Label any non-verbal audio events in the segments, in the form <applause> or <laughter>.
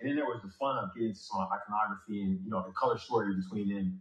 And then there was the fun of getting some iconography and you know the color story between them.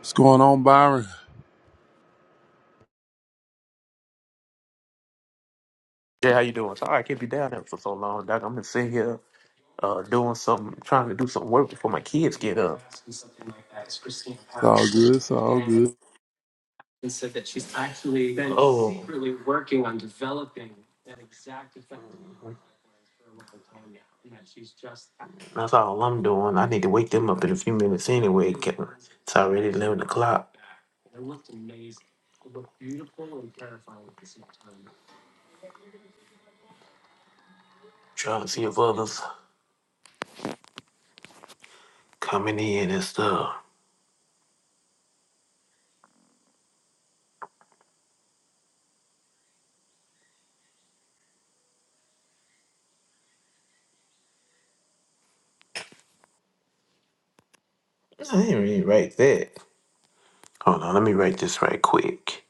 What's going on, Byron? It's Jay, how you doing? Sorry, I can't be down there for so long, Doc. I'm gonna sit here uh, doing some, trying to do some work before my kids get up. Something like that. that Christine all Patterson. good. It's all good. and said that she's actually been oh. secretly working on developing that exact effect for a long time now, and oh. That's all I'm doing. I need to wake them up in a few minutes anyway. It's already 11 o'clock. Trying to see if others. coming in and stuff. I didn't really write that. Hold on, let me write this right quick.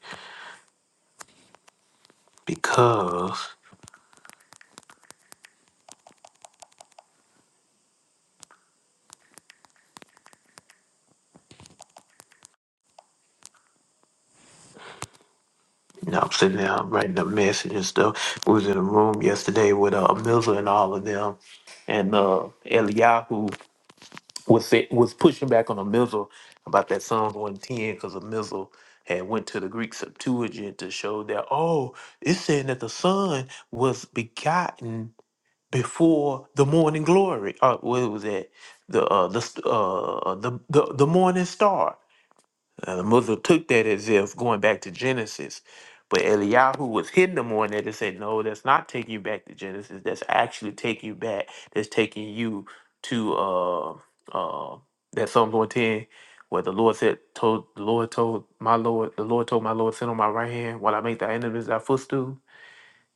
Because you know, I'm sitting there writing a message and stuff. We was in a room yesterday with uh Milza and all of them and uh Eliyahu was say, was pushing back on Amizel about that Psalms 110 because Amizel had went to the Greek Septuagint to show that oh it's saying that the son was begotten before the morning glory. Uh, what was that? The uh, the st- uh, uh, the the the morning star. Uh, the Muslim took that as if going back to Genesis, but Eliyahu was hitting them on that and said, "No, that's not taking you back to Genesis. That's actually taking you back. That's taking you to uh uh that Psalm one ten, where the Lord said, told the Lord told my Lord, the Lord told my Lord, sit on my right hand while I make thy enemies thy footstool."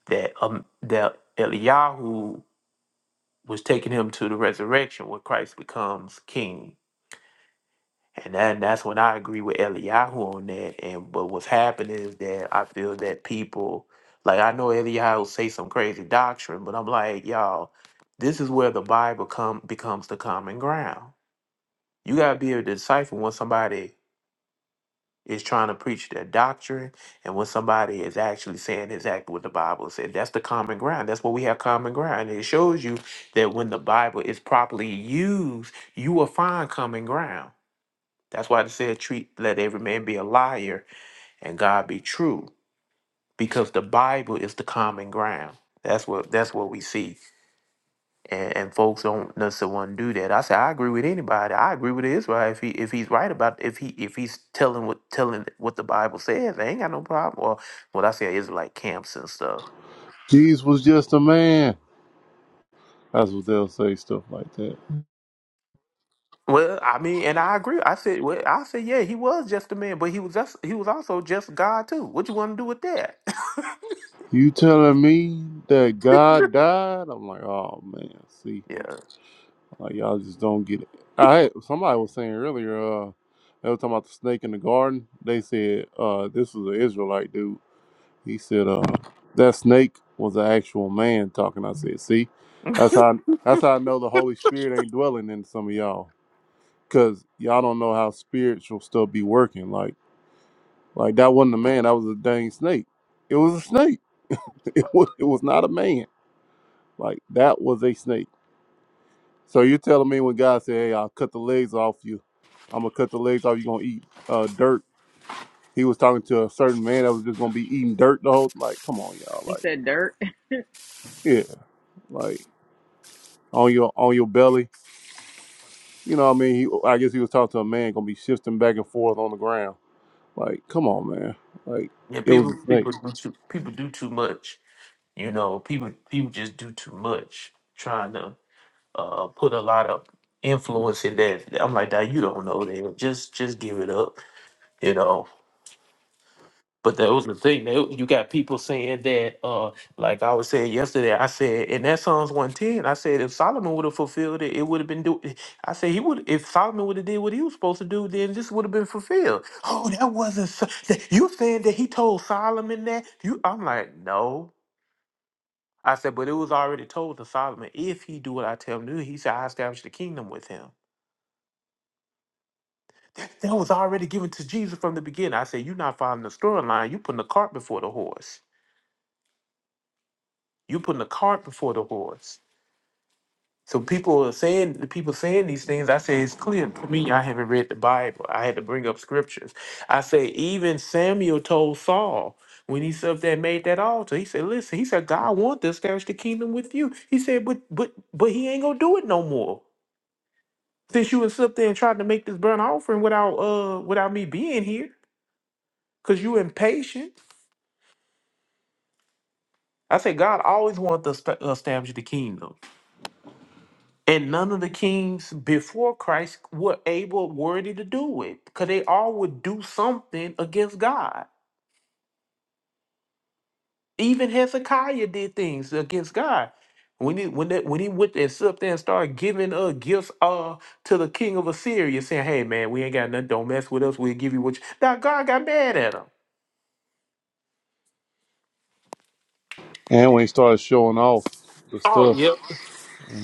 That um that Eliyahu was taking him to the resurrection where Christ becomes king. And that, that's when I agree with Eliyahu on that. And but what's happening is that I feel that people like I know Eliyahu say some crazy doctrine, but I'm like, y'all, this is where the Bible come becomes the common ground. You gotta be able to decipher when somebody is trying to preach their doctrine and when somebody is actually saying exactly what the bible said that's the common ground that's what we have common ground and it shows you that when the bible is properly used you will find common ground that's why it said treat let every man be a liar and god be true because the bible is the common ground that's what that's what we see and, and folks don't necessarily want to do that. I say I agree with anybody. I agree with Israel if he if he's right about if he if he's telling what telling what the Bible says, I ain't got no problem. Well, what I say is like camps and stuff. Jesus was just a man. That's what they'll say, stuff like that. Well, I mean, and I agree. I said, well, I said, yeah, he was just a man, but he was just he was also just God too. What you want to do with that? You telling me that God died? I'm like, oh man, see, <laughs> yeah, like y'all just don't get it. I had, somebody was saying earlier, uh, they were talking about the snake in the garden. They said, uh, this was an Israelite dude. He said, uh, that snake was an actual man talking. I said, see, that's how that's how I know the Holy Spirit ain't dwelling in some of y'all. because y'all don't know how spiritual stuff be working. Like, like that wasn't a man. That was a dang snake. It was a snake. <laughs> It was, it was not a man. Like that was a snake. So you're telling me when God said, "Hey, I'll cut the legs off you. I'm gonna cut the legs off. You gonna eat uh, dirt." He was talking to a certain man that was just gonna be eating dirt the whole. Like, come on, y'all. You Like, said dirt. yeah, like on your on your belly. You know what I mean? He, I guess he was talking to a man gonna be shifting back and forth on the ground. Like, come on, man. Like, yeah. it was a People snake. people do too, people do too much. You know, people people just do too much trying to uh, put a lot of influence in that. I'm like, that you don't know them. Just just give it up, you know. But that was the thing. They, you got people saying that, uh, like I was saying yesterday. I said, and that Psalms one ten. I said, if Solomon would have fulfilled it, it would have been do. I said he would. If Solomon would have did what he was supposed to do, then this would have been fulfilled. Oh, that wasn't. So, that, you saying that he told Solomon that? You? I'm like, no. I said, but it was already told to Solomon if he do what I tell him to. do." He said, I establish the kingdom with him. That, that was already given to Jesus from the beginning. I said, You're not following the storyline. You're putting the cart before the horse. You're putting the cart before the horse. So people are saying the people saying these things. I say it's clear to me. I haven't read the Bible. I had to bring up scriptures. I say even Samuel told Saul when he stood up there and made that altar. He said, "Listen," he said, "God want to establish the kingdom with you." He said, "But but but he ain't gonna do it no more since you was up there and tried to make this burnt offering without uh without me being here because you impatient." I said God always wanted to esta- establish the kingdom, and none of the kings before Christ were able, worthy to do it, because they all would do something against God. Even Hezekiah did things against God. When he when that when he went and stood up there and started giving uh gifts uh to the king of Assyria, saying, "Hey man, we ain't got nothing. Don't mess with us. We'll give you what." you... Now God got mad at him. And when he started showing off the Oh, stuff, yep. you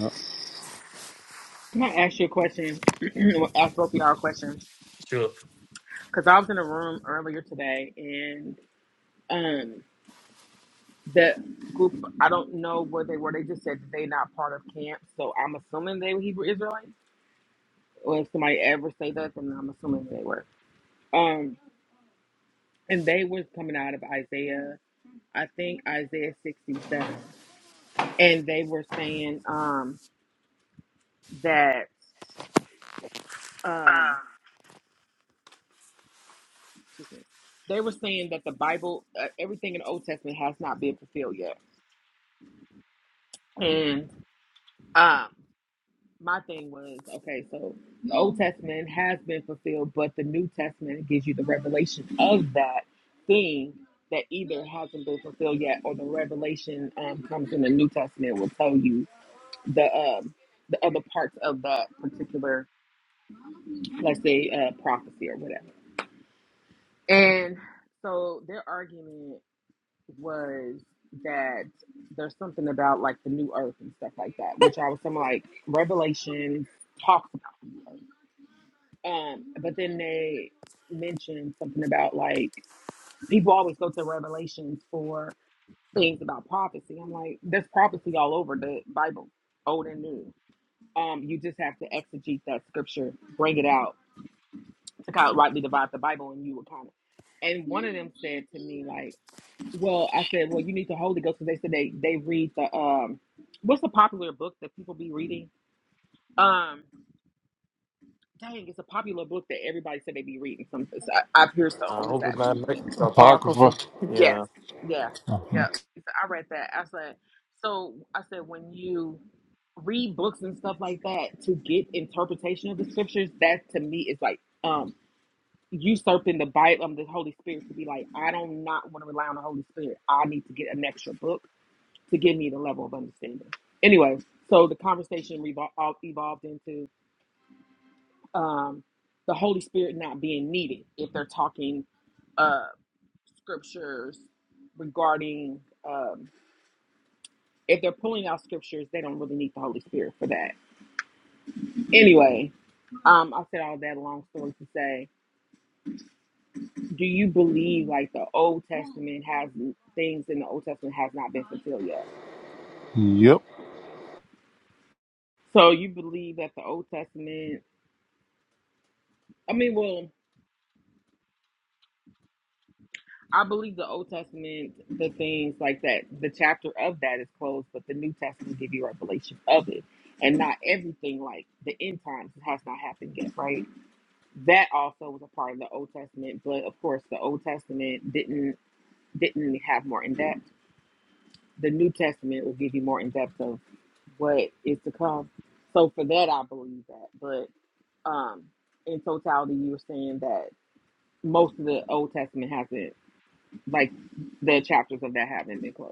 I'm gonna ask you a question. <clears throat> ask both of y'all a question because I was in a room earlier today and um the group I don't know where they were. They just said that they not part of camp, so I'm assuming they were Hebrew Israelites. Or if somebody ever say that, then I'm assuming they were. Um, and they was coming out of Isaiah, I think Isaiah 67, and they were saying um that um, excuse me, they were saying that the Bible, uh, everything in the Old Testament has not been fulfilled yet. And um, my thing was, okay, so the Old Testament has been fulfilled, but the New Testament gives you the revelation of that thing that either hasn't been fulfilled yet, or the revelation um, comes in the New Testament will tell you the um, the other parts of that particular, let's say, uh, prophecy or whatever. And so their argument. was that there's something about like the new earth and stuff like that, which I was some like Revelation talks about the new earth. Um, but then they mentioned something about like people always go to Revelations for things about prophecy. I'm like, there's prophecy all over the Bible, old and new. Um, you just have to exegete that scripture, bring it out to kind of rightly divide the Bible, and you would kind of. And one of them said to me like well, I said, well, you need the Holy Ghost because they said they they read the um, what's the popular book that people be reading? Um, dang, it's a popular book that everybody said they be reading. Some so I, I've heard so I on this hope it's app. not like Apocrypha. apocrypha. Yes, Yeah. yeah, yeah. So I read that. I said, so I said when you read books and stuff like that to get interpretation of the scriptures, that to me is like um usurping the Bible, um, the Holy Spirit to be like, I don't not want to rely on the Holy Spirit. I need to get an extra book to give me the level of understanding. Anyway, so the conversation revol- uh, evolved into um, the Holy Spirit not being needed if they're talking uh, scriptures regarding, um, if they're pulling out scriptures, they don't really need the Holy Spirit for that. Anyway, um, I said all that long story to say, do you believe like the Old Testament has things in the Old Testament has not been fulfilled yet? Yep. So you believe that the Old Testament? I mean, well. I believe the Old Testament, the things like that, the chapter of that is closed, but the New Testament give you revelation of it. And not everything like the end times it has not happened yet, right? That also was a part of the Old Testament, but of course the Old Testament didn't didn't have more in depth. The New Testament will give you more in depth of what is to come. So for that I believe that. But um in totality you were saying that most of the Old Testament hasn't like the chapters of that haven't been closed.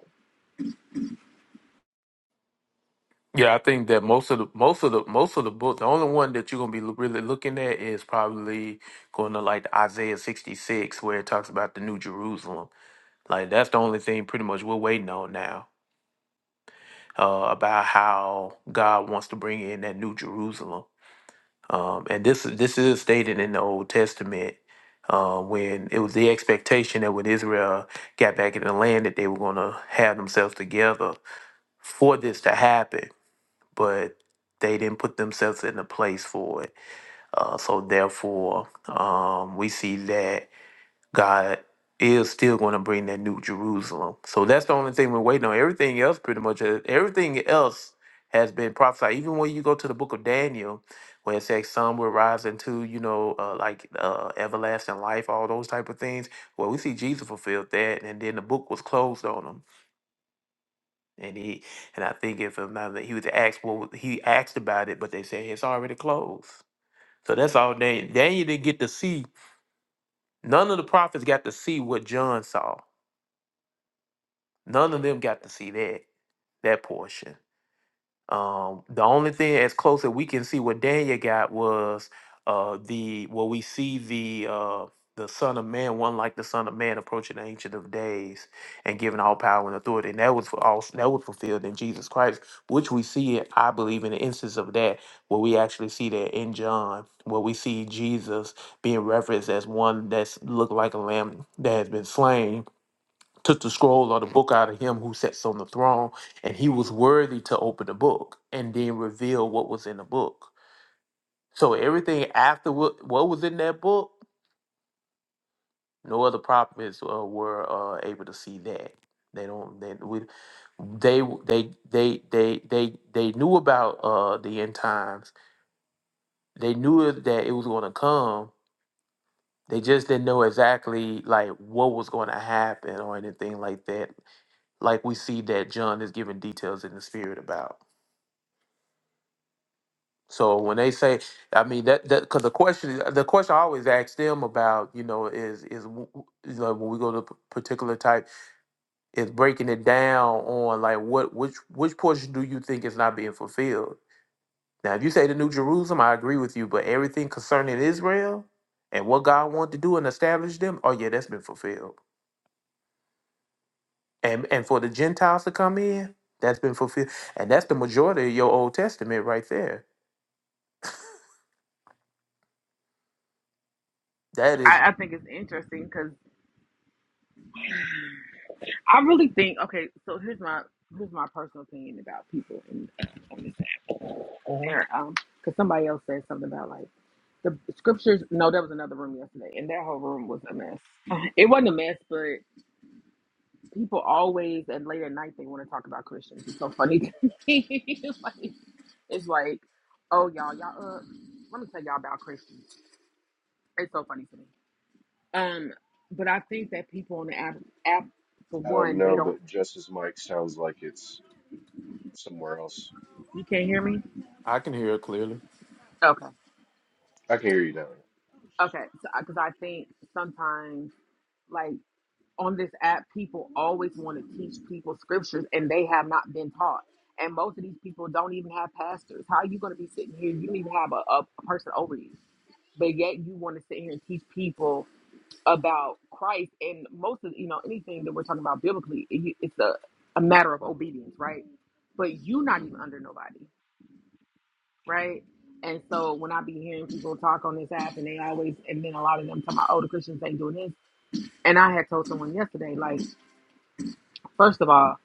Yeah, I think that most of the most of the most of the book, the only one that you're gonna be lo- really looking at is probably going to like the Isaiah 66, where it talks about the New Jerusalem. Like that's the only thing pretty much we're waiting on now uh, about how God wants to bring in that New Jerusalem. Um, and this this is stated in the Old Testament uh, when it was the expectation that when Israel got back in the land that they were gonna have themselves together for this to happen but they didn't put themselves in a place for it. Uh, so therefore, um, we see that God is still going to bring that new Jerusalem. So that's the only thing we're waiting on. Everything else, pretty much, uh, everything else has been prophesied. Even when you go to the book of Daniel, where it says some will rise into, you know, uh, like uh, everlasting life, all those type of things. Well, we see Jesus fulfilled that, and then the book was closed on them. And he and I think if I'm not he was asked what was- he asked about it, but they said it's already closed. So that's all Daniel. Daniel didn't get to see. None of the prophets got to see what John saw. None of them got to see that that portion. Um, the only thing as close that we can see what Daniel got was uh, the well, we see the uh, the Son of Man, one like the Son of Man, approaching the Ancient of Days and given all power and authority, and that was for all that was fulfilled in Jesus Christ, which we see it, I believe, in the instance of that, where we actually see that in John, where we see Jesus being referenced as one that's looked like a lamb that has been slain took the scroll or the book out of him who sits on the throne, and he was worthy to open the book and then reveal what was in the book. So everything after what, what was in that book, no other prophets uh, were uh, able to see that. They don't. They we, they they they they they they knew about uh, the end times. They knew that it was going to come. They just didn't know exactly like what was going to happen or anything like that. Like we see that John is giving details in the spirit about. So when they say, I mean that that because the question the question I always ask them about you know is is w- w- is, like when we go to p- particular type is breaking it down on like what which which portion do you think is not being fulfilled? Now if you say the New Jerusalem, I agree with you, but everything concerning Israel and what God wanted to do and establish them, oh yeah, that's been fulfilled. And and for the Gentiles to come in, that's been fulfilled, and that's the majority of your Old Testament right there. That is I, I think it's interesting because I really think okay. So here's my here's my personal opinion about people in, on this app. Mhm. There, um, because somebody else said something about like the scriptures. No, that was another room yesterday, and that whole room was a mess. It wasn't a mess, but people always at late at night they want to talk about Christians. It's so funny to me. <laughs> it's like, it's like, oh y'all, y'all up. Let me tell y'all about Christians. It's so funny to me. Um, but I think that people on the app, app for I don't one, they know, don't. but Jess's mic sounds like it's somewhere else. You can't hear me. I can hear it clearly. Okay. I can hear you now. Okay. So, because I think sometimes, like on this app, people always want to teach people scriptures and they have not been taught. And most of these people don't even have pastors. How are you going to be sitting here? You don't even have a, a person over you. But yet you want to sit here and teach people about Christ. And most of, you know, anything that we're talking about biblically, it, it's a, a matter of obedience, right? But you not even under nobody. right? And so when I be hearing people talk on this app, and they always, and then a lot of them talk about, oh, the Christians ain't doing this. And I had told someone yesterday, like, first of all,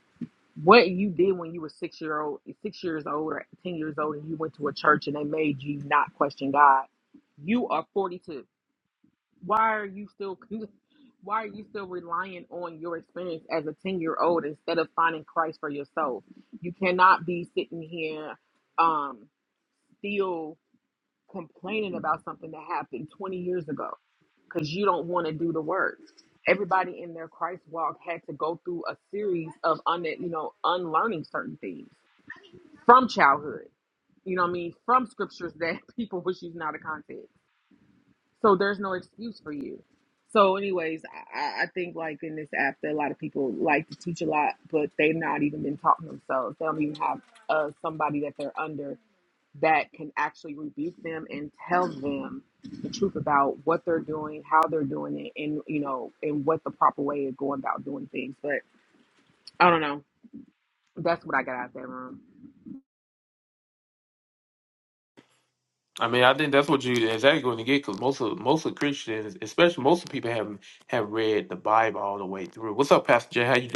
what you did when you were six year old, six years old or ten years old, and you went to a church and they made you not question God, you are forty two. Why are you still? <laughs> Why are you still relying on your experience as a ten year old instead of finding Christ for yourself? You cannot be sitting here, um, still complaining about something that happened 20 years ago because you don't want to do the work. Everybody in their Christ walk had to go through a series of un, you know, unlearning certain things from childhood. You know what I mean? From scriptures that <laughs> people was using out of context. So there's no excuse for you. So, anyways, I, I I think like in this app that a lot of people like to teach a lot, but they've not even been taught themselves. They don't even have uh, somebody that they're under that can actually rebuke them and tell them the truth about what they're doing, how they're doing it, and you know, and what the proper way of going about doing things. But I don't know. That's what I got out of that room. I mean, I think that's what you exactly going to get because most of most of Christians, especially most of people, have have read the Bible all the way through. What's up, Pastor Jay? How you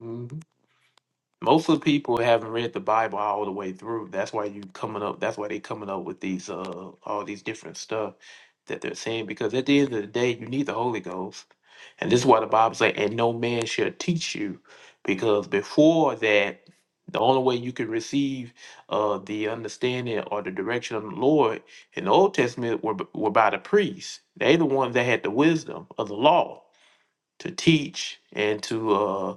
doing? Most of the people haven't read the Bible all the way through. That's why you coming up. That's why they coming up with these uh all these different stuff that they're saying. Because at the end of the day, you need the Holy Ghost, and this is why the Bible say, "And no man shall teach you," because before that, the only way you could receive uh the understanding or the direction of the Lord in the Old Testament were were by the priests. They the ones that had the wisdom of the law to teach and to uh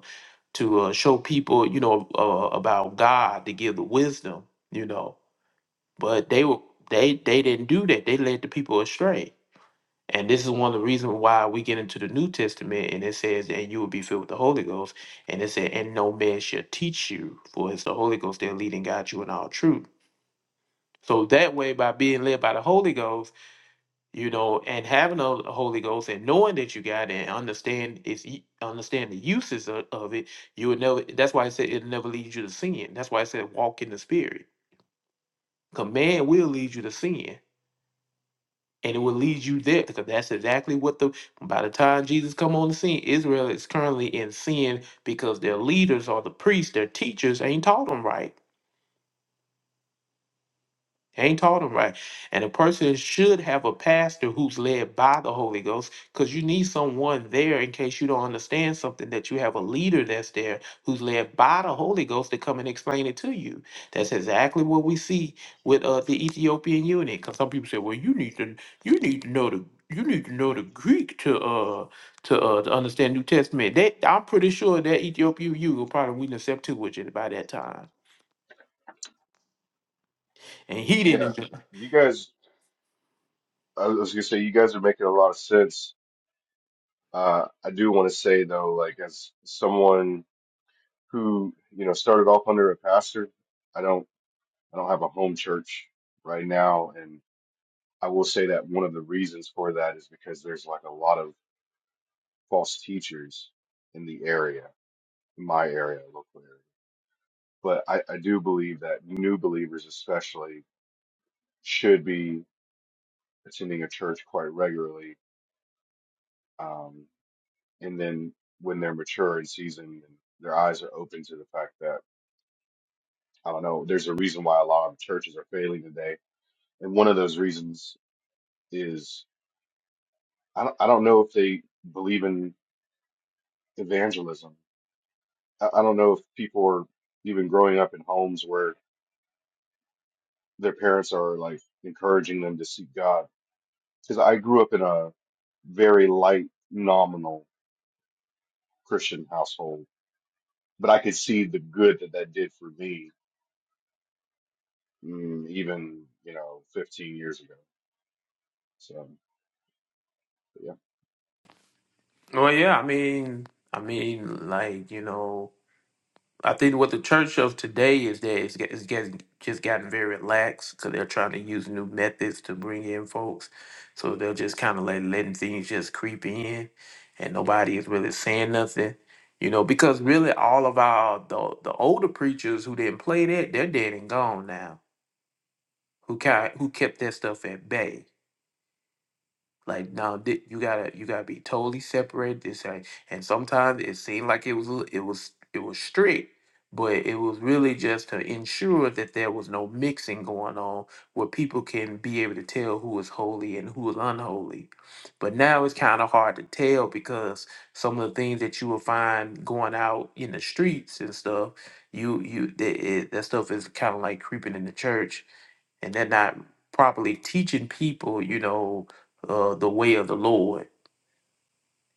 to uh, show people, you know, uh, about God to give the wisdom, you know. But they were they they didn't do that. They led the people astray. And this is one of the reasons why we get into the New Testament and it says, and you will be filled with the Holy Ghost. And it said, and no man shall teach you, for it's the Holy Ghost that leading God you in all truth. So that way, by being led by the Holy Ghost, you know, and having a Holy Ghost and knowing that you got it and understand it's y- understand the uses of, of it, you would never. That's why I said it'll never lead you to sin. That's why I said walk in the Spirit. Command will lead you to sin, and it will lead you there because that's exactly what the. By the time Jesus come on the scene, Israel is currently in sin because their leaders or the priests, their teachers, ain't taught them right Ain't taught them right. And a person should have a pastor who's led by the Holy Ghost because you need someone there in case you don't understand something that you have a leader that's there who's led by the Holy Ghost to come and explain it to you. That's exactly what we see with uh, the Ethiopian eunuch. Because some people say, well, you need to you need to know the you need to know the Greek to uh to uh to understand New Testament. That I'm pretty sure that Ethiopian eunuch probably we accept too much by that time. And he Yeah, didn't you guys, I was gonna say, you guys are making a lot of sense. Uh, I do want to say though, like as someone who, you know, started off under a pastor, I don't, I don't have a home church right now. And I will say that one of the reasons for that is because there's like a lot of false teachers in the area, in my area, local area. But I, I do believe that new believers, especially, should be attending a church quite regularly. Um, and then when they're mature and seasoned, and their eyes are open to the fact that, I don't know, there's a reason why a lot of churches are failing today. And one of those reasons is I don't, I don't know if they believe in evangelism. I, I don't know if people are even growing up in homes where their parents are like encouraging them to seek God. Because I grew up in a very light, nominal Christian household but I could see the good that that did for me, mm, even you know, 15 years ago. So yeah, Well, yeah, I mean, I mean, like you know, I think what the church of today is that it's, get- it's getting just gotten very lax because they're trying to use new methods to bring in folks, so they're just kind of like letting things just creep in, and nobody is really saying nothing, you know, because really all of our the the older preachers who didn't play that they're dead and gone now, who kind who kept that stuff at bay Like now, thi- you gotta you gotta be totally separated. This and and sometimes it seemed like it was a- it was it was strict, but it was really just to ensure that there was no mixing going on, where people can be able to tell who is holy and who is unholy. But now it's kind of hard to tell because some of the things that you will find going out in the streets and stuff, you you that that stuff is kind of like creeping in the church and they're not properly teaching people, you know, uh, the way of the Lord.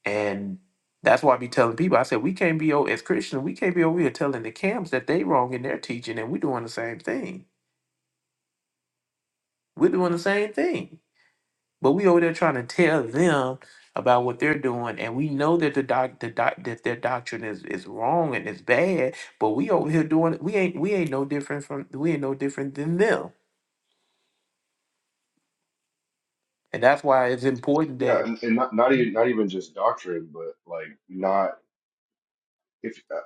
And that's why I be telling people, I said, we can't be, o- as Christians, we can't be over here telling the camps that they wrong in their teaching and we're doing the same thing. We're doing the same thing. But we over there trying to tell them about what they're doing, and we know that the doc, the doc, that their doctrine is, is wrong and it's bad. But we over here doing, we ain't we ain't no different from we ain't no different than them, and that's why it's important that yeah, and, and not not even not even just doctrine, but like not if uh,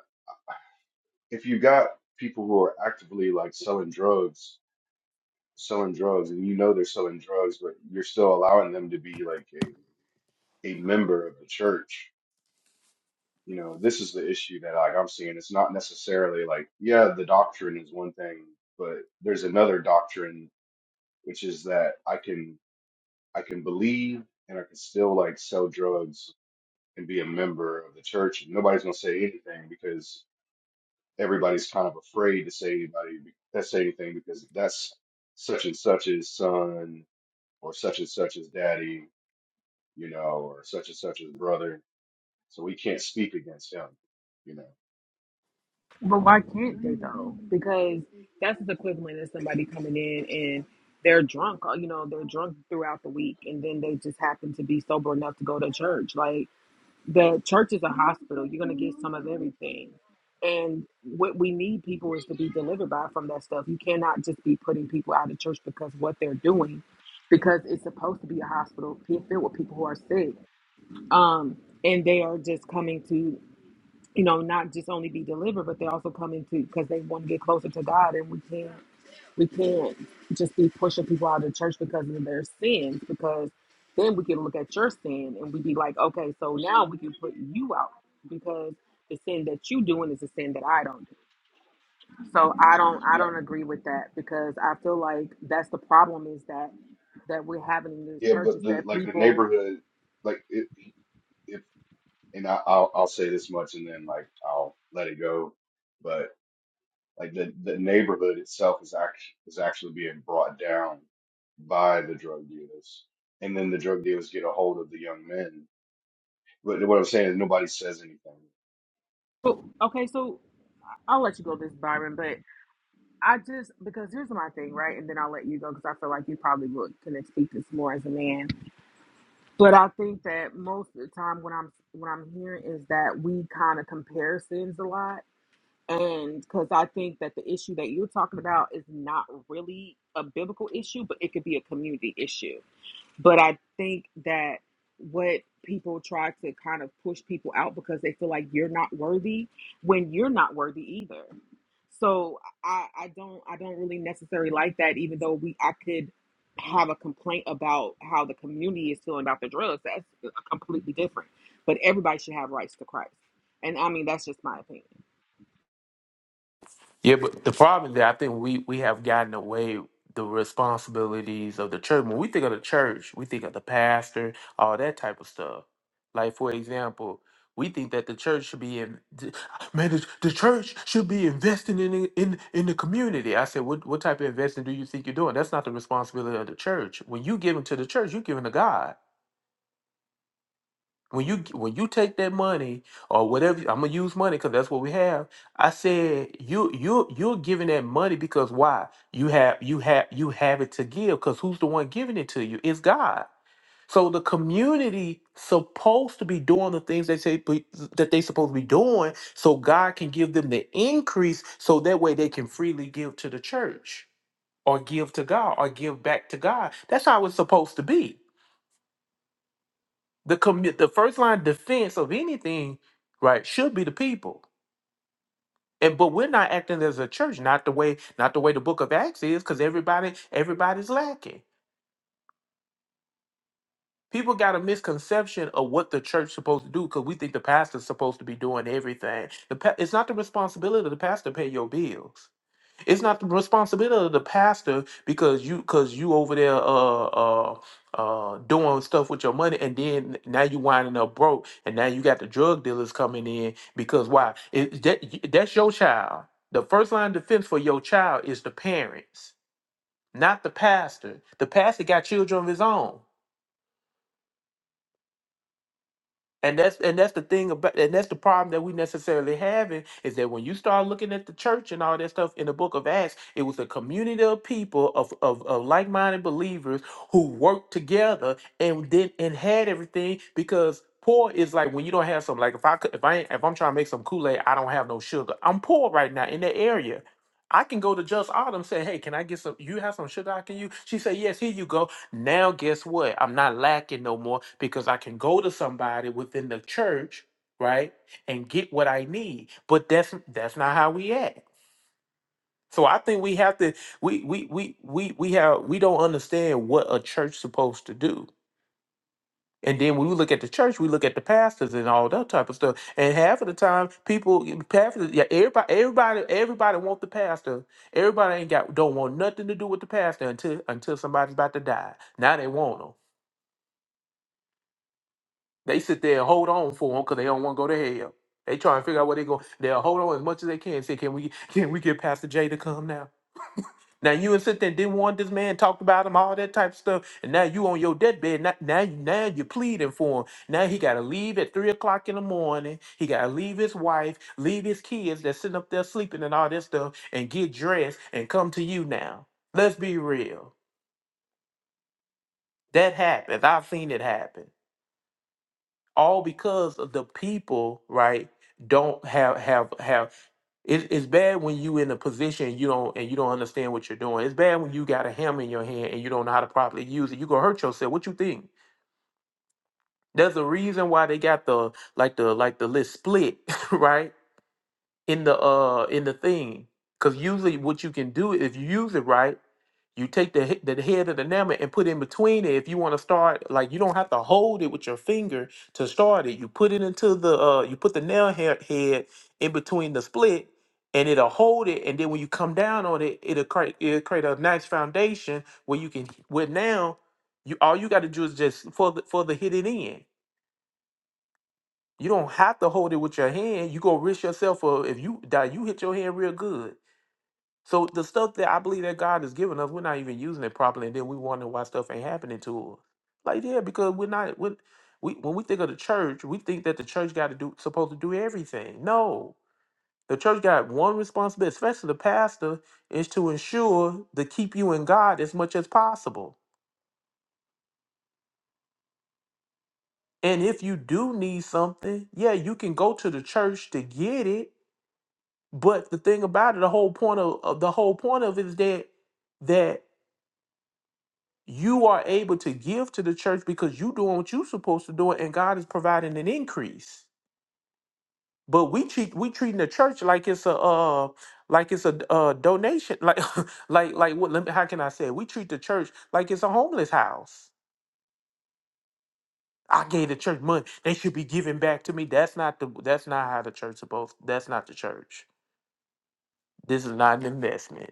if you got people who are actively like selling drugs, selling drugs, and you know they're selling drugs, but you're still allowing them to be like a a member of the church. You know, this is the issue that like I'm seeing. It's not necessarily like yeah, the doctrine is one thing, but there's another doctrine which is that I can I can believe and I can still like sell drugs and be a member of the church. And nobody's gonna say anything because everybody's kind of afraid to say anybody that say anything because that's such and such's son or such and such's daddy, you know, or such and such's brother. So we can't speak against him, you know. But why can't they though? Because that's the equivalent of somebody coming in and they're drunk. uh, You know, they're drunk throughout the week, and then they just happen to be sober enough to go to church. Like the church is a hospital. You're going to get some of everything. And what we need people is to be delivered by from that stuff. You cannot just be putting people out of church because what they're doing, because it's supposed to be a hospital pe- filled with people who are sick. Um, and they are just coming to, you know, not just only be delivered, but they're also coming to because they want to get closer to God. And we can't. We can't just be pushing people out of the church because of their sins, because then we can look at your sin and we'd be like, okay, so now we can put you out because the sin that you doing is a sin that I don't do. So I don't I Yeah, don't agree with that because I feel like that's the problem is that that we're having in this yeah, church but is the that like the people neighborhood, like it, if and I, I'll I'll say this much and then like I'll let it go. but. Like the the neighborhood itself is actually is actually being brought down by the drug dealers, and then the drug dealers get a hold of the young men. But what I'm saying is nobody says anything. Oh, okay, so I'll let you go this Byron, but I just because here's my thing, right? And then I'll let you go because I feel like you probably would can speak this more as a man But I think that most of the time, what I'm what I'm hearing is that we kind of compare sins a lot, and because I think that the issue that you're talking about is not really a biblical issue, but it could be a community issue. But I think that what people try to kind of push people out because they feel like you're not worthy when you're not worthy either. So I, I don't I don't really necessarily like that, even though we I could have a complaint about how the community is feeling about the drugs. That's uh, completely different. But everybody should have rights to Christ. And I mean that's just my opinion. Yeah, but the problem is that I think we we have gotten away the responsibilities of the church. When we think of the church, we think of the pastor, all that type of stuff. Like for example, we think that the church should be in man, the, the church should be investing in the- in in the community. I said, what what type of investing do you think you're doing? That's not the responsibility of the church. When you give to the church, you're giving to God when you g- when you take that money or whatever I'm gonna use money because that's what we have. I said you you you're giving that money because why you have you have you have it to give because who's the one giving it to you? It's God. So the community supposed to be doing the things they say be- that they supposed to be doing, so God can give them the increase, so that way they can freely give to the church or give to God or give back to God. That's how it's supposed to be the commit the first line defense of anything right should be the people and but we're not acting as a church not the way not the way the book of acts is because everybody everybody's lacking people got a misconception of what the church's supposed to do because we think the pastor's supposed to be doing everything the pa- it's not the responsibility of the pastor to pay your bills It's not the responsibility of the pastor because you because you over there uh uh uh doing stuff with your money and then now you winding up broke and now you got the drug dealers coming in because why? It, that that's your child. The first line of defense for your child is the parents, not the pastor. The pastor got children of his own. And that's and that's the thing about and that's the problem that we necessarily having is that when you start looking at the church and all that stuff in the book of Acts, it was a community of people of of, of like-minded believers who worked together and did and had everything because poor is like when you don't have something like if I could, if I ain't, if I'm trying to make some Kool-Aid, I don't have no sugar. I'm poor right now in that area. I can go to Just Autumn say, "Hey, can I get some? You have some sugar I can use?" She say, "Yes, here you go." Now, guess what? I'm not lacking no more because I can go to somebody within the church, right, and get what I need. But that's that's not how we act. So I think we have to we we we we we have we don't understand what a church supposed to do. And then when we look at the church, we look at the pastors and all that type of stuff. And half of the time, people, half of the, yeah, everybody, everybody, everybody want the pastor. Everybody ain't got don't want nothing to do with the pastor until until somebody's about to die. Now they want 'em. They sit there and hold on for them because they don't want to go to hell. They try and figure out where they go. They'll hold on as much as they can. Say, can we <laughs> can we get Pastor Jay to come now? Now you and sit there and didn't want this man talked about him, all that type of stuff, and now you on your deathbed. Now, now, now you're pleading for him. Now he got to leave at three o'clock in the morning. He got to leave his wife, leave his kids that's sitting up there sleeping and all that stuff, and get dressed and come to you now. Let's be real. That happens. I've seen it happen. all because of the people right don't have have have it, it's bad when you in a position you don't and you don't understand what you're doing it's bad when you got a hammer in your hand and you don't know how to properly use it you gonna hurt yourself what you think there's a reason why they got the like the like the list split <laughs> right in the uh in the thing because usually what you can do if you use it right you take the he- the head of the nama and put in between it. If you want to start, like you don't have to hold it with your finger to start it. You put it into the uh, you put the nail head head in between the split, and it'll hold it. And then when you come down on it, it'll create it'll create a nice foundation where you can. Where now, you all you got to do is just for the for the hit it in. You don't have to hold it with your hand. You gonna risk yourself for if you die, you hit your hand real good so the stuff that I believe that God has given us, we're not even using it properly, and then we wonder why stuff ain't happening to us. Like yeah, because we're not. when we when we think of the church, we think that the church got to do supposed to do everything. No, the church got one responsibility, especially the pastor, is to ensure to keep you in God as much as possible. And if you do need something, yeah, you can go to the church to get it. But the thing about it, the whole point of of- the whole point of it is that that you are able to give to the church because you doing what you're supposed to do and god is providing an increase but we treat we treating the church like it's a uh like it's a uh donation like <laughs> like like what let me, how can i say it? we treat the church like it's a homeless house i gave the church money they should be giving back to me that's not the that's not how the church supposed that's not the church this is not an investment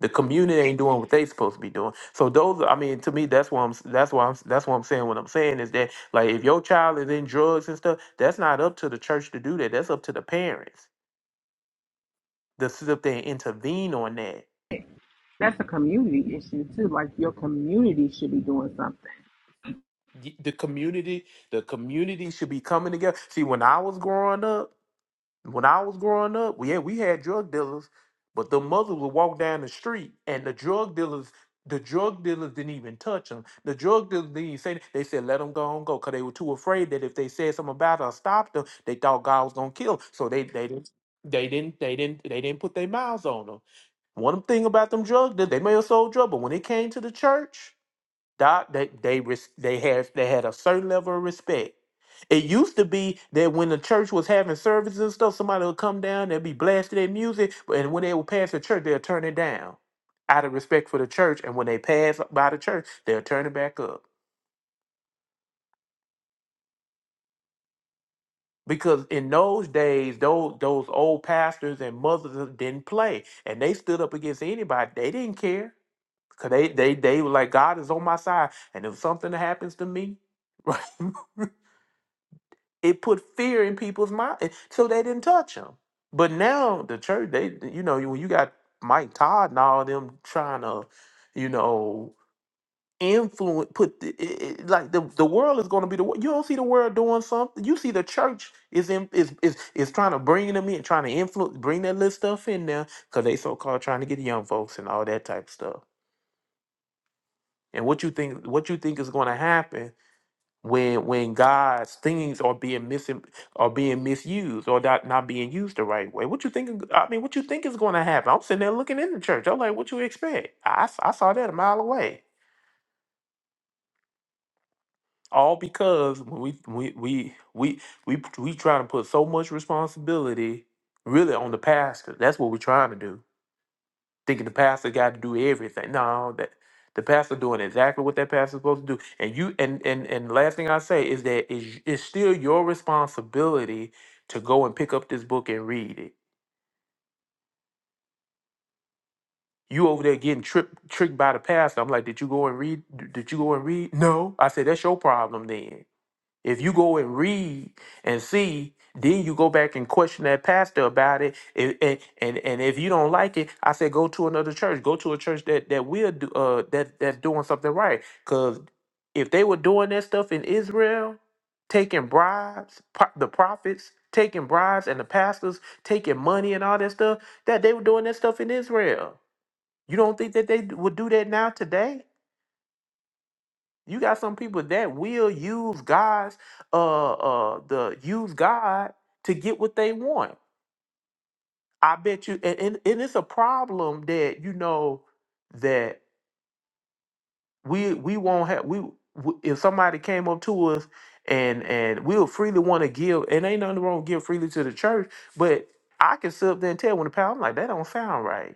The community ain't doing what they supposed to be doing. So those, are- I mean, to me, that's why I'm. That's why I'm. That's what I'm saying. What I'm saying is that, like, if your child is in drugs and stuff, that's not up to the church to do that. That's up to the parents to sit up there and intervene on that. That's a community issue too. Like your community should be doing something. Y- The community, the community should be coming together. See, when I was growing up. When I was growing up, well, yeah, we had drug dealers, but the mothers would walk down the street and the drug dealers, the drug dealers didn't even touch them. The drug dealers didn't even say, nothing. they said, let them go on, go, because they were too afraid that if they said something about it or stopped them, they thought God was going to kill them. So they, they didn't. They didn't. They didn't. They didn't put their mouths on them. One thing about them drug dealers, they may have sold drug, but when it came to the church, Doc, they they res- they had they had a certain level of respect. It used to be that when the church was having services and stuff, somebody would come down, they'd be blasting their music, but and when they would pass the church, they'll turn it down out of respect for the church. And when they pass by the church, they'll turn it back up. Because in those days, those those old pastors and mothers didn't play. And they stood up against anybody. They didn't care. Cause they they they were like, God is on my side. And if something happens to me, <laughs> right? it put fear in people's mind, eh, so they didn't touch him. But now the church, they you know when you got Mike Todd and all them trying to, you know, influence put the, it, it- like the the world is going to be the wo- you don't see the world doing something. You see the church is in is is is trying to bring them in, trying to influence, bring that little stuff in there because they so called trying to get young folks and all that type of stuff. And what you think what you think is going to happen when when God's things are being missing are being misused or not, not being used the right way. What you think? I mean, what you think is going to happen? I'm sitting there looking in the church. I'm like, what you expect? I, s- I saw that a mile away. All because we we we we we we trying to put so much responsibility really on the pastor. That's what we're trying to do thinking the pastor got to do everything. No, that the pastor doing exactly what that pastor's supposed to do. And you and and and the last thing I say is that it's, it's still your responsibility to go and pick up this book and read it. You over there getting tripped tricked by the pastor. I'm like, did you go and read? Did you go and read? No. I said, that's your problem then. If you go and read and see, then you go back and question that pastor about it. And and, and, and if you don't like it, I say go to another church. Go to a church that that will do uh that that's doing something right. Cause if they were doing that stuff in Israel, taking bribes, pro- the prophets taking bribes and the pastors taking money and all that stuff, that they were doing that stuff in Israel. You don't think that they would do that now today? You got some people that will use God's uh uh the use God to get what they want. I bet you and, and, and it's a problem that you know that we we won't have we w- if somebody came up to us and and we'll freely want to give and ain't nothing wrong with giving freely to the church, but I can sit up there and tell when the power I'm like that don't sound right.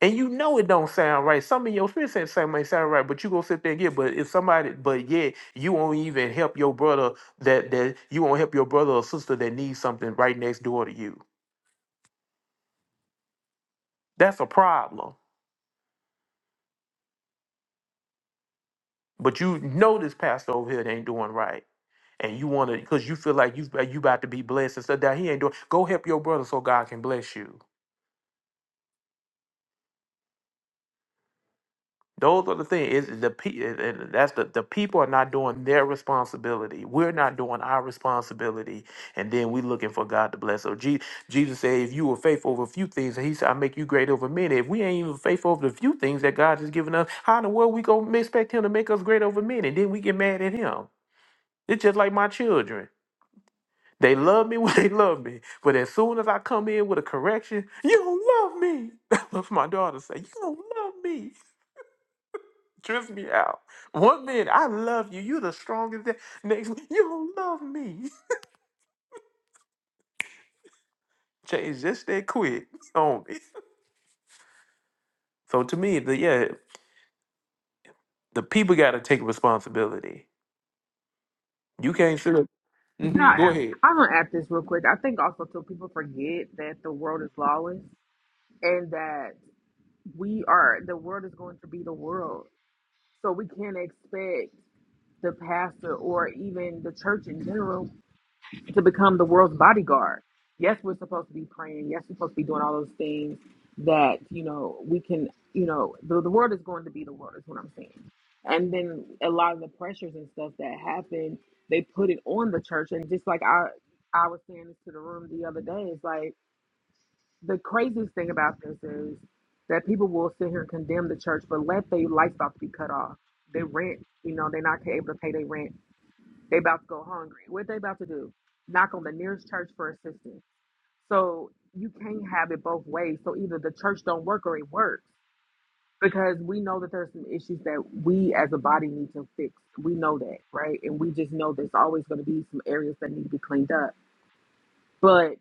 And you know it don't sound right. Some of your spirit said something might sound right, but you gonna sit there and get. But if somebody, but yeah, you won't even help your brother that that you won't help your brother or sister that needs something right next door to you. That's a problem. But you know this pastor over here that ain't doing right, and you wanna because you feel like you you about to be blessed and stuff that he ain't doing. Go help your brother so God can bless you. Those are the thing. Is the pe- and and that's the the people are not doing their responsibility. We're not doing our responsibility, and then we looking for God to bless. So Je- Jesus said, "If you were faithful over a few things, He said, I make you great over many." If we ain't even faithful over the few things that God has given us, how in the world we gonna expect Him to make us great over many? And then we get mad at Him. It's just like my children. They love me <laughs> when they love me, but as soon as I come in with a correction, you don't love me. <laughs> That's what my daughter say. You don't love me. Trips me out. One minute, I love you. You the strongest. thing. Next, minute, you don't love me. <laughs> Change just that quick <laughs> on me. So to me, the yeah, the people got to take responsibility. You can't sit. Yeah, Mm-hmm, go I add, ahead. I'm gonna add this real quick. I think also too people forget that the world is lawless and that we are the world is going to be the world. So we can't expect the pastor or even the church in general to become the world's bodyguard. Yes, we're supposed to be praying. Yes, we're supposed to be doing all those things that, you know, we can, you know, the, the world is going to be the world, is what I'm saying. And then a lot of the pressures and stuff that happen, they put it on the church. And just like I, I was saying this to the room the other day, it's like the craziest thing about this is that people will sit here and condemn the church, but let their lights off be cut off. They rent, you know, they're not able to pay their rent they about to go hungry. What they about to do? Knock on the nearest church for assistance. So you can't have it both ways. So either the church don't work or it works because we know that there's some issues that we as a body need to fix. We know that, right? And we just know there's always going to be some areas that need to be cleaned up. But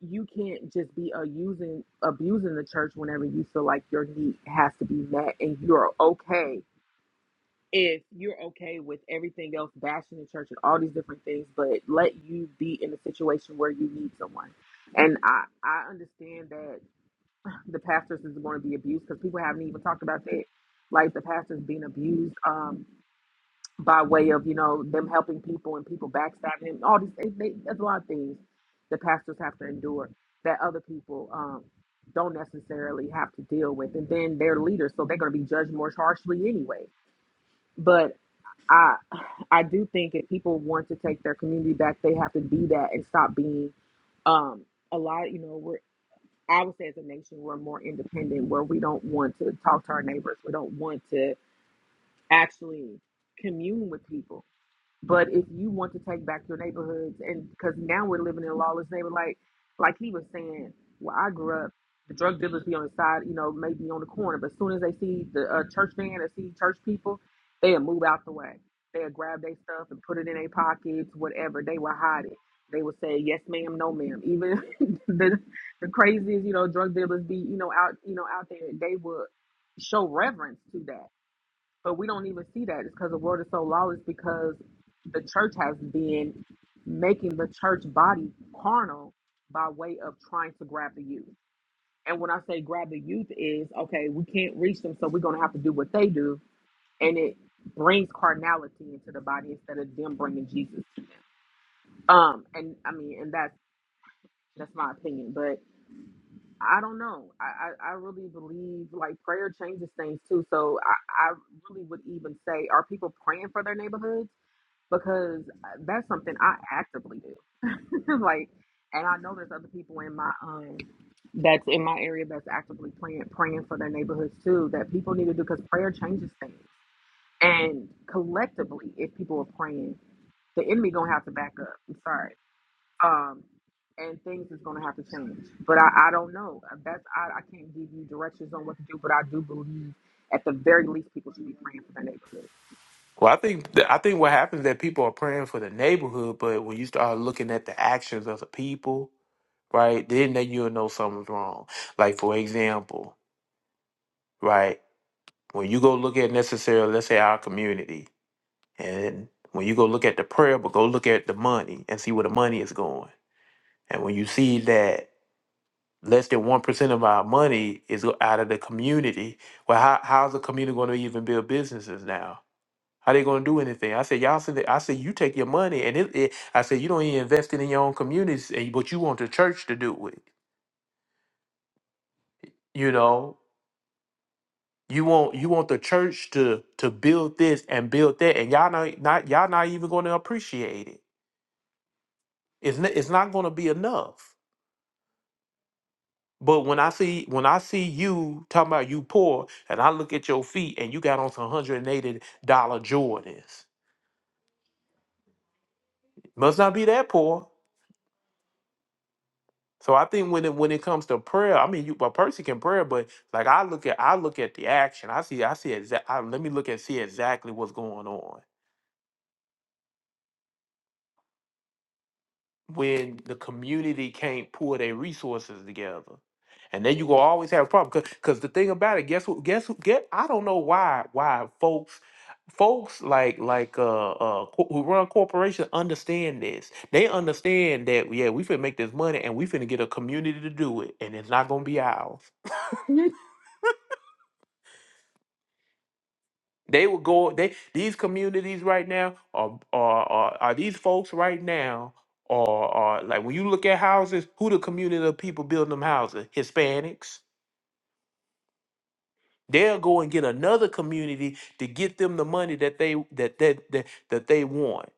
you can't just be uh, using abusing the church whenever you feel like your need has to be met and you're okay if you're okay with everything else, bashing the church and all these different things, but let you be in a situation where you need someone. And I, I understand that the pastors is going to be abused because people haven't even talked about that. Like the pastors being abused um, by way of, you know, them helping people and people backstabbing and all these things. They, there's a lot of things the pastors have to endure that other people um, don't necessarily have to deal with. And then they're leaders, so they're going to be judged more harshly anyway. but. I I do think if people want to take their community back, they have to be that and stop being um a lot, you know, we're I would say as a nation we're more independent where we don't want to talk to our neighbors. We don't want to actually commune with people. But if you want to take back your neighborhoods, and because now we're living in a lawless neighborhood, like like he was saying, where I grew up, the drug dealers be on the side, you know, maybe on the corner. But as soon as they see the uh, church van or see church people, they'll move out the way. They'll grab their stuff and put it in their pockets, whatever. They will hide it. They will say yes, ma'am, no, ma'am. Even <laughs> the the craziest, you know, drug dealers be, you know, out, you know, out there. They would show reverence to that but we don't even see that. It's because the world is so lawless because the church has been making the church body carnal by way of trying to grab the youth. And when I say grab the youth is okay, we can't reach them, so we're gonna have to do what they do, and it brings carnality into the body instead of them bringing Jesus to them. Um, and I mean, and that's that's my opinion, but I don't know. I I, I really believe like prayer changes things too. So I I really would even say, are people praying for their neighborhoods? because uh, that's something I actively do. <laughs> like, and I know there's other people in my um that's in my area that's actively praying praying for their neighborhoods too. That people need to do because prayer changes things. And collectively, if people are praying, the enemy gonna have to back up. I'm sorry. Um, and things is gonna have to change. But I, I don't know. Uh, That's I, I can't give you directions on what to do. But I do believe at the very least people should be praying for their neighborhoods. Well, I think th- I think what happens is that people are praying for the neighborhood, but when you start looking at the actions of the people, right, then that you'll know something's wrong. Like for example, right, when you go look at necessarily, let's say our community, And when you go look at the prayer, but go look at the money and see where the money is going. And when you see that less than 1% of our money is go- out of the community, well, how, how's the community going to even build businesses now? How they going to do anything? I said, y'all said that. I said, you take your money and it, it, I said, you don't even invest it in your own communities, and- but you want the church to do it. You know, you want you want the church to to build this and build that, and y'all not, not y'all not even going to appreciate it. It's not, it's not going to be enough But when I see when I see you talking about you poor, and I look at your feet and you got on some hundred and eighty dollar Jordans, must not be that poor. So I think when it when it comes to prayer, I mean, you a person can pray, but like I look at I look at the action. I see I see exact. Let me look and see exactly what's going on. when the community can't pull their resources together. And then you gonna always have a problem. Cause, 'cause the thing about it, guess who? Guess who? Get I don't know why why folks folks like like uh uh co- who run corporations understand this. They understand that yeah we finna make this money and we finna get a community to do it and it's not gonna be ours. They would go. They these communities right now are are are, are these folks right now are are like when you look at houses, who the community of people building them houses? Hispanics. They'll go and get another community to get them the money that they that that that, that they want.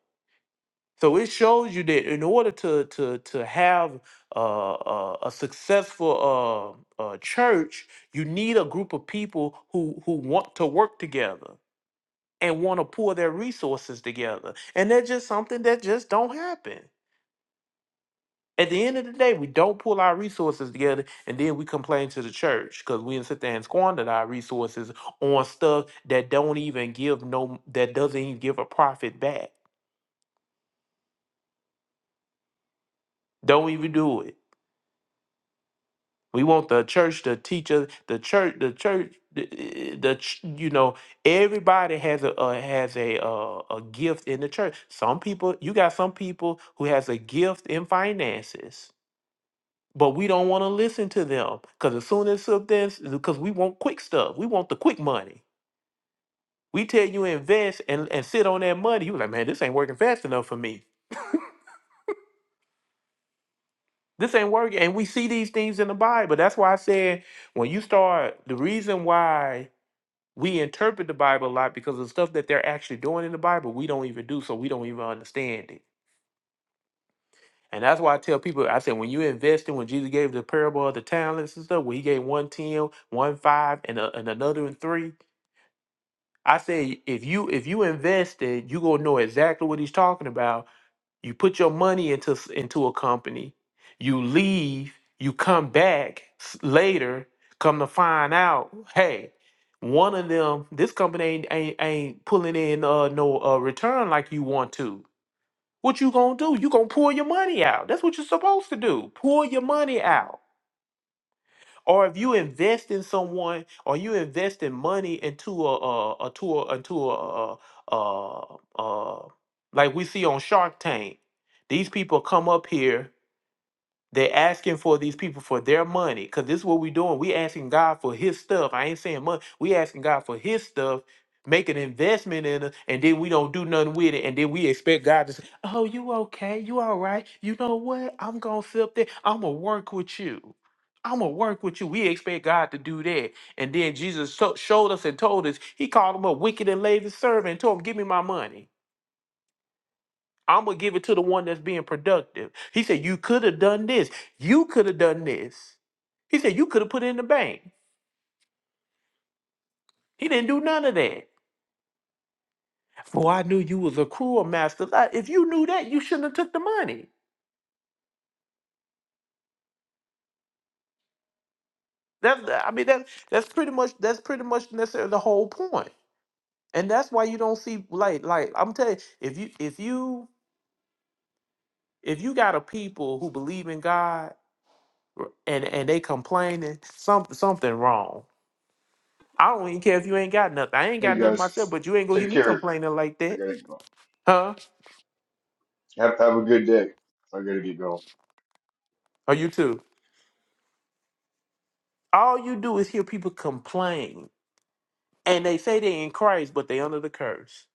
So it shows you that in order to to to have uh, uh, a successful uh, uh, church, you need a group of people who who want to work together and want to pour their resources together. And that's just something that just don't happen. At the end of the day, we don't pull our resources together and then we complain to the church because we didn't sit there and squandered our resources on stuff that don't even give no that doesn't even give a profit back. Don't even do it. We want the church to teach us the church the church the, eh, the ch- you know everybody has a, a has a uh, a gift in the church. Some people you got some people who has a gift in finances But we don't want to listen to them because as soon as something, because we want quick stuff, we want the quick money. We tell you invest and, and sit on that money. You like, man, this ain't working fast enough for me. This ain't working. And we see these things in the Bible. That's why I said when you start, the reason why we interpret the Bible a lot because of the stuff that they're actually doing in the Bible, we don't even do, so we don't even understand it. And that's why I tell people, I said, when you invest in, when Jesus gave the parable of the talents and stuff, where he gave one ten, one five, and, a, and another and three, I say if you if you invested, you gonna know exactly what he's talking about. You put your money into s- into a company, you leave, you come back s- later, come to find out, hey, one of them, this company ain't ain't, ain't pulling in uh, no uh, return like you want to. What you gonna do? You gonna pull your money out. That's what you're supposed to do. Pull your money out or if you invest in someone, or you invest in money into a a, a to a into a, a, a, a like we see on Shark Tank, these people come up here they're asking for these people for their money because this is what we're doing. We asking God for His stuff. I ain't saying money. We asking God for His stuff. Make an investment in it, and then we don't do nothing with it, and then we expect God to say, "Oh, you okay? You all right? You know what? I'm gonna sit up there. I'm gonna work with you. I'm gonna work with you." We expect God to do that, and then Jesus so- showed us and told us He called him a wicked and lazy servant and told him, "Give me my money." I'm gonna give it to the one that's being productive. He said, You could have done this. You could have done this. He said, You could have put it in the bank. He didn't do none of that. For I knew you was a cruel master. I- If you knew that, you shouldn't have took the money. That's I mean that that's pretty much that's pretty much necessarily the whole point. And that's why you don't see like like I'm telling you, if you if you if you got a people who believe in God r- and and they complaining, some something wrong I don't even care if you ain't got nothing. I ain't Hey got nothing guys, myself, but you ain't gonna hear take me care. complaining like I that. gotta go. Huh? Have have a good day. I gotta get going. Or you too. All you do is hear people complain. And they say they in Christ, but they under the curse.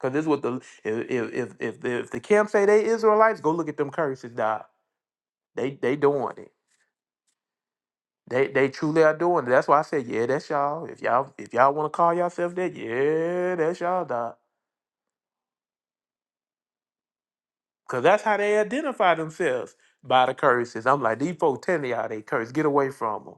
Cause this is what the if if if if the, if the camp say they Israelites, go look at them curses, dog. They they doing it. They they truly are doing it. That's why I said, yeah, that's y'all. If y'all if y'all wanna call yourself that, yeah, that's y'all, dog. Cause that's how they identify themselves by the curses. I'm like, these folks telling y'all they curse. Get away from them.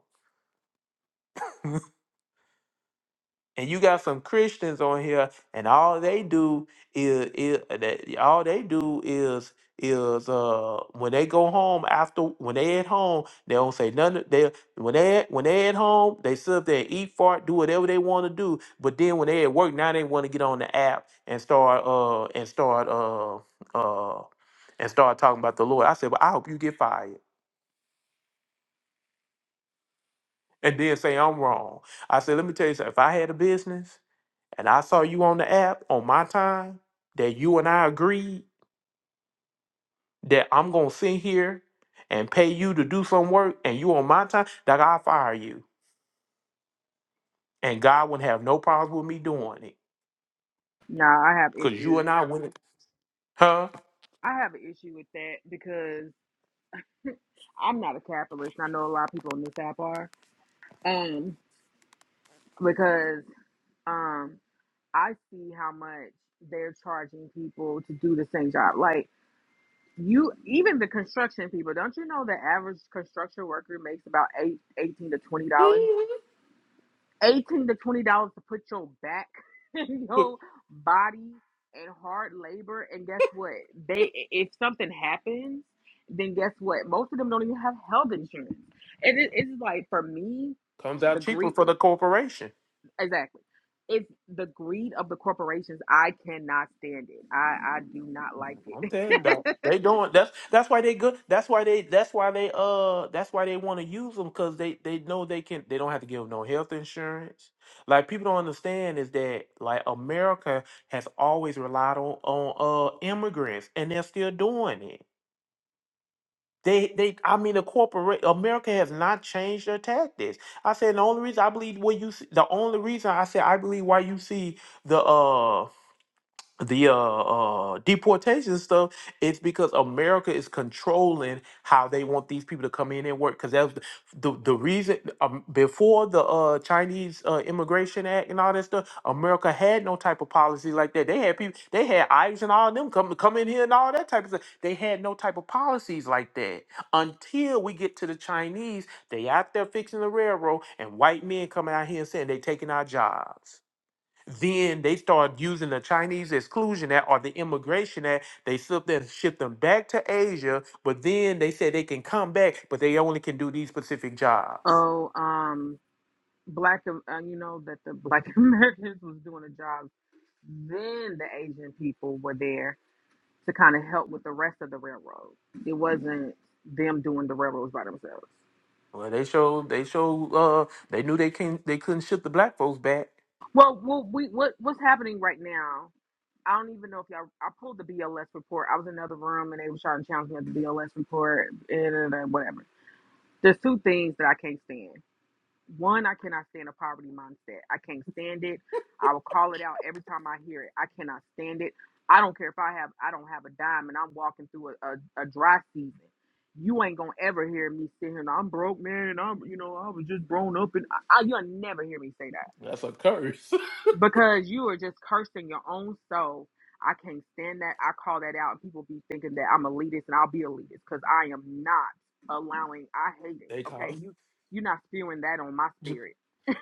And you got some Christians on here, and all they do is, is that all they do is is uh when they go home after when they at home they don't say nothing they when they when they at home they sit up there and eat fart do whatever they want to do but then when they at work now they want to get on the app and start uh and start uh uh and start talking about the Lord I said well I hope you get fired and then say I'm wrong I said let me tell you something if I had a business and I saw you on the app on my time that you and I agreed that I'm gonna sit here and pay you to do some work and you on my time, that I'll fire you. And God wouldn't have no problems with me doing it. Nah, I have Cause you issues. and I wouldn't huh? I have an issue with that because <laughs> I'm not a capitalist. And I know a lot of people on this app are. Um, because um, I see how much they're charging people to do the same job. Like you, even the construction people. Don't you know the average construction worker makes about eight, eighteen to twenty dollars? 18 to 20 dollars to put your back <laughs> and What your body and hard labor and guess what they if something happens then guess what most of them don't even have health insurance and it, it's like for me comes the out cheaper greed for the corporation. exactly it's the greed of the corporations i cannot stand it i i do not like I'm it telling you, that <laughs> they doing that's that's why they good. That's why they that's why they uh that's why they want to use them because they they know they can they don't have to give no health insurance. Like people don't understand is that like America has always relied on on uh immigrants and they're still doing it. They they I mean the corporate America has not changed their tactics. I said the only reason I believe what you see, the only reason I said I believe why you see the uh the uh, uh deportation stuff it's because america is controlling how they want these people to come in and work because that's the, the the reason um, before the uh chinese uh immigration act and all that stuff america had no type of policy like that they had people they had irish and all them come come in here and all that type of stuff they had no type of policies like that until we get to the chinese they out there fixing the railroad and white men coming out here and saying they taking our jobs then they start using the Chinese Exclusion Act or the Immigration Act. They slip them, ship them back to Asia, but then they say they can come back, but they only can do these specific jobs. oh um black Am- uh, you know that the black <laughs> americans was doing a job then the asian people were there to kind of help with the rest of the railroad. It wasn't them doing the railroads by themselves. Well, they showed they showed uh they knew they can they couldn't ship the black folks back. Well, well we what what's happening right now? I don't even know if y'all. I pulled the BLS report. I was in another room and they were trying to challenge me at the BLS report and, and whatever. There's two things that I can't stand. One, I cannot stand a poverty mindset. I can't stand it. I will call it out every time I hear it. I cannot stand it. I don't care if I have I don't have a dime and I'm walking through a, a, a dry season. You ain't gonna ever hear me sit here and I'm broke, man. I'm you know, I was just grown up and I, I you'll never hear me say that. That's a curse. Because you are just cursing your own soul. I can't stand that. I call that out and people be thinking that I'm elitist and I'll be elitist because I am not allowing I hate <laughs> it. they call Okay. You you're not spewing that on my ju- spirit.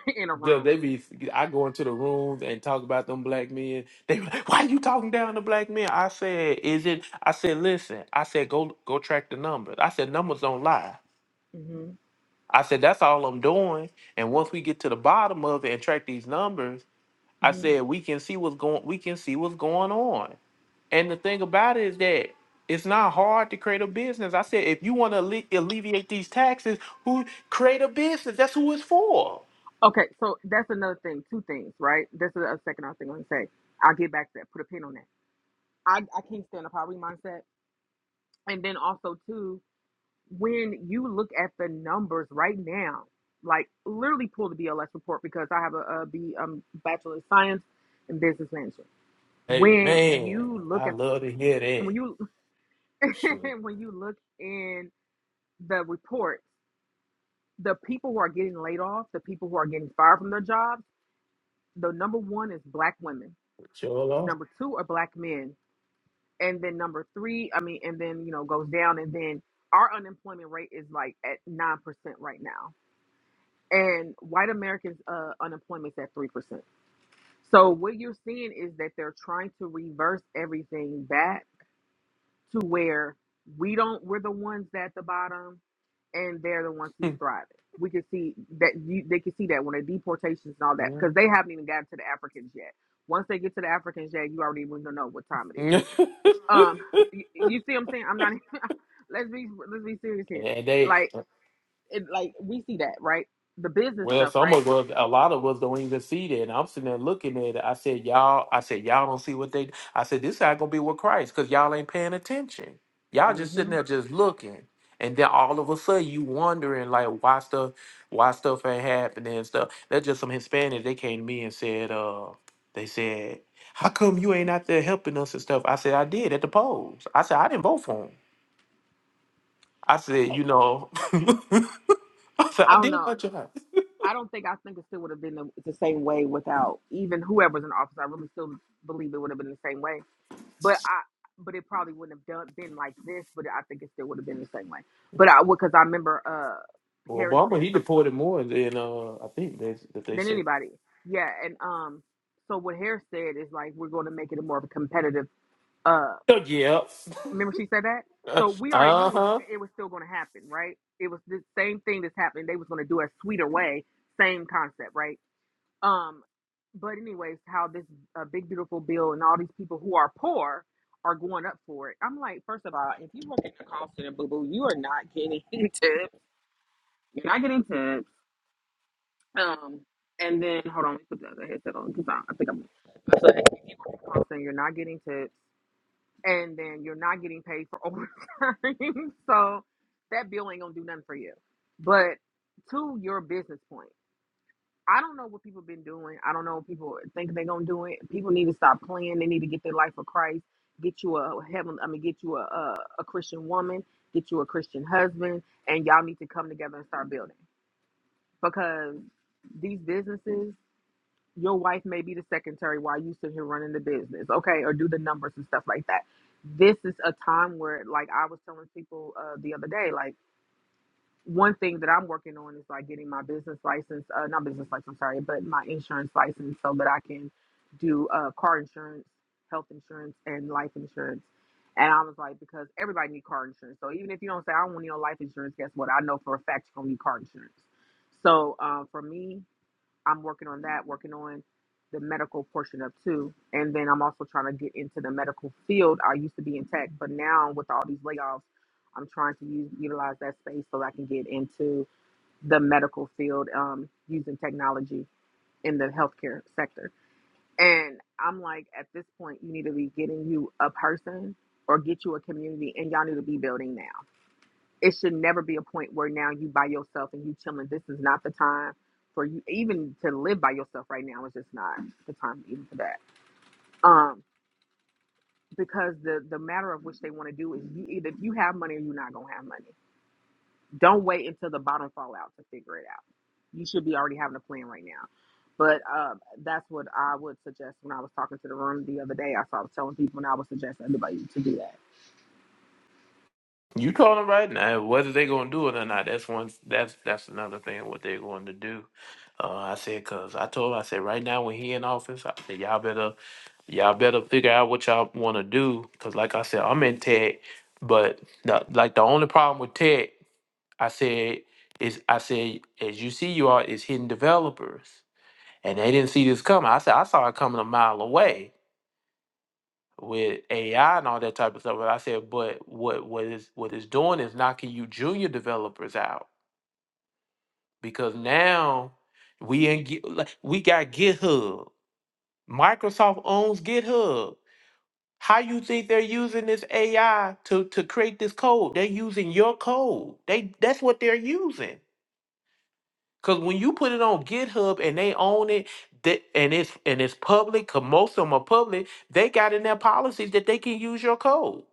<laughs> in a ju- room. they be I go into the rooms and talk about them black men. They be like, why you talking down to black men? I said, is it? I said, listen. I said, go go track the numbers. I said, numbers don't lie. hmm I said, that's all I'm doing. And once we get to the bottom of it and track these numbers, I hmm said we can see what's going we can see what's going on. And the thing about it is that it's not hard to create a business. I said, if you want to alle- alleviate these taxes, who create a business? That's who it's for. Okay, so that's another thing. Two things, right? That's the other second other thing I'm gonna say. I'll get back to that. Put a pin on that. I, I can't stand a poverty mindset. And then also too, when you look at the numbers right now, like literally pull the BLS report because I have a, a B um bachelor of science in business management. Hey When man, you look I at love to hear when that. you Sure, <laughs> when you look in the reports, the people who are getting laid off, the people who are getting fired from their jobs the number one is black women sure. number two are black men and then number three i mean and then you know goes down and then our unemployment rate is like at 9% right now and white americans uh, unemployment is at 3% so what you're seeing is that they're trying to reverse everything back to where we don't we're the ones at the bottom and they're the ones who's thriving. We can see that you, they can see that when the deportations and all that, Lord. because they haven't even gotten to the Africans yet. Once they get to the Africans yet, you already even know what time <laughs> it is. and Um, you, you see, what I'm saying I'm not. Let's be let's be serious here. they Like it, like we see that right. The business Well, stuff, some right? of us, a lot of us don't even see that. And I'm sitting there looking at it. I said, y'all, I said, y'all don't see what they, I said, this not going to be with Christ because y'all ain't paying attention. Y'all mm just sitting hmm there just looking. And then all of a sudden you wondering like why stuff, why stuff ain't happening and stuff. That's just some Hispanics. They came to me and said, uh, they said, how come you ain't out there helping us and stuff? I said, I did at the polls. I said, I didn't vote for him. I said, you know, <laughs> I said, I I don't did know. my job. I don't think I think it still would have been the, the same way without even whoever's in office. I really still believe it would have been the same way but I but it probably wouldn't have done been like this, but I think it still would have been the same way. But I would because I remember uh Well, Harris Obama saying he something deported more than uh I think they that they than say. anybody. Yeah, and um so what Harris said is like we're gonna make it a more of a competitive uh <laughs> yep. remember she said that? So we already Uh knew it was huh. <laughs> it was still gonna happen, right? It was the same thing that's happening. They was gonna do a sweeter way, same concept, right? Um, but anyways, how this uh, big beautiful bill and all these people who are poor are going up for it. I'm like, first of all, if you work at the call center, boo boo, you are not getting <laughs> tips. You're not getting tips. Um, and then hold on, let me put the other headset on because I, I think I'm. I feel like if you work at the call center, you're not getting tips, and then you're not getting paid for <laughs> overtime. so that bill ain't gonna do nothing for you. But to your business point. I don't know what people been doing. I don't know what people think they're gonna do it. People need to stop playing. They need to get their life for Christ. Get you a heaven. I mean, get you a, a a Christian woman. Get you a Christian husband, and y'all need to come together and start building. Because these businesses, your wife may be the secretary while you sit here running the business, okay, or do the numbers and stuff like that. This is a time where, like I was telling people uh, the other day, like one thing that I'm working on is like getting my business license, uh, not business license, I'm sorry, but my insurance license so that I can do uh, car insurance, health insurance, and life insurance. And I was like, because everybody need car insurance. So even if you don't say I don't want no life insurance, guess what? I know for a fact you're gonna need car insurance. So uh, for me, I'm working on that, working on the medical portion of too. And then I'm also trying to get into the medical field. I used to be in tech, but now with all these layoffs, I'm trying to use utilize that space so I can get into the medical field um, using technology in the healthcare sector. And I'm like, at this point, you need to be getting you a person or get you a community, and y'all need to be building now it should never be a point where now you by yourself and you chilling. This is not the time for you even to live by yourself right now. It's just not the time even for that. Um, because the the matter of which they want to do is you either if you have money or you're not gonna have money. Don't wait until the bottom fall out to figure it out. You should be already having a plan right now. But um, that's what I would suggest when I was talking to the room the other day. I saw was telling people and I would suggest everybody to do that. You call it right now. Whether they gonna do it or not, that's one. That's that's another thing. What they're going to do. Uh, I said, cause I told her, I said, right now when he in office, I said, y'all better, y'all better figure out what y'all want to do, cause like I said, I'm in tech, but the, like the only problem with tech, I said, is I said, as you see, you are is hidden developers. and they didn't see this coming. I said I saw it coming a mile away with AI and all that type of stuff. But I said, but what what is what it's doing is knocking you junior developers out because now we in Gi- like, we got GitHub. Microsoft owns GitHub. How you think they're using this AI to to create this code? They're using your code. They that's what they're using. Cause when you put it on GitHub and they own it, that and it's and it's public, cause most of them are public, they got in their policies that they can use your code.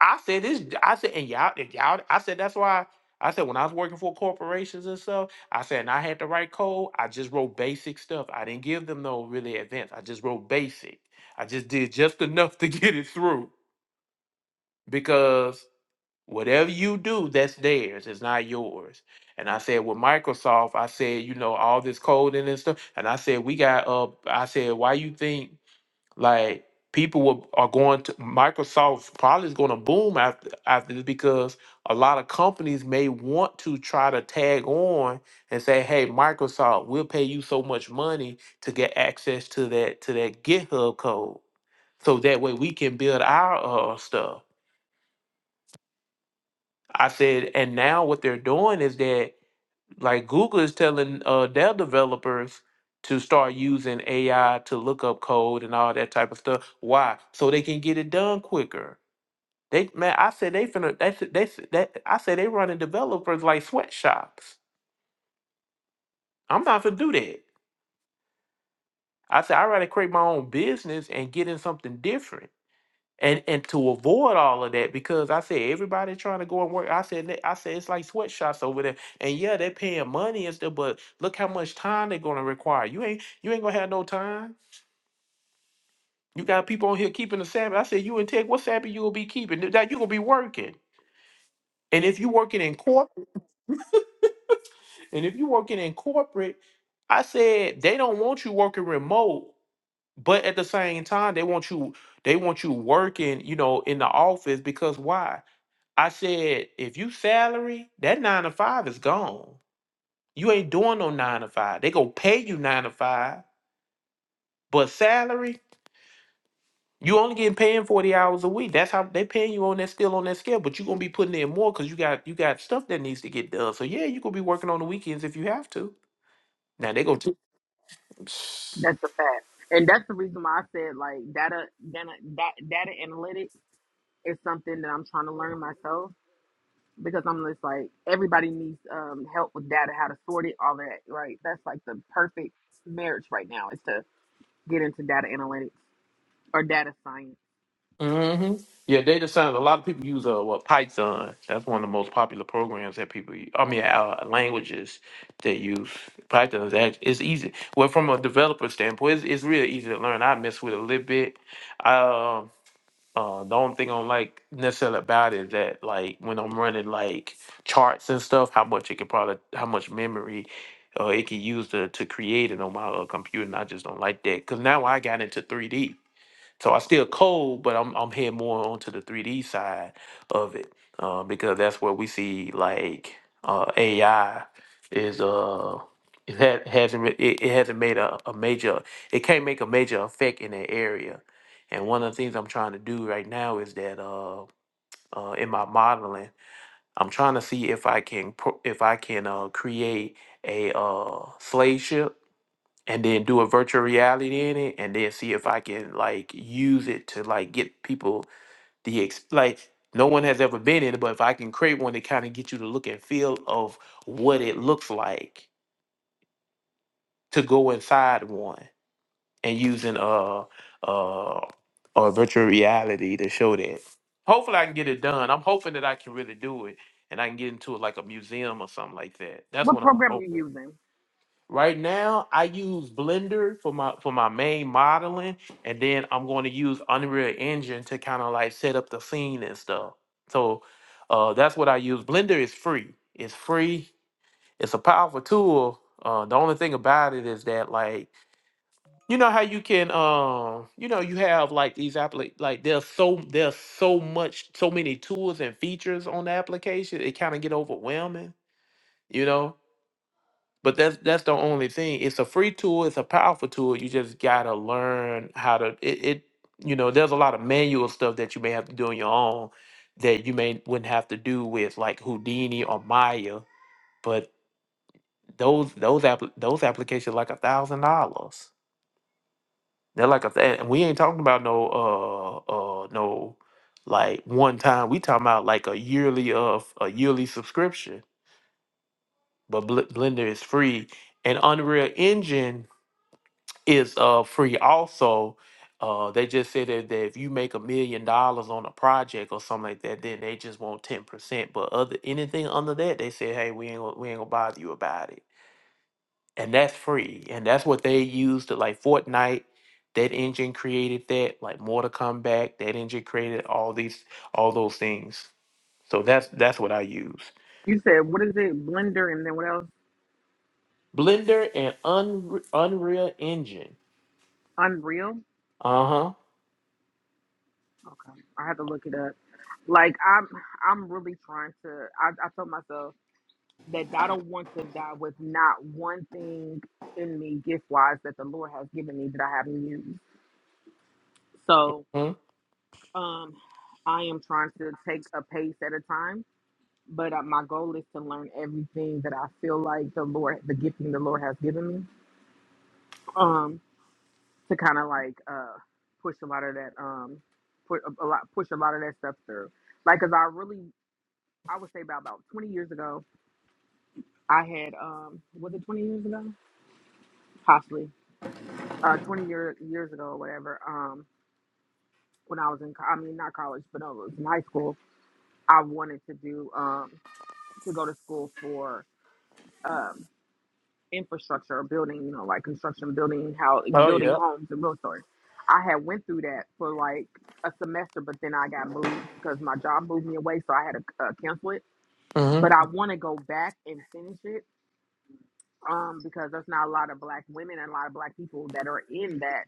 I said this, I said, and y'all, and y'all, I said that's why I said when I was working for corporations and stuff, I said and I had to write code. I just wrote basic stuff. I didn't give them no really advanced. I just wrote basic. I just did just enough to <laughs> get it through. because. Whatever you do, that's theirs. It's not yours. And I said with Microsoft, I said, you know, all this coding and stuff. And I said, we got up. I said, why you think like people will, are going to Microsoft probably is going to boom after after this because a lot of companies may want to try to tag on and say, hey, Microsoft, we'll pay you so much money to get access to that to that GitHub code, so that way we can build our uh, stuff. I said, and now what they're doing is that like Google is telling uh, their developers to start using AI to look up code and all that type of stuff. Why? So they can get it done quicker. They man, I said they finna. That's they s- that. I said they running developers like sweatshops. I'm not gonna do that. I said I rather create my own business and get in something different. And and to avoid all of that, because I said everybody trying to go and work. I said that- I said it's like sweatshops over there. And yeah, they're paying money and stuff, but look how much time they're gonna require. You ain't you ain't gonna have no time. You got people on here keeping the Sabbath. I said you and Tech, what Sabbath you gonna be keeping? That you gonna be working. And if you working in corporate, and if you working in corporate, I said they don't want you working remote, but at the same time, they want you they want you working, you know, in the office because why? I said, if you salary, that nine to five is gone. You ain't doing no nine to five. They gonna pay you nine to five, but salary, you only getting paid forty hours a week. That's how they paying you on that still on that scale. But you gonna be putting in more because you got you got stuff that needs to get done. So yeah, you gonna be working on the weekends if you have to. Now they go to. That's the fact. And that's the reason why I said like data data data, data analytics It's something that I'm trying to learn myself because I'm just like everybody needs um, help with data, how to sort it, all that. Right? That's like the perfect marriage right now is to get into data analytics or data science. hmm Yeah, data science. A lot of people use uh, what Python. That's one of the most popular programs that people. u- I mean, uh, languages they use. Python is act- it's easy. Well, from a developer standpoint, it's, it's really easy to learn. I mess with it a little bit. Um, uh, uh, the only thing I don't like necessarily about it is that, like, when I'm running like charts and stuff, how much it can probably, how much memory. Uh, it can use to, to create it on my uh, computer, and I just don't like that. Cause now I got into 3D. So I still code, but I'm I'm heading more onto the 3D side of it uh, because that's where we see like uh, AI is uh it ha- hasn't re- it, it hasn't made a, a major it can't make a major effect in that area. And one of the things I'm trying to do right now is that uh, uh in my modeling I'm trying to see if I can pro- if I can uh create a uh slave ship and then do a virtual reality in it and then see if I can like use it to like get people the ex- like no one has ever been in it, but if I can create one to kind of get you the look and feel of what it looks like to go inside one and using uh uh or virtual reality to show that. Hopefully I can get it done. I'm hoping that I can really do it and I can get into like a museum or something like that. That's What what I'm program you hoping. using? Right now, I use Blender for my for my main modeling, and then I'm going to use Unreal Engine to kind of like set up the scene and stuff. So uh, that's what I use. Blender is free. It's free. It's a powerful tool. Uh, the only thing about it is that like you know how you can um you know you have like these appli like there's so there's so much so many tools and features on the application it kind of get overwhelming you know but that's that's the only thing. It's a free tool. It's a powerful tool. You just gotta learn how to it. it you know, there's a lot of manual stuff that you may have to do on your own that you may wouldn't have to do with like Houdini or Maya. But those those app those applications like a thousand dollars. They're like a th- and we ain't talking about no uh uh no like one time. We talking about like a yearly of a yearly subscription. But Bl- Blender is free and Unreal Engine. is uh free also. Uh, they just said that, that if you make a million dollars on a project or something like that, then they just want ten percent. But other anything under that, they say, hey, we ain't gonna, we ain't gonna bother you about it, and that's free, and that's what they use to like Fortnite. That engine created that, like Mortal Kombat. That engine created all these, all those things. So that's that's what I use. You said what is it? Blender and then what else? Blender and Unre- Unreal Engine. Unreal. Uh Okay, I have to look it up. Like I'm, I'm really trying to. I, I told myself that I don't want to die with not one thing in me gift wise that the Lord has given me that I haven't used. So huh. Um, I am trying to take a pace at a time, but uh, my goal is to learn everything that I feel like the Lord, the gifting the Lord has given me, um, to kind of like uh, push a lot of that, um, put a, a lot, push a lot of that stuff through. Like, cause I really, I would say about about 20 years ago, I had, um, was it 20 years ago? Possibly, uh, 20 year, years ago or whatever. Um, when I was in, co- I mean, not college, but I was in high school. I wanted to do, um, to go to school um, infrastructure or building, you know, like construction, building how Oh building yeah. homes and real estate. I had went through that for like a semester, but then I got moved because my job moved me away, so I had to uh, cancel it. hmm But I want to go back and finish it um, because there's not a lot of black women and a lot of black people that are in that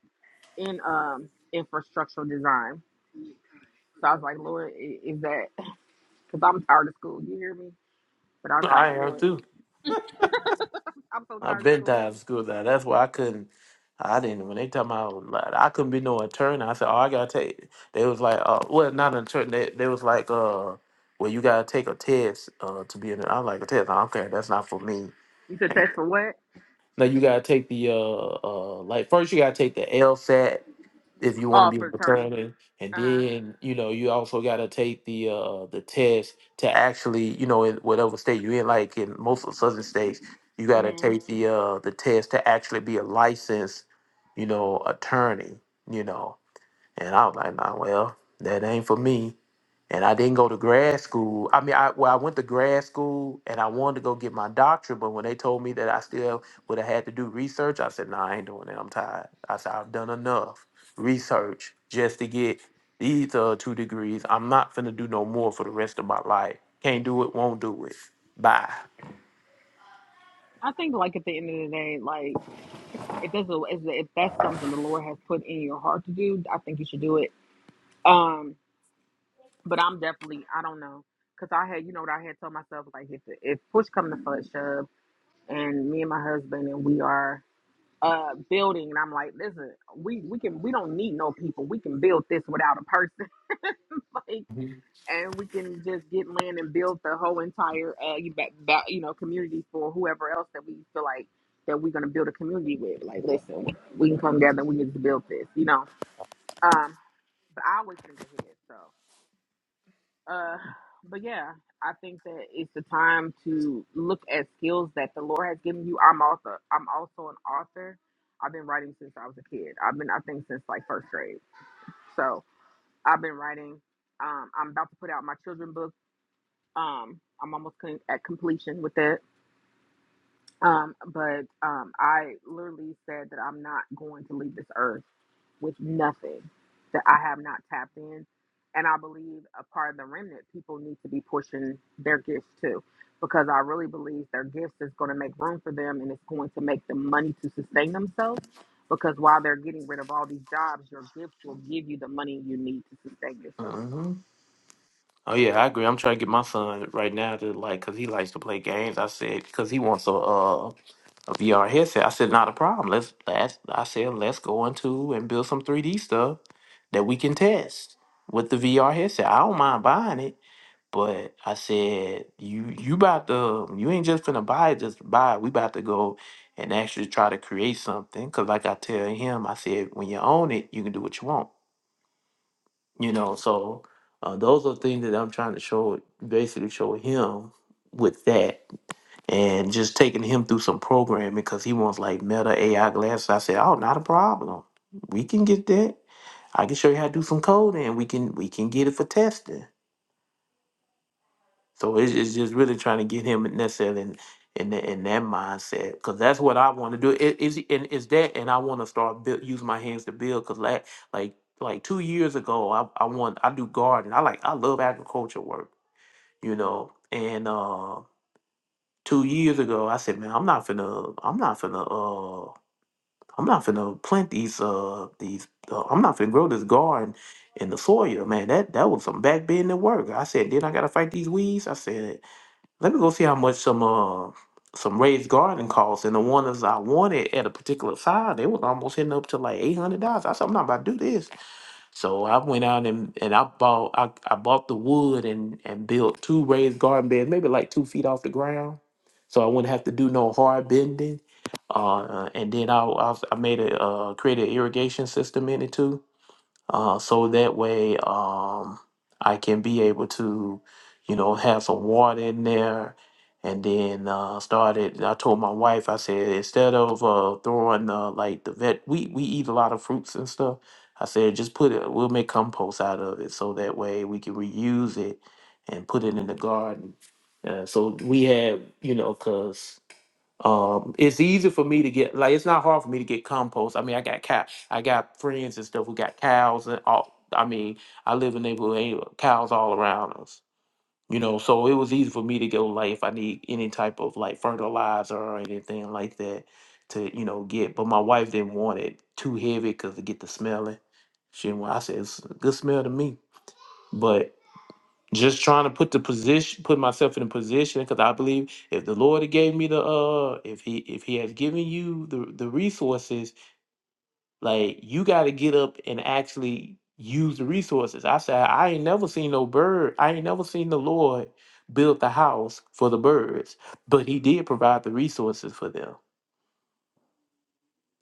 in um, infrastructural design. So I was like, Lord, i- is that <laughs> because I'm tired of school? You hear me? But I was like, I am Lord, too. I'm so I've tired of been school. tired of school now. That's why I couldn't. I didn't. When they talking about, like, I couldn't be no attorney. I said, oh, I gotta take. They was like, uh, well, not an attorney. They, they was like, uh, well, you gotta take a test, uh, to be an. I'm like a test. I'm Okay, that's not for me. You said test for what? No, you gotta take the uh, uh, like first you gotta take the LSAT if you want Oh, to be a for attorney. fraternity. And Uh then you know you also got to take the uh the test to actually you know in whatever state you're in. Like in most of southern states, you got to huh. take the uh the test to actually be a licensed you know attorney. You know. And I was like, nah, well, that ain't for me. And I didn't go to grad school. I mean, I well, I went to grad school and I wanted to go get my doctorate, but when they told me that I still would have had to do research, I said, nah, I ain't doing that. I'm tired. I said, I've done enough research just to get these uh, two degrees. I'm not finna do no more for the rest of my life. Can't do it, won't do it. Bye. I think, like at the end of the day, like if that's a, if that's something the Lord has put in your heart to do, I think you should do it. Um, but I'm definitely, I don't know, cause I had, you know, what I had told myself, like if if push come to push, shove, and me and my husband and we are uh building, and I'm like, listen, we we can we don't need no people, we can build this without a person. <laughs> Like. and we can just get land and build the whole entire uh you ba- ba- you know community for whoever else that we feel like that we're gonna build a community with. Like, listen, we can come together and we can just build this, you know. Um, but I always think ahead, so uh, but yeah, I think that it's the time to look at skills that the Lord has given you. I'm author. I'm also an author. I've been writing since I was a kid. I've been, I think, since like first grade. So I've been writing. Um, I'm about to put out my children's book um i'm almost con- at completion with it um but um i literally said that i'm not going to leave this earth with nothing that i have not tapped in and i believe a part of the remnant people need to be pushing their gifts too because i really believe their gifts is going to make room for them and it's going to make them money to sustain themselves because while they're getting rid of all these jobs your gifts will give you the money you need to sustain yourself hmm Oh yeah, I agree. I'm trying to get my son right now to like, cause he likes to play games. I said, cause he wants a uh If you are I said, not a problem. Let's, let's I said, let's go into and build some 3D stuff that we can test with the VR headset. I don't mind buying it, but I said, you you about to you ain't just gonna buy it, just to buy it. We about to go and actually try to create something. Cause like I tell him, I said, when you own it, you can do what you want. You know, so uh, those are things that I'm trying to show basically show him with that and just taking him through some programming because he wants like meta AI glasses. I said, oh, not a problem. We can get that. I can show you how to do some code and we can we can get it for testing. So it's, it's just really trying to get him necessarily in in, that in that mindset because that's what I want to do. It is and is that and I want to start build use my hands to build because like like like two years ago I I want I do gardening. I like I love agriculture work, you know, and. Uh, two years ago, I said, man, I'm not finna, I'm not finna, uh, I'm not finna plant these, uh, these, uh, I'm not finna grow this garden in the soil, man. That that was some back bending work. I said, then I gotta fight these weeds. I said, let me go see how much some, uh, some raised garden costs. And the ones I wanted at a particular size, they was almost hitting up to like eight hundred dollars. I said, I'm not about to do this. So I went out and, and I bought I, I bought the wood and and built two raised garden beds, maybe like two feet off the ground, so I wouldn't have to do no hard bending. Uh, and then I I, I made a uh, created an irrigation system in it too uh, so that way um, I can be able to, you know, have some water in there. And then uh, started. I told my wife, I said instead of uh, throwing uh, like the vet, we we eat a lot of fruits and stuff. I said just put it. We'll make compost out of it, so that way we can reuse it and put it in the garden. Uh, so we had, you know, cause um, it's easy for me to get like it's not hard for me to get compost. I mean, I got cow, I got friends and stuff who got cows and all. I mean, I live in a neighborhood ain't cows all around us. You know, so it was easy for me to go like if I need any type of like fertilizer or anything like that to you know get. But my wife didn't want it too heavy because to get the smelling. She didn't want. I said it's a good smell to me, but just trying to put the position put myself in a position because i believe if the lord had gave me the uh if he if he has given you the the resources like you got to get up and actually use the resources i said i ain't never seen no bird i ain't never seen the lord build the house for the birds but he did provide the resources for them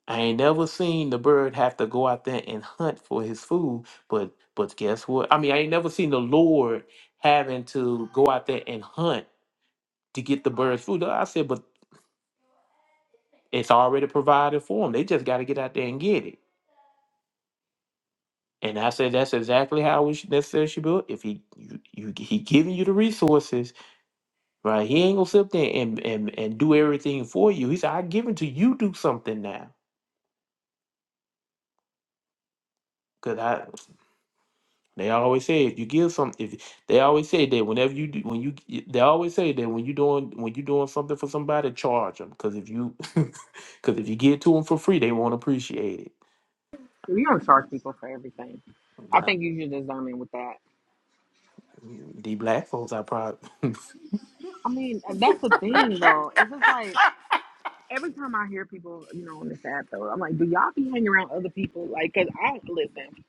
i ain't never seen the bird have to go out there and hunt for his food but but guess what i mean i ain't never seen the lord having to go out there and hunt to get the birds food. I said, but it's already provided for them. They just got to get out there and get it. And I said, that's exactly how we should, necessarily should build. If he you, you he giving you the resources, right? He ain't gonna sit there and and, and do everything for you. He said, I give it to you. Do something now, because I they always say if you give some if they always say that whenever you do when you they always say that when you doing when you doing something for somebody, charge them. Because if you <laughs> because if you give to them for free, they won't appreciate it. so you don't charge people for everything I Nah, think you should discern me with that. The black folks, I probably. <laughs> I mean, and that's the thing though. It's just like every time I hear people, you know, on this app though, I'm like, do y'all be hanging around other people? Like, cause I listen,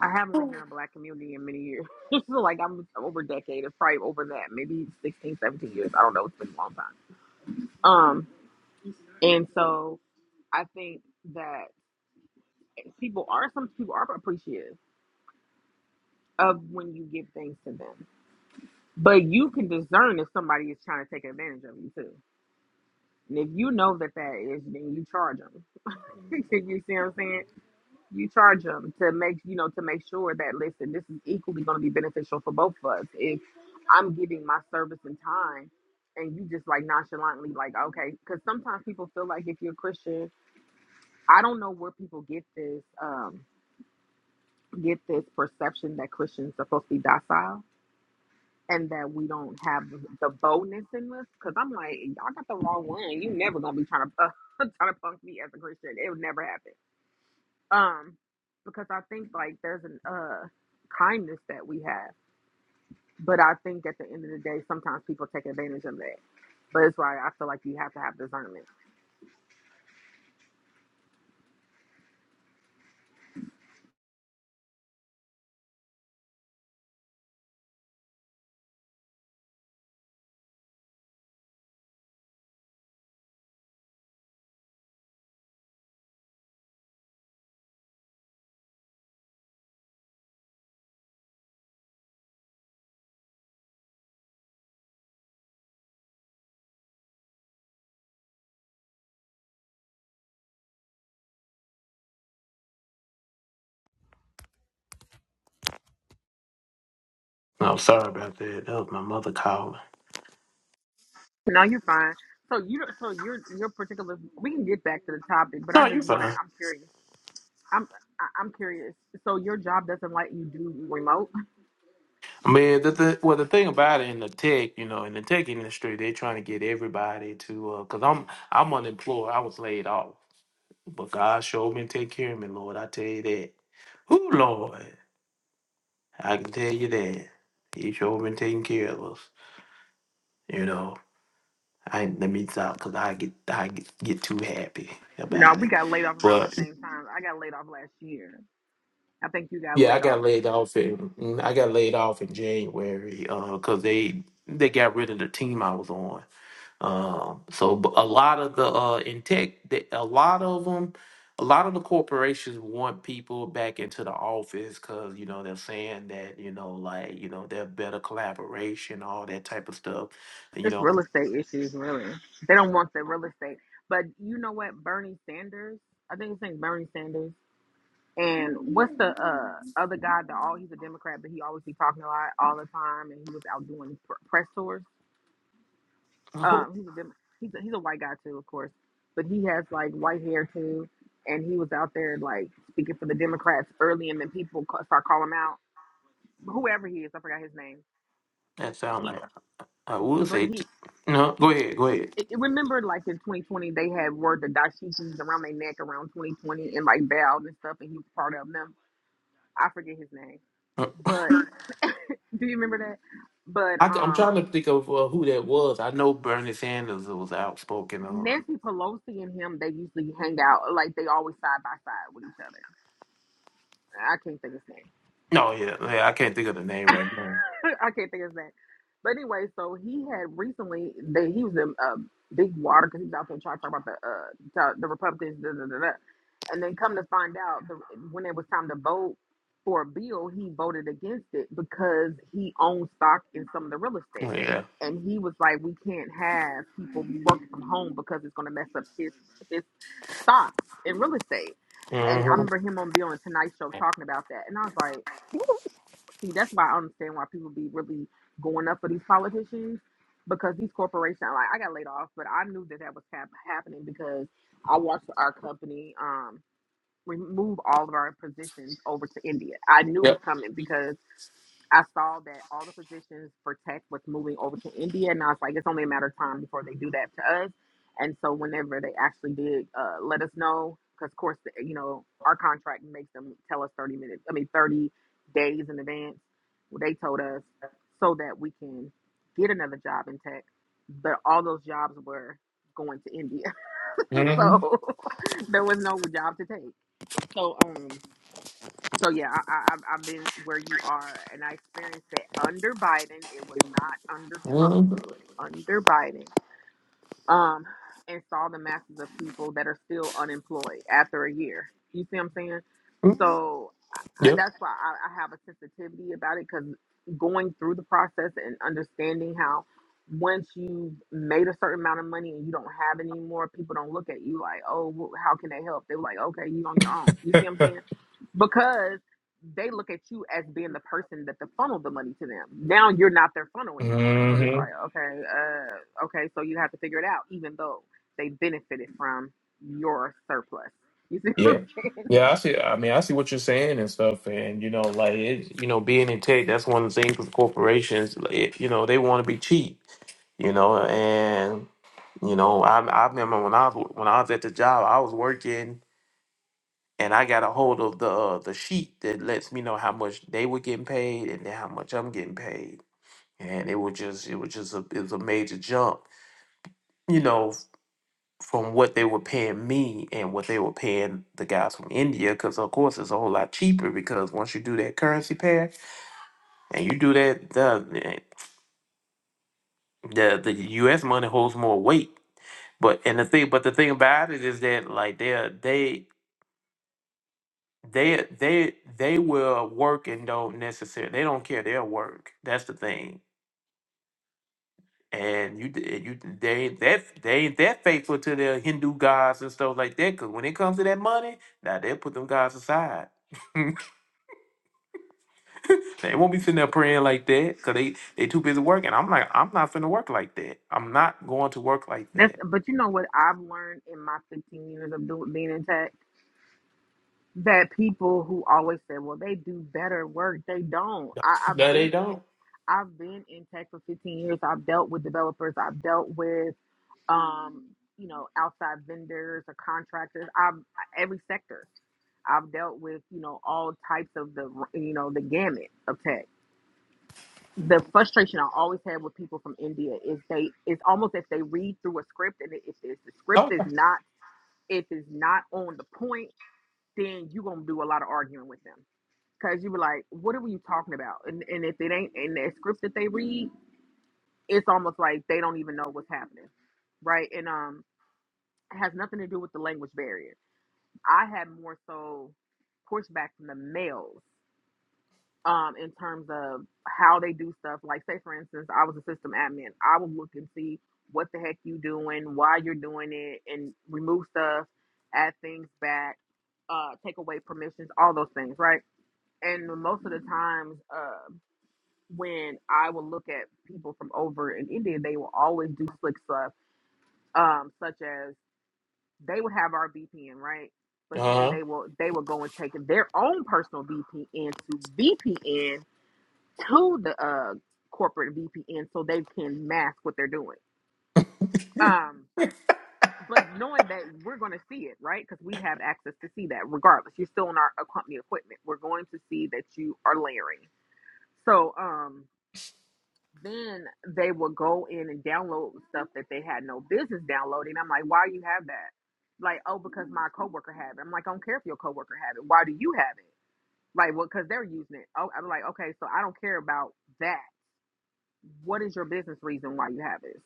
I haven't lived in a black community in many years. <laughs> so like I'm over a decade. It's probably over that, maybe 16, 17 years. I don't know. It's been a long time. Um, and so I think that people are some people are appreciative of when you give things to them, but you can discern if somebody is trying to take advantage of you too. And if you know that that is, then you charge them. <laughs> you see what I'm saying? You charge them to make you know to make sure that listen, this is equally going to be beneficial for both of us. If I'm giving my service and time, and you just like nonchalantly like okay, because sometimes people feel like if you're Christian, I don't know where people get this um get this perception that Christians are supposed to be docile. And that we don't have the the boldness in us, because I'm like, y'all got the wrong one. You never gonna be trying to <laughs> trying to punk me as a Christian. It would never happen um because i think like there's an uh kindness that we have but i think at the end of the day sometimes people take advantage of that but it's why i feel like you have to have discernment I'm sorry about that. That was my mother calling. no you're fine so you don't- so your your particular we can get back to the topic but i No, you're just want to fine. i'm curious i'm I- i'm curious so your job doesn't let you do remote I mean, the, the well, the thing about it in the tech, you know, in the tech industry, they're trying to get everybody to. Because I'm I'm unemployed. I was laid off, but God showed me to take care of me, Lord. I tell you that. Ooh, Lord? I can tell you that. He showed me taking care of us. You know, I let me stop because I get I get, get too happy no about we it. got laid off around the same time i got laid off last year i think you got Yeah, I laid off got laid off in I got laid off in January uh, 'cause they they got rid of the team I was on. Um, so but a lot of the uh, in tech, the, a lot of them, a lot of the corporations want people back into the office because you know they're saying that you know like you know they're better collaboration, all that type of stuff. You It's know, real estate issues, really. They don't want the real estate. But you know what? Bernie Sanders, I think his name's Bernie Sanders. And what's the uh, other guy? That all he's a Democrat, but he always be talking a lot all the time, and he was out doing pr- press tours. I hope Um, he's a Dem- he's a, he's a white guy too, of course, but he has like white hair too, and he was out there like speaking for the Democrats early, and then people ca- start calling him out. Whoever he is, I forgot his name. that sound He, like I would but say. he t- No, go ahead, go it- ahead. it- remember like in 2020 they had wore the dashikis around their neck around 2020 and like bowed and stuff and he was part of them i forget his name but do you remember that but I, am um trying to think of uh, who that was. I know Bernie Sanders was outspoken. On. nancy pelosi and him they usually hang out like they always side by side with each other i can't think of his name No, yeah, yeah, I can't think of the name right now. <laughs> I can't think of his name. But anyway, so he had recently they he was in uh, big water because he was out there trying to talk about the uh the, the Republicans, da, da, da, da. and then come to find out the, when it was time to vote for a bill, he voted against it because he owned stock in some of the real estate, Yeah. and he was like, we can't have people working from home because it's going to mess up his his stocks in real estate. And I Mm-hmm. remember him on Bill and Tonight Show talking about that, and I was like. See, that's why I understand why people be really going up for these politicians because these corporations, like I got laid off, but I knew that that was hap- happening because I watched our company um remove all of our positions over to India. I knew it was Yep. coming because I saw that all the positions for tech was moving over to India, and I was like, it's only a matter of time before they do that to us. And so, whenever they actually did uh, let us know, because of course, the, you know, our contract makes them tell us 30 minutes, I mean, 30 days in advance. Well, they told us so that we can get another job in tech, but all those jobs were going to India. <laughs> Mm-hmm. so, <laughs> there was no job to take. So, um, so yeah, I, I, I've I've been where you are, and I experienced it under Biden. It was not under Trump, but it was under Biden. Um, and saw the masses of people that are still unemployed after a year. You see what I'm saying? Mm-hmm. So I, Yep. that's why I, I have a sensitivity about it because going through the process and understanding how once you've made a certain amount of money and you don't have any more, people don't look at you like, oh, wh- how can they help? They're like, okay, you on your own. You see what I'm saying? because they look at you as being the person that the funnel the money to them. Now you're not their funnel anymore. So it's Mm-hmm. like, okay, uh, okay, so you have to figure it out, even though they benefited from your surplus. You see <laughs> what I'm Yeah. saying? Yeah, I see. I mean, I see what you're saying and stuff, and you know, like it, you know, being in tech, that's one of the things with corporations. like, It, you know, they want to be cheap. You know, and you know, I I remember when I was when I was at the job, I was working. and I got a hold of the uh, the sheet that lets me know how much they were getting paid and then how much I'm getting paid. And it was just it was just a it was a major jump, you know, f- from what they were paying me and what they were paying the guys from India, because of course it's a whole lot cheaper because once you do that currency pair and you do that, the the, the U.S. money holds more weight. But and the thing, but the thing about it is that like they are they They they they will work and don't necessarily they don't care they'll work. That's the thing. And you you they that they that faithful to their Hindu gods and stuff like that. Cause when it comes to that money, now they'll put them gods aside. <laughs> they won't be sitting there praying like that because they they too busy working. I'm like I'm not finna work like that. I'm not going to work like That's that. but you know what I've learned in my 15 years of doing, being in tech that people who always say, well, they do better work, they don't. I, I've No, they been in. don't. I've been in tech for 15 years. I've dealt with developers. I've dealt with um, you know, outside vendors or contractors. I've every sector. I've dealt with, you know, all types of the, you know, the gamut of tech. The frustration I always have with people from India is they, it's almost if they read through a script and if it's, the script Oh, is uh not, if it's not on the point, then you're going to do a lot of arguing with them. Cause you were like, what are you talking about? And, and if it ain't in the script that they read, it's almost like they don't even know what's happening. Right. And um. It has nothing to do with the language barrier. I had more so pushback from the males um, in terms of how they do stuff. Like, say, for instance, I was a system admin. I would look and see what the heck you doing, why you're doing it, and remove stuff, add things back, uh, take away permissions, all those things, right? And most of the times uh, when I would look at people from over in India, they will always do slick stuff, um, such as they would have our VPN, right? But then huh. they will they will go and take their own personal VPN to VPN to the uh corporate VPN so they can mask what they're doing. Um but knowing that we're going to see it, right? Because we have access to see that regardless. You're still on our uh, company equipment. We're going to see that you are layering. So, um, then they will go in and download stuff that they had no business downloading. I'm like, why do you have that? Like, oh, because my coworker had it. I'm like, I don't care if your coworker had it. Why do you have it? Like, well, because they're using it. Oh, I'm like, okay, so I don't care about that. What is your business reason why you have this?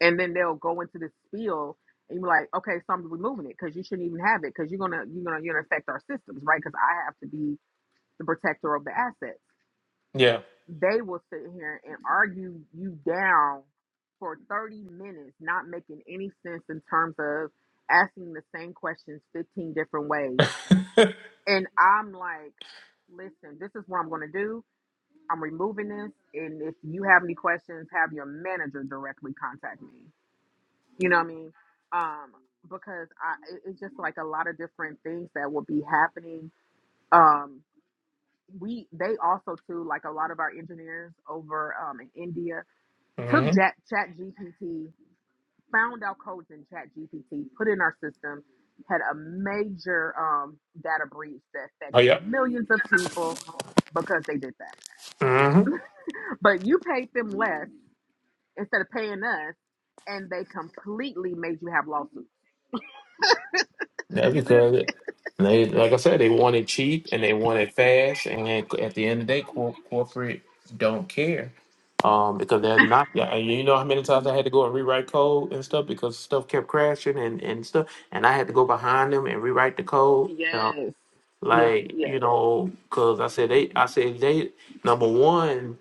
And then they'll go into this spiel and you're like, okay, so I'm removing it because you shouldn't even have it because you're gonna you're gonna you're gonna affect our systems, right? Because I have to be the protector of the assets Yeah. they will sit here and argue you down for 30 minutes, not making any sense in terms of asking the same questions 15 different ways. And I'm like, listen, this is what I'm going to do. I'm removing this. And if you have any questions, have your manager directly contact me. You know what I mean? Um, because I, it- it's just like a lot of different things that will be happening. Um, we, they also too, like a lot of our engineers over um, in India took Mm-hmm. Chat GPT, found out codes in Chat GPT, put in our system, had a major um, data breach that Oh affected millions of people because they did that. yeah. But you paid them less instead of paying us, and they completely made you have lawsuits. That's You feel? because they, like I said, they want it cheap and they want it fast. And at the end of the day, cor- corporate don't care um, because they're not. Yeah, and you know how many times I had to go and rewrite code and stuff because stuff kept crashing and, and stuff, and I had to go behind them and rewrite the code. You know, Yes, yes, like you yes. know, because I said they, Mm-hmm. I said they. Number one,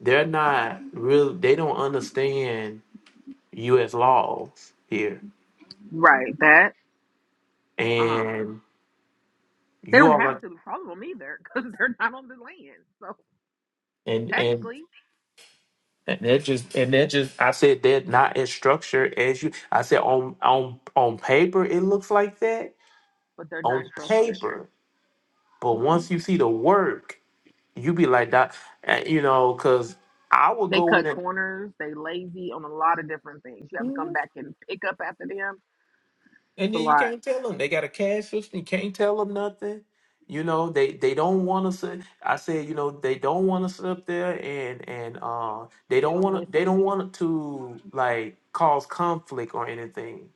they're not real. They don't understand U.S. laws here, Right. That um, and they you don't are have like to follow them either because <laughs> they're not on the land. So and and technically, And they're just and they're just I said they're not as structured as you I said on on on paper it looks like that. but they're not On structured. paper. But Mm-hmm. once you see the work, you be like that uh, you know, cause I would They go in cut and corners. They lazy on a lot of different things. You have to come Mhm. back and pick up after them. and It's a then you lot. can't tell them. They got a cash system, you can't tell them nothing. You know, they they don't wanna sit I said, you know, they don't wanna sit up there and and uh they They don't don't wanna they don't listen, want to like cause conflict or anything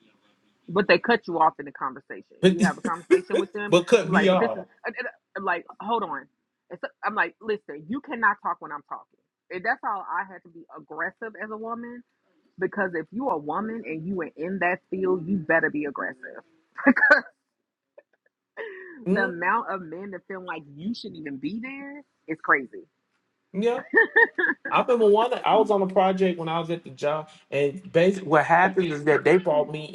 but they cut you off in the conversation. But You have a conversation with <laughs> them. but cut You're me like, but this is off. and- and I'm like, hold on. It's, I'm like, listen, you cannot talk when I'm talking. And that's how I had to be aggressive as a woman because if you a woman and you are in that field, you better be aggressive. The Mm, amount of men that feel like you shouldn't even be there is crazy. yeah. I remember one. I was on a project when I was at the job, and basically what happens is that they brought me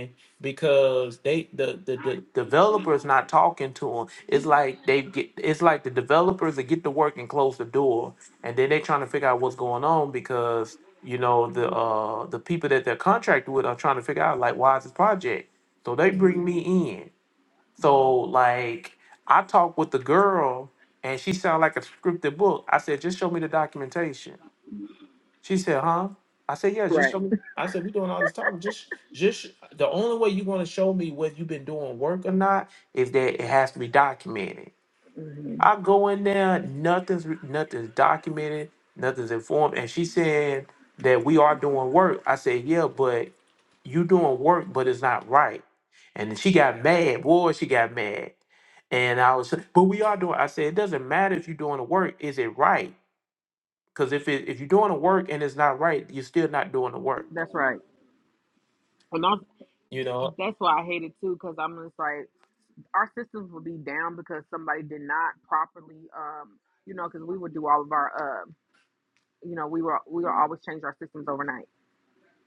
in because they the the, the developers not talking to them. It's like they get. It's like the developers that get to work and close the door, and then they trying to figure out what's going on because you know the uh the people that they're contracted with are trying to figure out like why is this project. So they bring Mhm. me in. So like I talked with the girl, and she sounded like a scripted book. I said, just show me the documentation. She said, huh? I said, yeah, just Right. show me. I said, we doing all this talking. Just, just the only way you're going to show me whether you've been doing work or not is that it has to be documented. hmm I go in there, nothing's nothing's documented, nothing's informed. And she said that we are doing work. I said, yeah, but you doing work, but it's not right. And then she got mad. Boy, she got mad. And I was, but we are doing. I said, it doesn't matter if you're doing the work. Is it right? Because if it, if you're doing the work and it's not right, you're still not doing the work. That's right. And I, You know. That's why I hate it too, because I'm just like, our systems would be down because somebody did not properly, um, you know, because we would do all of our, uh, you know, we were we were always change our systems overnight,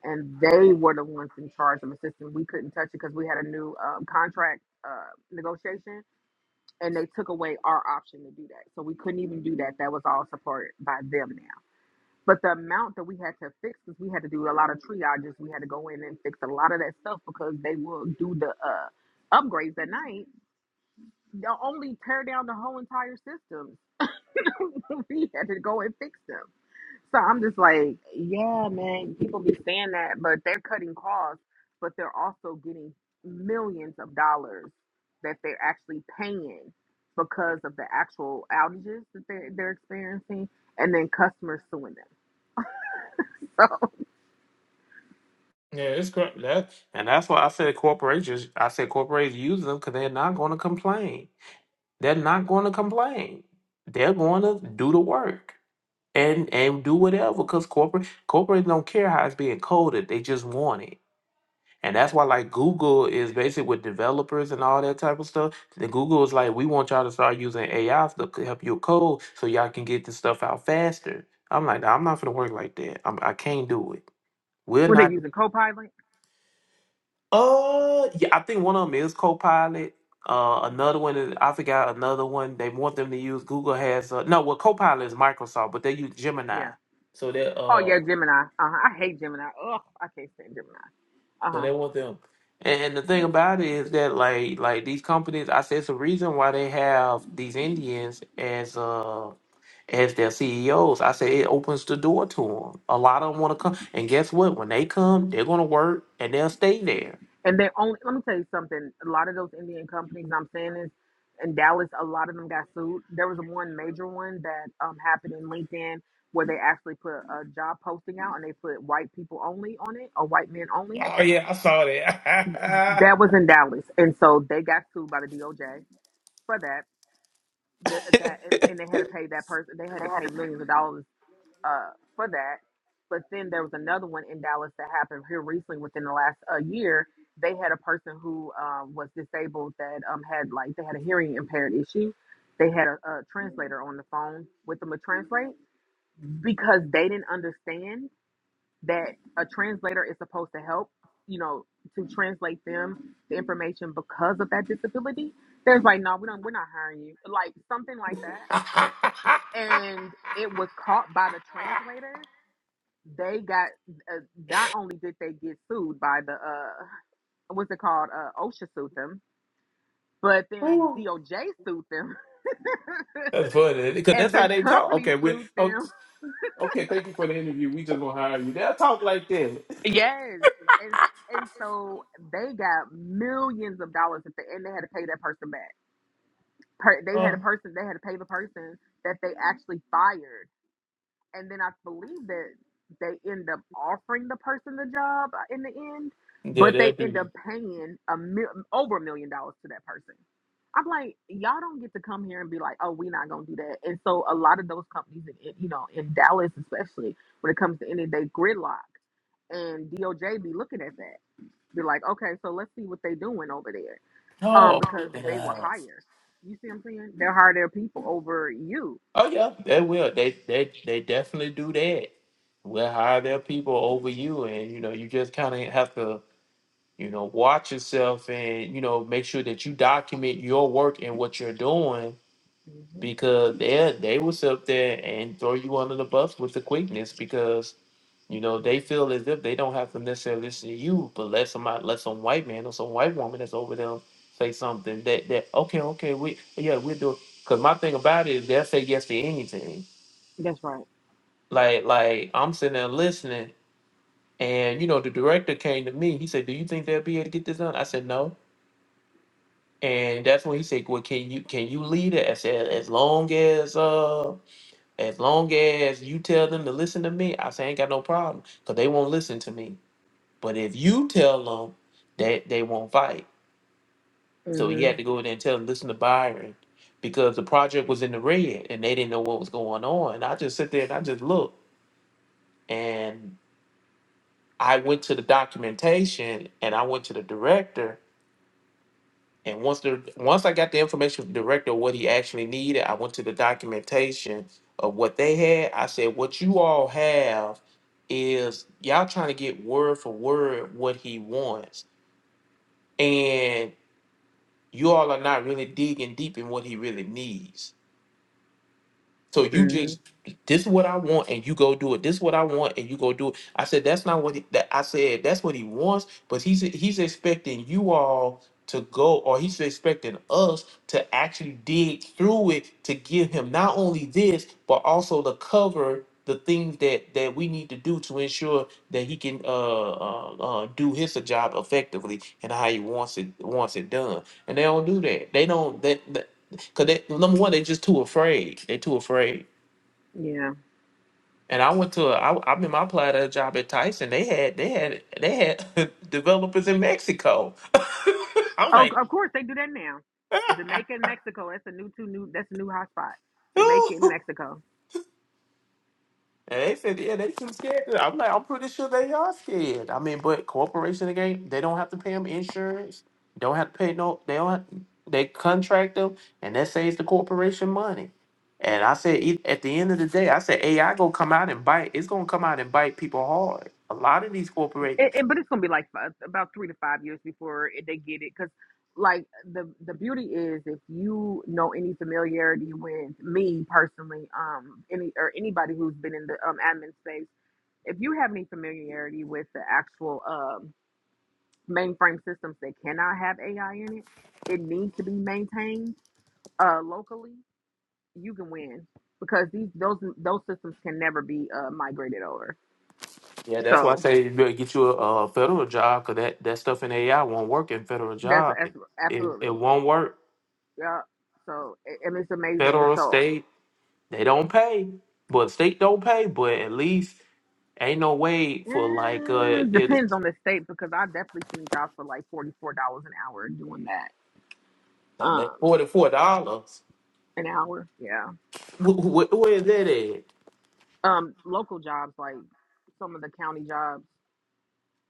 and they were the ones in charge of the system. We couldn't touch it because we had a new um, contract uh, negotiation, and they took away our option to do that, so we couldn't even do that. That was all supported by them now. But the amount that we had to fix is we had to do a lot of triages. We had to go in and fix a lot of that stuff because they will do the uh, upgrades at night. They'll only tear down the whole entire system. <laughs> we had to go and fix them. So I'm just like, yeah, man, people be saying that, but they're cutting costs, but they're also getting millions of dollars that they're actually paying because of the actual outages that they're, they're experiencing and then customers suing them. <laughs> Yeah, it's correct. That and that's why I said corporations. I said corporations use them because they're not going to complain. They're not going to complain. They're going to do the work and and do whatever because corporate corporates don't care how it's being coded. They just want it. And that's why like Google is basically with developers and all that type of stuff. The Google is like, we want y'all to start using AI to c- help you code so y'all can get this stuff out faster. I'm like, "Nah, I'm not gonna work like that. I'm, I can't do it. We're What they not. using Copilot? Uh, yeah, I think one of them is Copilot. Uh, another one is I forgot another one. They want them to use Google has uh, no. Well, Copilot is Microsoft, but they use Gemini. Yeah. So that Oh uh yeah, Gemini. Uh huh. I hate Gemini. Ugh, I can't stand Gemini. Uh So huh. they want them. And, and the thing about it is that like like these companies, I said it's a reason why they have these Indians as uh as their CEOs. I say it opens the door to them. A lot of them want to come, and guess what? When they come, they're gonna work and they'll stay there. And then only let me tell you something. A lot of those Indian companies I'm saying is in Dallas, a lot of them got sued. There was one major one that um happened in LinkedIn where they actually put a job posting out and they put white people only on it or white men only. Oh yeah, I saw that. That <laughs> was in Dallas, and so they got sued by the DOJ for that. The, that and and they had to pay that person. They had to pay millions of dollars uh, for that. But then there was another one in Dallas that happened here recently within the last uh, year. They had a person who um, was disabled that um, had like they had a hearing impaired issue. They had a, a translator on the phone with them to translate because they didn't understand that a translator is supposed to help, you know, to translate them the information because of that disability. They're like, no, we don't, we're not hiring you, like something like that. And it was caught by the translator they got uh, not only did they get sued by the uh what's it called uh OSHA sued them, but then Wow. DOJ sued them, that's <laughs> funny because and that's how the they talk. company Okay, we sued oh, them. okay. Thank you for the interview. We just gonna hire you. They'll talk like this. Yes, and and so they got millions of dollars at the end. They had to pay that person back. Per, they had Uh, a person. They had to pay the person that they actually fired and then I believe that they end up offering the person the job uh, in the end, yeah, but they'll they do end it. up paying a mil- over a million dollars to that person. I'm like, y'all don't get to come here and be like, oh, we're not gonna do that. And so a lot of those companies, in, in- you know, in Dallas especially, when it comes to any day gridlock, and DOJ be looking at that, be like, okay, so let's see what they doing over there, um, Oh, because they will God. hire. You see, what I'm saying they'll hire their people over you. Oh yeah, they will. They they they definitely do that. will hire their people over you, and you know you just kind of have to you know watch yourself and you know make sure that you document your work and what you're doing hmm because they they will sit up there and throw you under the bus with the quickness because you know they feel as if they don't have to necessarily listen to you, but let somebody let some white man or some white woman that's over them say something that that okay okay we yeah we do because my thing about it is they'll say yes to anything That's right. like, like I'm sitting there listening, and you know, the director came to me. He said, "Do you think they'll be able to get this done?" I said, "No." And that's when he said, "Well, can you can you lead it?" I said, "As long as uh, as long as you tell them to listen to me, I say I ain't got no problem, cause they won't listen to me. But if you tell them that they won't fight, so he had to go in there and tell them listen to Byron." Because the project was in the red and they didn't know what was going on. And I just sit there and I just looked. And I went to the documentation and I went to the director. And once the once I got the information from the director what he actually needed, I went to the documentation of what they had. I said, "What you all have is y'all trying to get word for word what he wants, and you all are not really digging deep in what he really needs." So you hmm just this is what I want and you go do it. This is what I want and you go do it. I said that's not what he, that I said that's what he wants, but he's he's expecting you all to go or he's expecting us to actually dig through it to give him not only this but also to cover the things that that we need to do to ensure that he can uh, uh, uh do his job effectively and how he wants it wants it done and they don't do that they don't that Cause they number one, they just too afraid. They too afraid. Yeah. And I went to a, I, I remember I applied at a job at Tyson. They had they had they had <laughs> developers in Mexico. <laughs> I'm Oh, like, of course they do that now. Jamaica and Mexico. That's a new two new. That's a new hot spot. Jamaica and <laughs> Mexico. And they said, yeah, they too scared. I'm like, I'm pretty sure they are scared. I mean, but corporation again, they don't have to pay them insurance. Don't have to pay no. They don't. Have, they contract them, and that saves the corporation money. And I said, e- at the end of the day, I said AI gonna come out and bite. It's gonna come out and bite people hard. A lot of these corporations. It, it- but it's gonna be like fi- about three to five years before it- they get it, because like the the beauty is if you know any familiarity with me personally, um, any or anybody who's been in the um admin space, if you have any familiarity with the actual um mainframe systems that cannot have AI in it, it needs to be maintained uh locally you can win because these those those systems can never be uh, migrated over. Yeah, that's why I So say you better get you a, a federal job because that, that stuff in AI won't work in federal that's, job. that's It, it, absolutely it won't work. yeah. So it, and it's amazing. Federal, So state. They don't pay, but the state don't pay, but at least ain't no way for like uh mm, it depends on the state because I definitely seen jobs for like forty four dollars an hour doing that. uh, that Um, forty four dollars. an hour, yeah. <laughs> Where where is that at? Um, local jobs like some of the county jobs,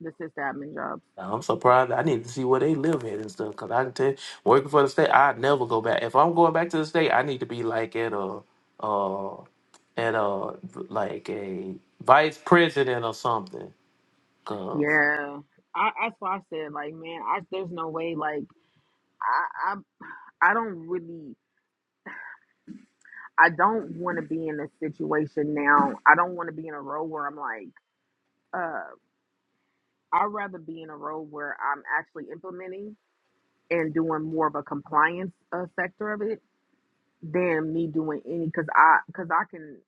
the sysadmin jobs, I'm surprised. I need to see where they live at and stuff. Cause I can tell, working for the state, I'd never go back. If I'm going back to the state, I need to be like at a, uh, at a like a vice president or something. because yeah. I, that's why I said like, man, I, there's no way like I, I I don't really. I don't want to be in a situation now. I don't want to be in a role where I'm like, uh, I'd rather be in a role where I'm actually implementing and doing more of a compliance uh, sector of it than me doing any because I because I can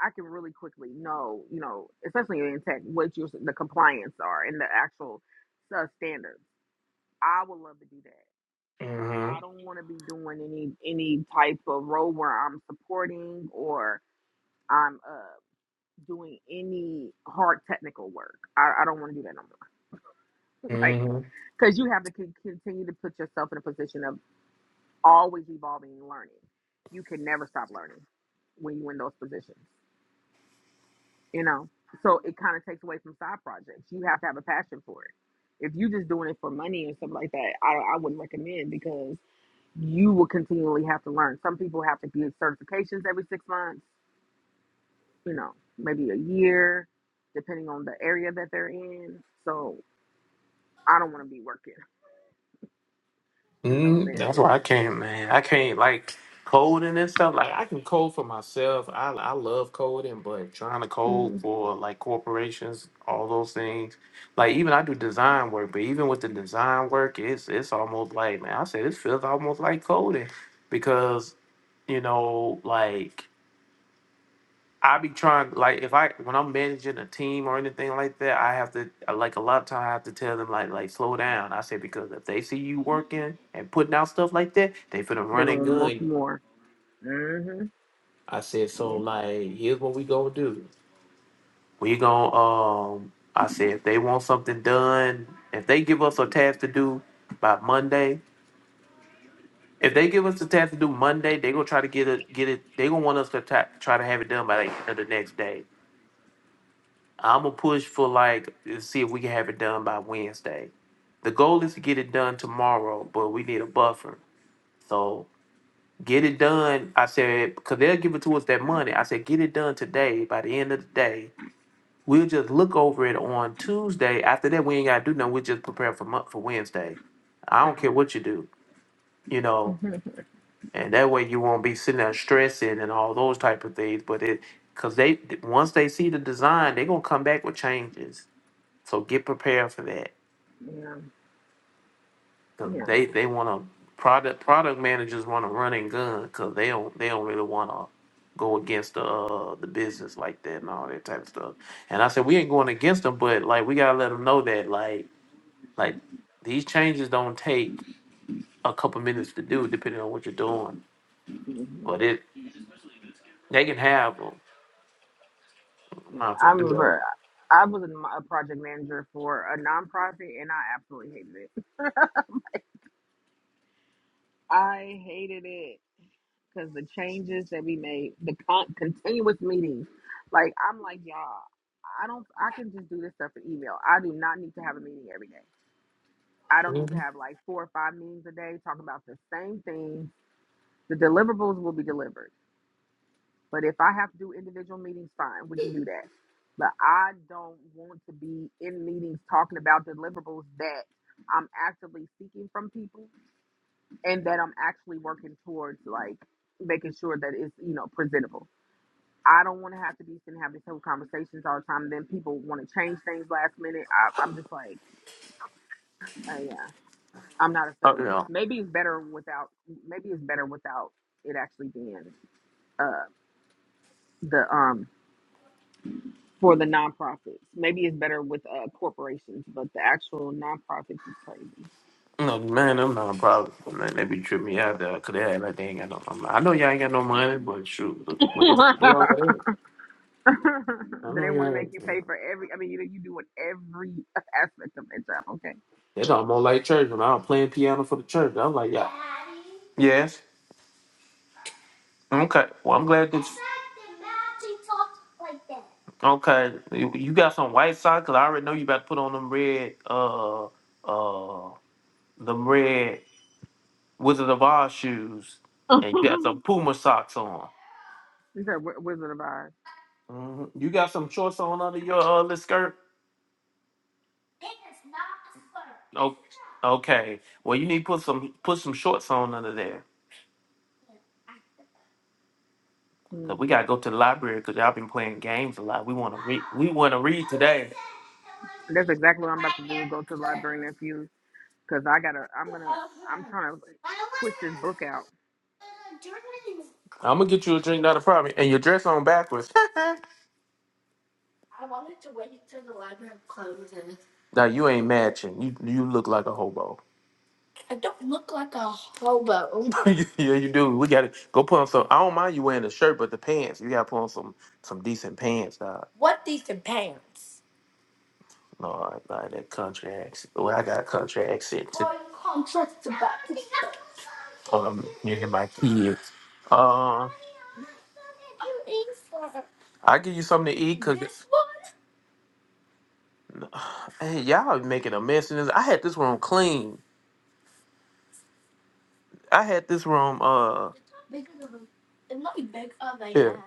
I can really quickly know you know especially in tech what your the compliance are and the actual uh, standards. I would love to do that. I don't want to be doing any any type of role where I'm supporting or I'm uh doing any hard technical work. I, I don't want to do that no more. <laughs> Like, because you have to con- continue to put yourself in a position of always evolving and learning. You can never stop learning when you're in those positions, you know? So it kind of takes away from side projects. You have to have a passion for it. If you're just doing it for money and stuff like that, I, I wouldn't recommend because you will continually have to learn. Some people have to get certifications every six months you know, maybe a year, depending on the area that they're in. So I don't want to be working <laughs> in those Mm, that's areas. why I can't, man. I can't like coding and stuff. Like I can code for myself. I I love coding, but trying to code Mm. for like corporations, all those things. Like even I do design work, but even with the design work, it's it's almost like man, I say this feels almost like coding because you know like I be trying like if I when I'm managing a team or anything like that, I have to I- like a lot of time I have to tell them like like slow down. I say because if they see you working and putting out stuff like that, they finna They're run gonna and want gun much you. more. hmm I said so Yeah. like here's what we gonna do. We gonna um I said if they want something done, if they give us a task to do by Monday, if they give us a task to do Monday, they gonna try to get it get it. They gonna want us to ta- try to have it done by like, the next day. I'm gonna push for like see if we can have it done by Wednesday. The goal is to get it done tomorrow, but we need a buffer. So get it done. I said because they'll give it to us that money. I said get it done today. By the end of the day, we'll just look over it on Tuesday. After that, we ain't gotta do nothing. We just prepare for month for Wednesday. I don't care Uh-huh. what you do, you know. Mhm. And that way you won't be sitting there stressing and all those type of things. But it because they once they see the design, they're gonna come back with changes so get prepared for that, Yeah. cause Yeah. they they want to product product managers want to run and gun because they don't they don't really want to go against the uh, the business like that and all that type of stuff. And I said we ain't going against them, but like we gotta let them know that like like these changes don't take a couple minutes to do depending on what you're doing, hmm but it they can have them. I'm Yeah. not I gonna do that. remember I was a, a project manager for a nonprofit, and I absolutely hated it. I hated it because the changes that we made, the con- continuous meetings. Like I'm like y'all. I don't. I can just do this stuff in email. I do not need to have a meeting every day. I don't need to Mhm. have like four or five meetings a day talking about the same thing. The deliverables will be delivered. But if I have to do individual meetings, fine, we can do that. But I don't want to be in meetings talking about deliverables that I'm actively seeking from people and that I'm actually working towards like making sure that it's, you know, presentable. I don't want to have to be sitting having these whole conversations all the time. Then people want to change things last minute. I, I'm just like, uh, yeah. I'm not a Uh, fan. yeah. Maybe it's better without. Maybe it's better without it actually being uh, the um for the nonprofits. Maybe it's better with uh, corporations, but the actual nonprofits is crazy. No, man, I'm not a problem. Man, they be tripping me out there because they act like they ain't got no money. I know y'all ain't got no money, but shoot, look, what is what <laughs> y'all is? I Do know they want to y'all make ain't. you Yeah. pay for every? I mean, you know, you do what every aspect of their job. They thought I'm more like church when I was playing piano for the church. I was like, yeah. Yes. Okay. Well, I'm glad that you. Okay. You you got some white socks 'cause I already know you about to put on them red, uh, uh, them red Wizard of Oz shoes. Okay. And you got <laughs> some Puma socks on. Is that Wi- Wizard of Oz? Mhm. You got some shorts on under your uh, little skirt? Oh, okay. Well, you need to put some put some shorts on under there. Mm. Cause we gotta go to the library. Cause y'all been playing games a lot. We wanna read. We wanna read today. That's exactly what I'm about to do. Go to the library next few because I gotta. I'm gonna. I'm trying to push this book out. I'm gonna get you a drink, not a problem. And your dress on backwards. <laughs> now you ain't matching. You you look like a hobo. <laughs> yeah, you do. We gotta go put on some. I don't mind you wearing a shirt, but the pants. You gotta put on some some decent pants. No, I not that country accent. Well, I got a country accent too. Hold on, you hear my kids. Uh, I give you something to eat because <sighs> hey, y'all making a mess in this. I had this room clean. I had this room. Uh, here.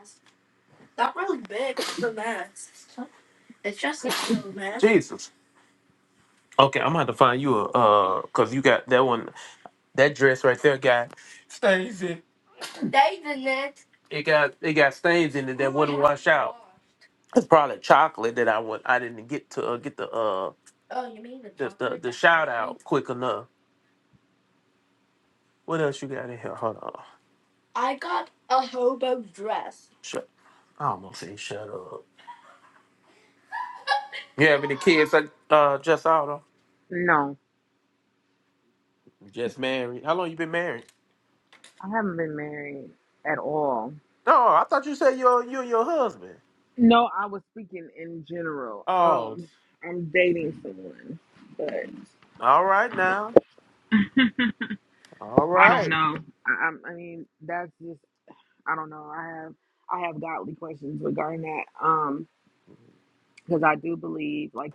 <laughs> Jesus. Okay, I'm gonna have to find you a uh, cause you got that one, that dress right there, guy. Stacy. it got it got stains in it that Oh, wouldn't yeah. wash out. It's probably chocolate that I would I didn't get to uh, get the uh oh you mean the, the, the chocolate the that shout out tastes- quick enough. What else you got in here? Hold on. Shut. I almost say shut up. You have any kids? Like, uh, just out of No. just married. How long you been married? I haven't been married at all. No, I thought you said you you and your husband. No, I was speaking in general. Oh, Um, I'm dating someone, but all right now. All I don't right. know. I, i I mean, that's just I don't know. I have I have godly questions regarding that. Um, because I do believe, like,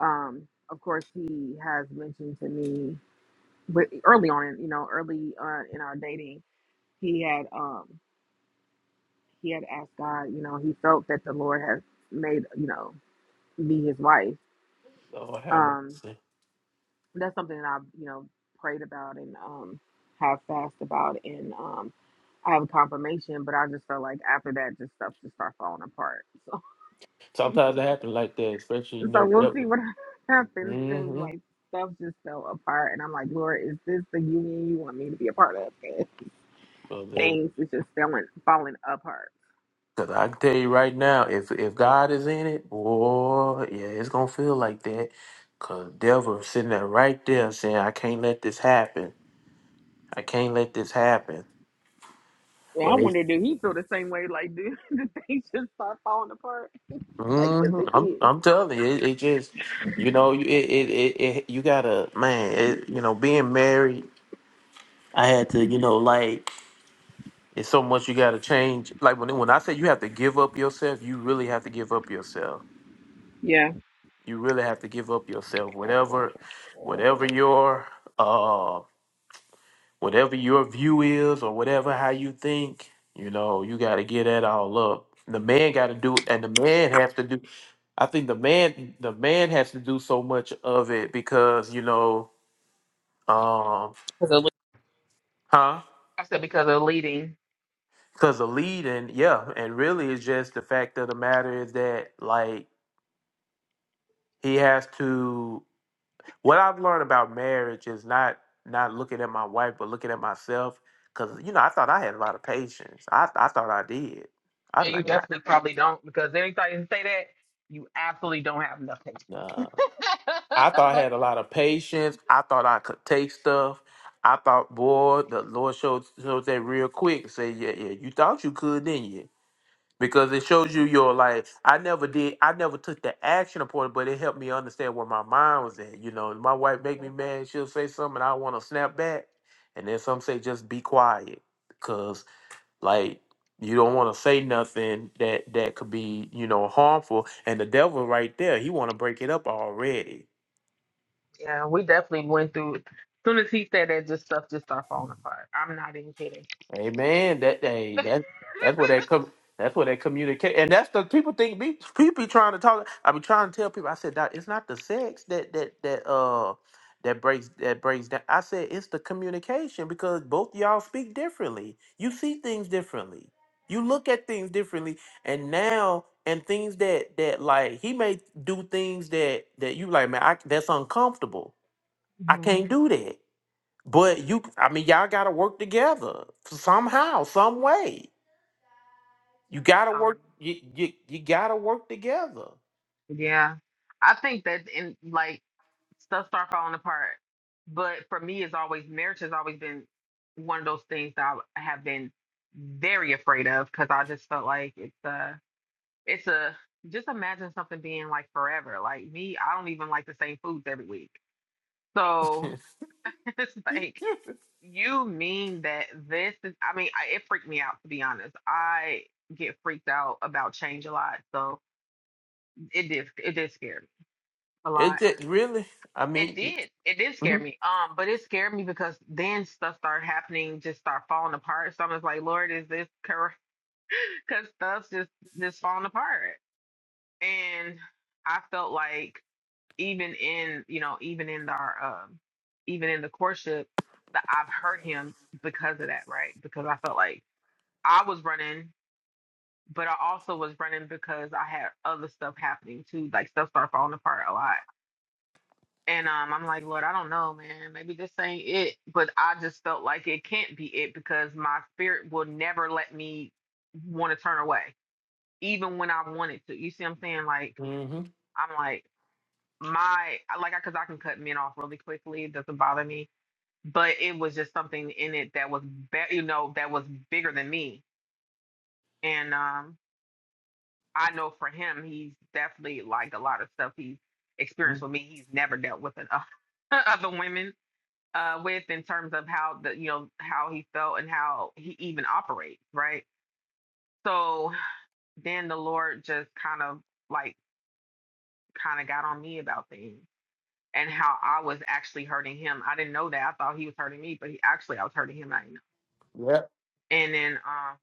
um, of course, he has mentioned to me, but early on, in you know, early uh, in our dating, he had um he had asked God, you know, he felt that the Lord had made you know me his wife Lord have Um, mercy. that's something that I've, you know, prayed about and um, have fast about. And um, I have confirmation, but I just felt like after that, just stuff just start falling apart. So, <laughs> Sometimes it happens like that, especially you so know. we'll see what <laughs> happens because, Mm-hmm. like, stuff just fell apart. And I'm like, Lord, is this the union you want me to be a part of? 'Cause things is just falling, falling apart. Cause I can tell you right now, if if God is in it, boy, yeah, it's gonna feel like that. Cause devil sitting there right there saying, "I can't let this happen. I can't let this happen." Yeah, I But it, wonder, do he feel the same way? Like, do <laughs> the things just start falling apart? Like, 'cause hmm it I'm did. I'm telling you, it, it just you know you- it, it it it you gotta man, it, you know, being married, I had to you know like it's so much you gotta change. Like when when I say you have to give up yourself, you really have to give up yourself Yeah. you really have to give up yourself whatever whatever your uh whatever your view is or whatever how you think you know you got to get that all up the man got to do and the man have to do i think the man the man has to do so much of it because you know um Because of, huh I said because of leading. because the lead and yeah and really it's just the fact of the matter is that like he has to what I've learned about marriage is not not looking at my wife, but looking at myself. Cause you know, I thought I had a lot of patience. I I thought I did. No, I'm you like, nah. definitely probably don't because anytime you say that, you absolutely don't have nothing. nah. I <laughs> thought I but had a lot of patience. I thought I could take stuff. I thought, boy, the Lord showed showed that real quick. Say, yeah, yeah, you thought you could, didn't you? because it shows you your like i never did i never took the action upon it but it helped me understand where my mind was at you know my wife make me mad she'll say something and i want to snap back and then some say just be quiet because like you don't want to say nothing that that could be you know harmful and the devil right there he want to break it up already yeah, we definitely went through. As soon as he said that, just stuff just started falling apart. I'm not even kidding. Amen. That hey, <laughs> that that's what that come. That's what that communicate. And that's the people think be people be trying to talk. I be trying to tell people. I said, "Doc, it's not the sex that that that uh that breaks that breaks down. I said it's the communication because both y'all speak differently. You see things differently. You look at things differently. And now and things that that like he may do things that that you like man. I, that's uncomfortable. I hmm can't do that. But you, I mean, y'all got to work together somehow, some way. You got to Um, work. You you, you got to work together. yeah, I think that in like stuff start falling apart. But for me, it's always marriage has always been one of those things that I have been very afraid of because I just felt like it's uh It's a just imagine something being like forever. Like me, I don't even like the same foods every week. So <laughs> <laughs> it's like it you mean that this is I mean, I, it freaked me out to be honest. I get freaked out about change a lot. So it did it did scare me a lot. just really. I It mean, did. It did scare mm-hmm, me. Um, but it scared me because then stuff started happening, just start falling apart. So I was like, Lord, is this correct? <laughs> Because stuff's just just falling apart. And I felt like even in you know even in our um even in the courtship that I've hurt him because of that right because I felt like I was running but I also was running because I had other stuff happening too like stuff started falling apart a lot and um I'm like Lord I don't know man maybe this ain't it but I just felt like it can't be it because my spirit will never let me want to turn away even when I wanted to you see what I'm saying like hmm I'm like my like I because I can cut men off really quickly. It doesn't bother me. But it was just something in it that was, be- you know, that was bigger than me. And um, I know for him, he's definitely like a lot of stuff he's experienced with me. He's never dealt with enough <laughs> other women uh, with in terms of how the, you know, how he felt and how he even operates, right? So then the Lord just kind of like kind of got on me about things and how I was actually hurting him. I didn't know that. I thought he was hurting me, but he actually I was hurting him. I didn't know. yep. And then uh,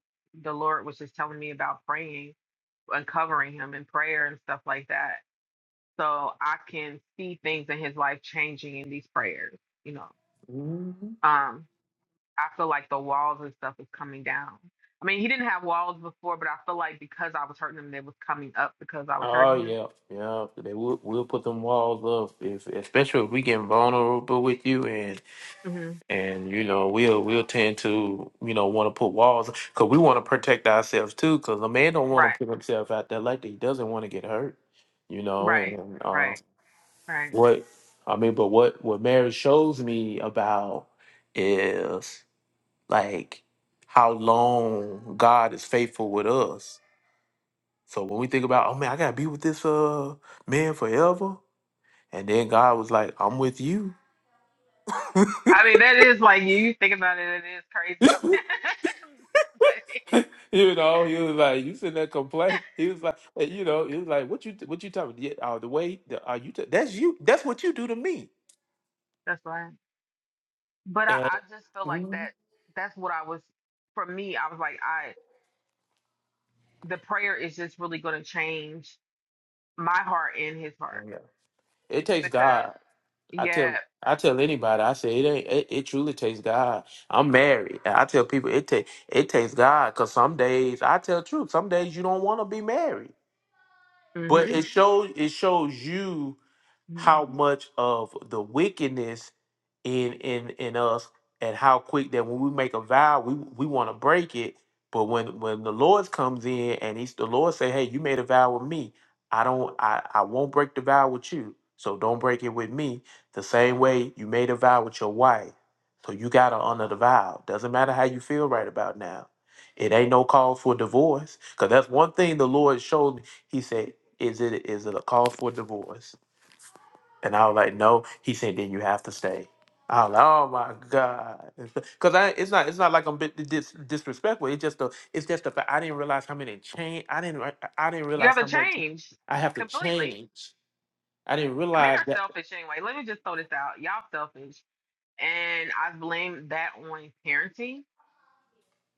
the Lord was just telling me about praying and covering him in prayer and stuff like that. So I can see things in his life changing in these prayers. You know, hmm um, I feel like the walls and stuff is coming down. I mean, he didn't have walls before, but I feel like because I was hurting him, they was coming up because I was Oh hurting him. yeah, yeah. They will will put them walls up, if, especially if we get vulnerable with you, hmm and you know we'll we'll tend to you know want to put walls because we want to protect ourselves too because a man don't want to Right, put himself out there like that. he doesn't want to get hurt you know right, and uh, right, right. what i mean but what what marriage shows me about is like how long god is faithful with us so when we think about oh man i gotta be with this uh man forever and then god was like i'm with you I mean, that is like you, you think about it, it is crazy. <coughs> <laughs> But <laughs> it- you know, he was like, "You sitting there complaining." He was like, and, "You know," he was like, "What you what you talking? Yeah, uh, the way the, uh, you t- that's you that's what you do to me." that's right. But I, And I just feel like Mhm. that that's what I was for me, I was like, I the prayer is just really gonna change my heart and his Oh, heart yeah. it takes because God. I yeah, tell I tell anybody. I say it ain't. It, it truly takes God. I'm married. And I tell people it take it takes God because some days I tell truth. Some days you don't want to be married, hmm but it Mhm. shows it shows you how much of the wickedness in in in us and how quick that when we make a vow we we want to break it but when when the lord comes in and he's the lord say hey you made a vow with me i don't i i won't break the vow with you so don't break it with me the same way you made a vow with your wife so you gotta honor the vow doesn't matter how you feel right about now it ain't no call for divorce because that's one thing the lord showed me he said is it is it a call for divorce and I was like, no. He said, then you have to stay. I was like, oh my god, <laughs> because I it's not it's not like I'm bit dis- disrespectful. It's just the it's just the fact I didn't realize how many change. I didn't re- I didn't you have realize to how much change I have to completely. change. I didn't Men realize are that. selfish anyway. Let me just throw this out. Y'all selfish. And I blame that on parenting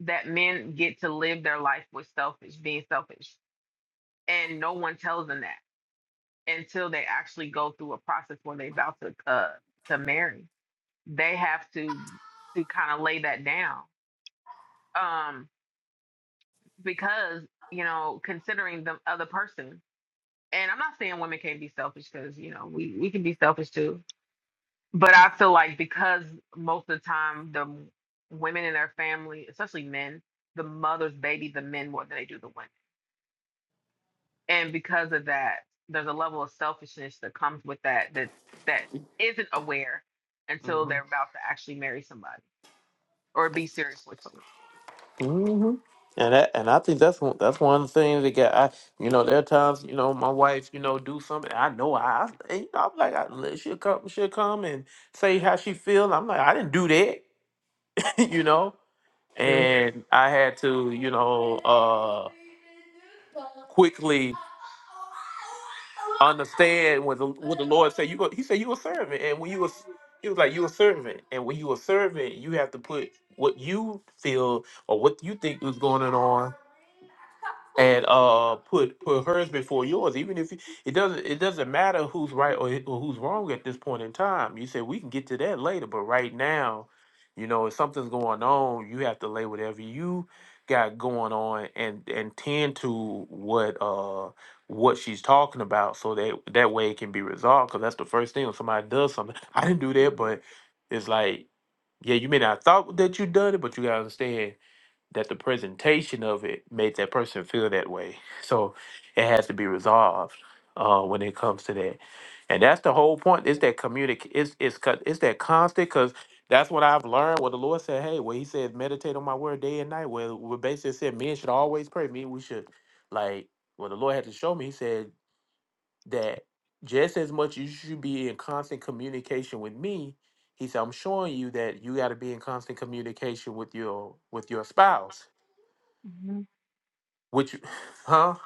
that men get to live their life with selfish, being selfish. and no one tells them that until they actually go through a process where they're about to uh to marry they have to to kind of lay that down um because you know considering the other person and i'm not saying women can't be selfish because you know we we can be selfish too but i feel like because most of the time the women in their family especially men the mothers baby the men more than they do the women and because of that there's a level of selfishness that comes with that that that isn't aware until hmm they're about to actually marry somebody or be serious with hmm And that and I think that's one that's one of the things that got I you know there are times you know my wife you know do something and I know I, I and, you know, I'm like I, she'll come she'll come and say how she feel. I'm like I didn't do that <laughs> you know someone hmm and I had to, you know, uh, quickly understand what the, what the Lord said. You go, He said you a servant, and when you was, He was like you a servant, and when you a servant, you have to put what you feel or what you think is going on, and uh, put put hers before yours. Even if you, it doesn't it doesn't matter who's right or, or who's wrong at this point in time. You said we can get to that later, but right now you know, if something's going on, you have to lay whatever you got going on and and tend to what uh what she's talking about, so that that way it can be resolved. Because that's the first thing when somebody does something. <laughs> I didn't do that, but it's like, yeah, you may not thought that you done it, but you gotta understand that the presentation of it made that person feel that way. So it has to be resolved uh, when it comes to that, and that's the whole point. Is that communic? It's it's co- it's that constant because that's what I've learned. What the Lord said, hey, well, He said, meditate on My word day and night. Well, we basically said men should always pray. Me, we should like what the Lord had to show me. He said that just as much you should be in constant communication with me. He said, I'm showing you that you got to be in constant communication with your with your spouse hmm which, huh?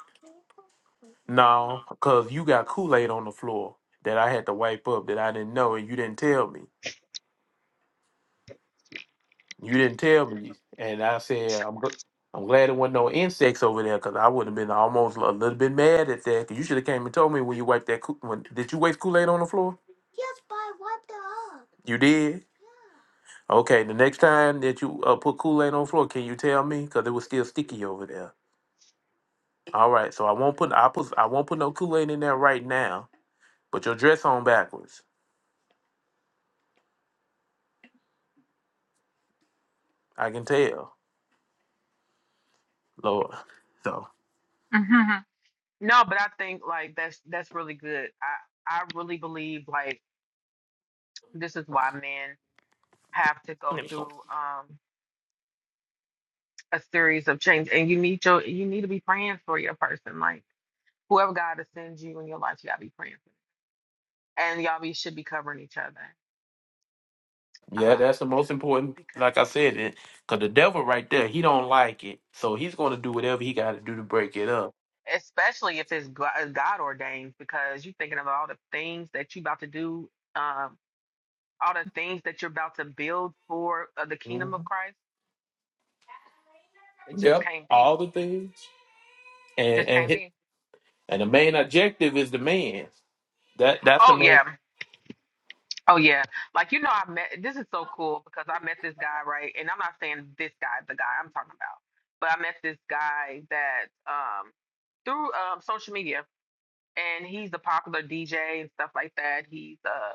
No, because you got Kool Aid on the floor that I had to wipe up that I didn't know, and you didn't tell me. You didn't tell me, and I said I'm. gl- I'm glad there wasn't no insects over there because I would have been almost a little bit mad at that. 'cause you should have came and told me when you wiped that. Kool- When did you waste Kool Aid on the floor? You did. Okay, the next time that you uh, put Kool Aid on the floor, can you tell me? Because it was still sticky over there. All right, so I won't put I put I won't put no Kool Aid in there right now. But your dress on backwards. I can tell. Lord. So hmm no but i think like that's that's really good i i really believe like this is why men have to go through um a series of change and you need your you need to be praying for your person like whoever god sends you in your life you gotta be praying for them. and y'all be should be covering each other yeah, um that's the most important. because Like I said, it because the devil right there, he don't like it, so he's going to do whatever he got to do to break it up. especially if it's God ordained, because you're thinking of all the things that you're about to do, um, all the things that you're about to build for uh, the hmm kingdom of Christ. It just Yep, can't all be. the things, and Just and can't hi- be. and the main objective is the man. That that's the Oh main. yeah. Oh yeah. Like you know, I met. This is so cool because I met this guy right, and I'm not saying this guy, the guy I'm talking about, but I met this guy that um through um social media and he's a popular DJ and stuff like that. He's uh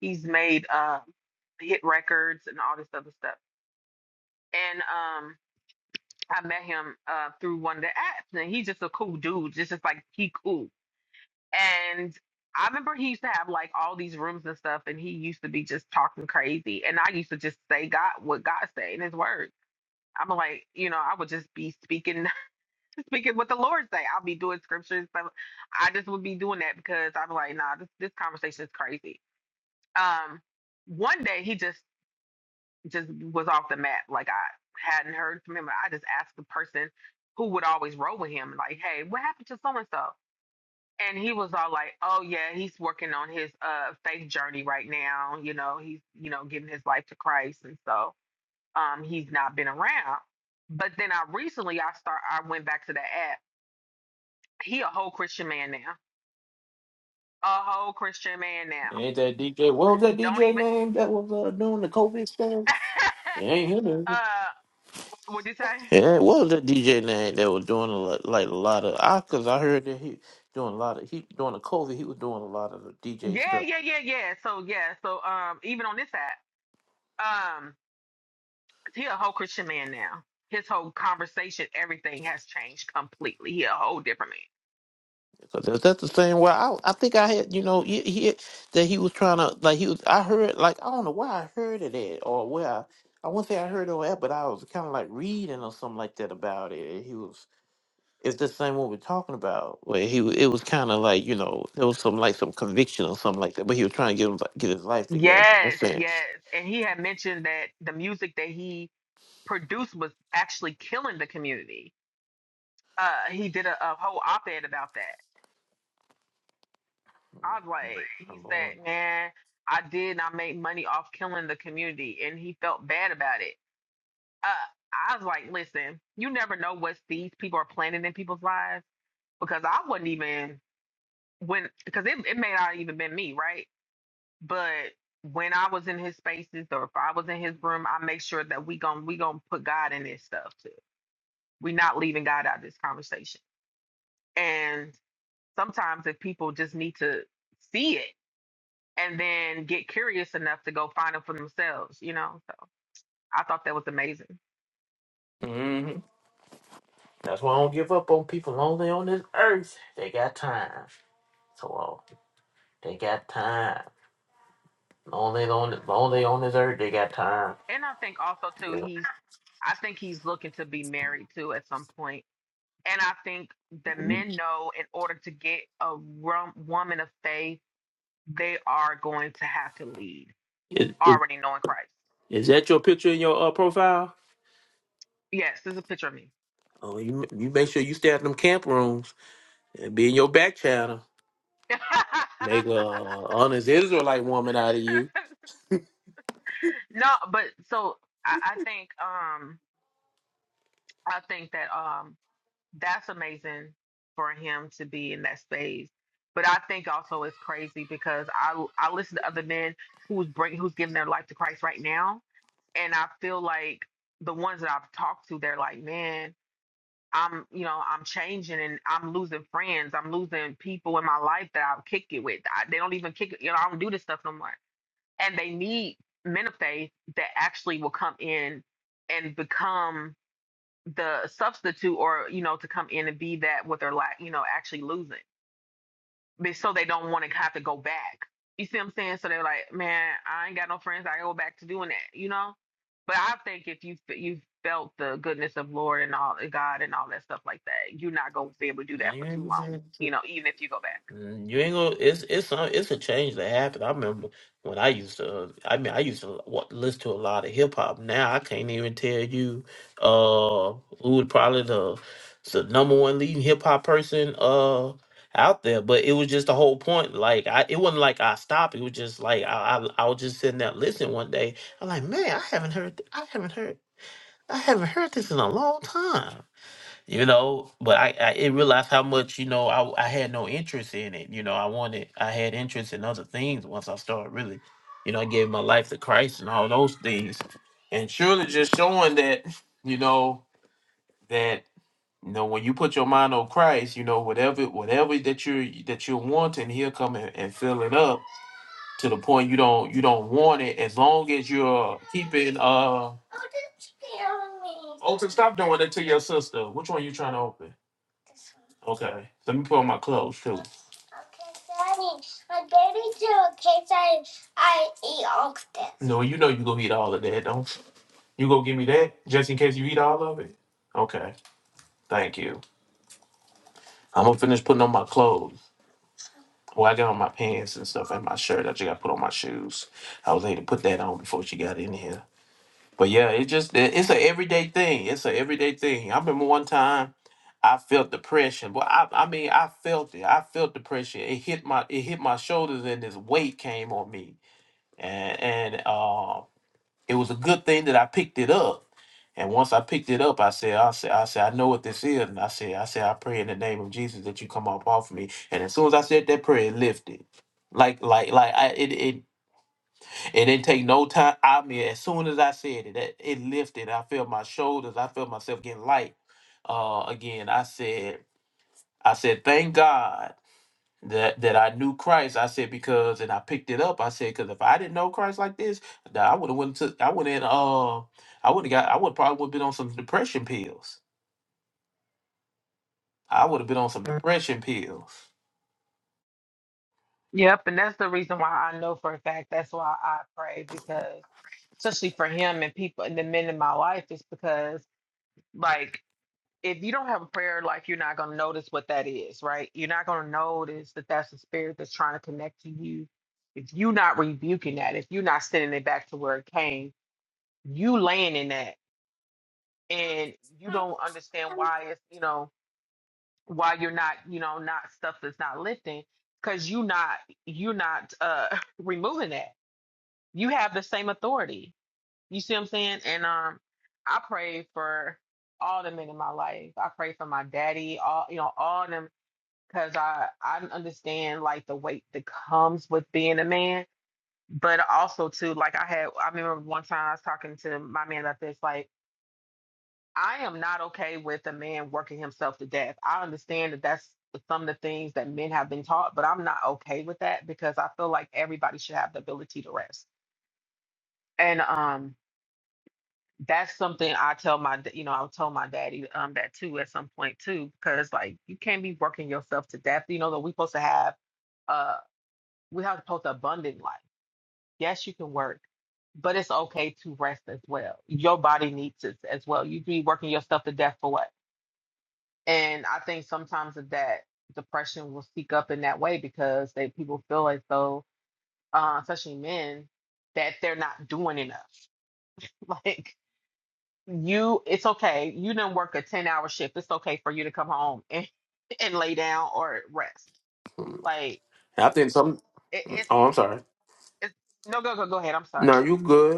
he's made um hit records and all this other stuff. And um I met him uh through one of the apps and he's just a cool dude. Just just like he cool. And I remember he used to have like all these rooms and stuff and he used to be just talking crazy and I used to just say God what God say in his word. I'm like, you know, I would just be speaking speaking what the Lord say. I'll be doing scriptures. So I just would be doing that because I'm like, nah, this this conversation is crazy. Um, one day he just just was off the map. Like I hadn't heard from him. I just asked the person who would always roll with him, like, hey, what happened to so and so? And he was all like, oh yeah, he's working on his uh faith journey right now. You know, he's you know giving his life to Christ, and so um he's not been around. But then I recently I start I went back to the app. He a whole Christian man now a whole Christian man now. Ain't that DJ? What was that Don't DJ even. name that was uh, doing the COVID stuff? It <laughs> ain't him. is it? uh, what'd you say? Yeah, what was that DJ name that was doing a lot, like a lot of? I cause I heard that he doing a lot of he during the COVID he was doing a lot of the DJ Yeah, stuff. yeah, yeah, yeah. So yeah, so um, even on this app, um, he a whole Christian man now. His whole conversation, everything has changed completely. He a whole different man. So that's, that's the same way I I think I had you know he, he that he was trying to like he was I heard like I don't know where I heard it at or where I, I wouldn't say I heard it on that but I was kind of like reading or something like that about it and he was it's the same one we're talking about where he wa- it was kind of like you know there was some like some conviction or something like that but he was trying to get him, like, get his life together in a Yes, yes. sense. And he had mentioned that the music that he produced was actually killing the community. Uh, he did a, a whole op-ed about that. I was like, he said, man, I did not make money off killing the community, and he felt bad about it. Uh, I was like, listen, you never know what seeds people are planting in people's lives because I wasn't even when because it it may not even been me, right? But when I was in his spaces or if I was in his room, I make sure that we gon' we gonna put God in this stuff too. We not leaving God out of this conversation. And sometimes if people just need to see it and then get curious enough to go find them for themselves, you know. So I thought that was amazing. hmm That's why I don't give up on people long on this earth they got time so uh, they got time. Only on only on this earth they got time. And I think also too, You he's I think he's looking to be married too at some point. And I think the know? men know in order to get a rom- woman of faith, they are going to have to lead, Is, already knowing Christ. is that your picture in your uh, profile? Yes, there's a picture of me. Oh, you you make sure you stay at them camp rooms and be in your back channel. Make a uh, honest Israelite woman out of you. <laughs> no, but so I, I think um I think that um that's amazing for him to be in that space. But I think also it's crazy because I I listen to other men who's bring who's giving their life to Christ right now, and I feel like the ones that I've talked to, they're like, man, I'm you know I'm changing and I'm losing friends, I'm losing people in my life that I'll kick it with. I, they don't even kick it, you know I don't do this stuff no more, and they need men of faith that actually will come in and become the substitute or you know to come in and be that what they're like you know actually losing But so they don't want to have to go back you see what i'm saying so they're like man i ain't got no friends i gotta go back to doing that you know but i think if you you felt the goodness of lord and all god and all that stuff like that you're not going to be able to do No, that you for too ain't long saying. you know even if you go back Mm, You ain't gonna. It's it's some. It's a change that happened. I remember when I used to. uh, I mean, I used to wa- listen to a lot of hip hop. Now I can't even tell you. Uh, who would probably the the number one leading hip hop person uh out there? But it was just the whole point. Like I, it wasn't like I stopped. It was just like I I, I was just sitting there listening one day. I'm like, man, I haven't heard. I haven't heard. I haven't heard this in a long time you know but i i it realized how much you know I, I had no interest in it you know i wanted i had interest in other things once i started really you know i gave my life to christ and all those things and surely just showing that you know that you know when you put your mind on christ you know whatever whatever that you're that you're wanting he'll come and, and fill it up to the point you don't you don't want it as long as you're keeping uh open stop doing it to your sister which one you trying to open Okay. Let me put on my clothes too. I eat all of this. No, you know you go eat all of that, don't you? You go give me that just in case you eat all of it. Okay. Thank you. I'm gonna finish putting on my clothes. Well, I got on my pants and stuff and my shirt. I just got to put on my shoes. I was able to put that on before she got in here. But yeah, it just it- it's an everyday thing. It's an everyday thing. I remember one time I felt depression. Well, I I mean I felt it. I felt depression. It hit my it hit my shoulders and this weight came on me and, and uh, it was a good thing that I picked it up. And once I picked it up, I said, I said, I said, I know what this is, and I said, I said, I pray in the name of Jesus that you come up off me. And as soon as I said that prayer, it lifted. Like, like, like, I it it it didn't take no time. I mean, as soon as I said it, that it lifted. I felt my shoulders. I felt myself getting light. Uh, again, I said, I said, thank God that that I knew Christ. I said because, and I picked it up. I said because if I didn't know Christ like this, nah, I would have went to I would have uh I would have got I would probably would have been on some depression pills. I would have been on some depression pills. yep and that's the reason why i know for a fact that's why i pray because especially for him and people and the men in my life is because like. if you don't have a prayer life, you're not going to notice what that is, right? You're not going to notice that that's the spirit that's trying to connect to you. If you're not rebuking that, if you're not sending it back to where it came, you laying in that and you don't understand why it's, you know, why you're not, you know, not stuff that's not lifting because you not, you're not uh <laughs> removing that. You have the same authority. You see what I'm saying? And um I pray for all the men in my life. I pray for my daddy, all you know, all them because I I understand like the weight that comes with being a man, but also too like I had I remember one time I was talking to my man about this like I am not okay with a man working himself to death. I understand that that's some of the things that men have been taught, but I'm not okay with that because I feel like everybody should have the ability to rest. And um that's something I tell my d- you know I told my daddy um that too at some point too because like you can't be working yourself to death. You know that we're supposed to have uh, We have supposed to abundant life. Yes, you can work, but it's okay to rest as well. Your body needs it as well. You be working yourself to death for what? And I think sometimes of that depression will speak up in that way because they people feel as though, uh, especially men, that they're not doing enough. <laughs> Like you, it's okay. You didn't work a ten hour shift. It's okay for you to come home and <laughs> and lay down or rest. Like I think some. it, it's Oh, I'm sorry. it's no go go go ahead. I'm sorry. No, you good.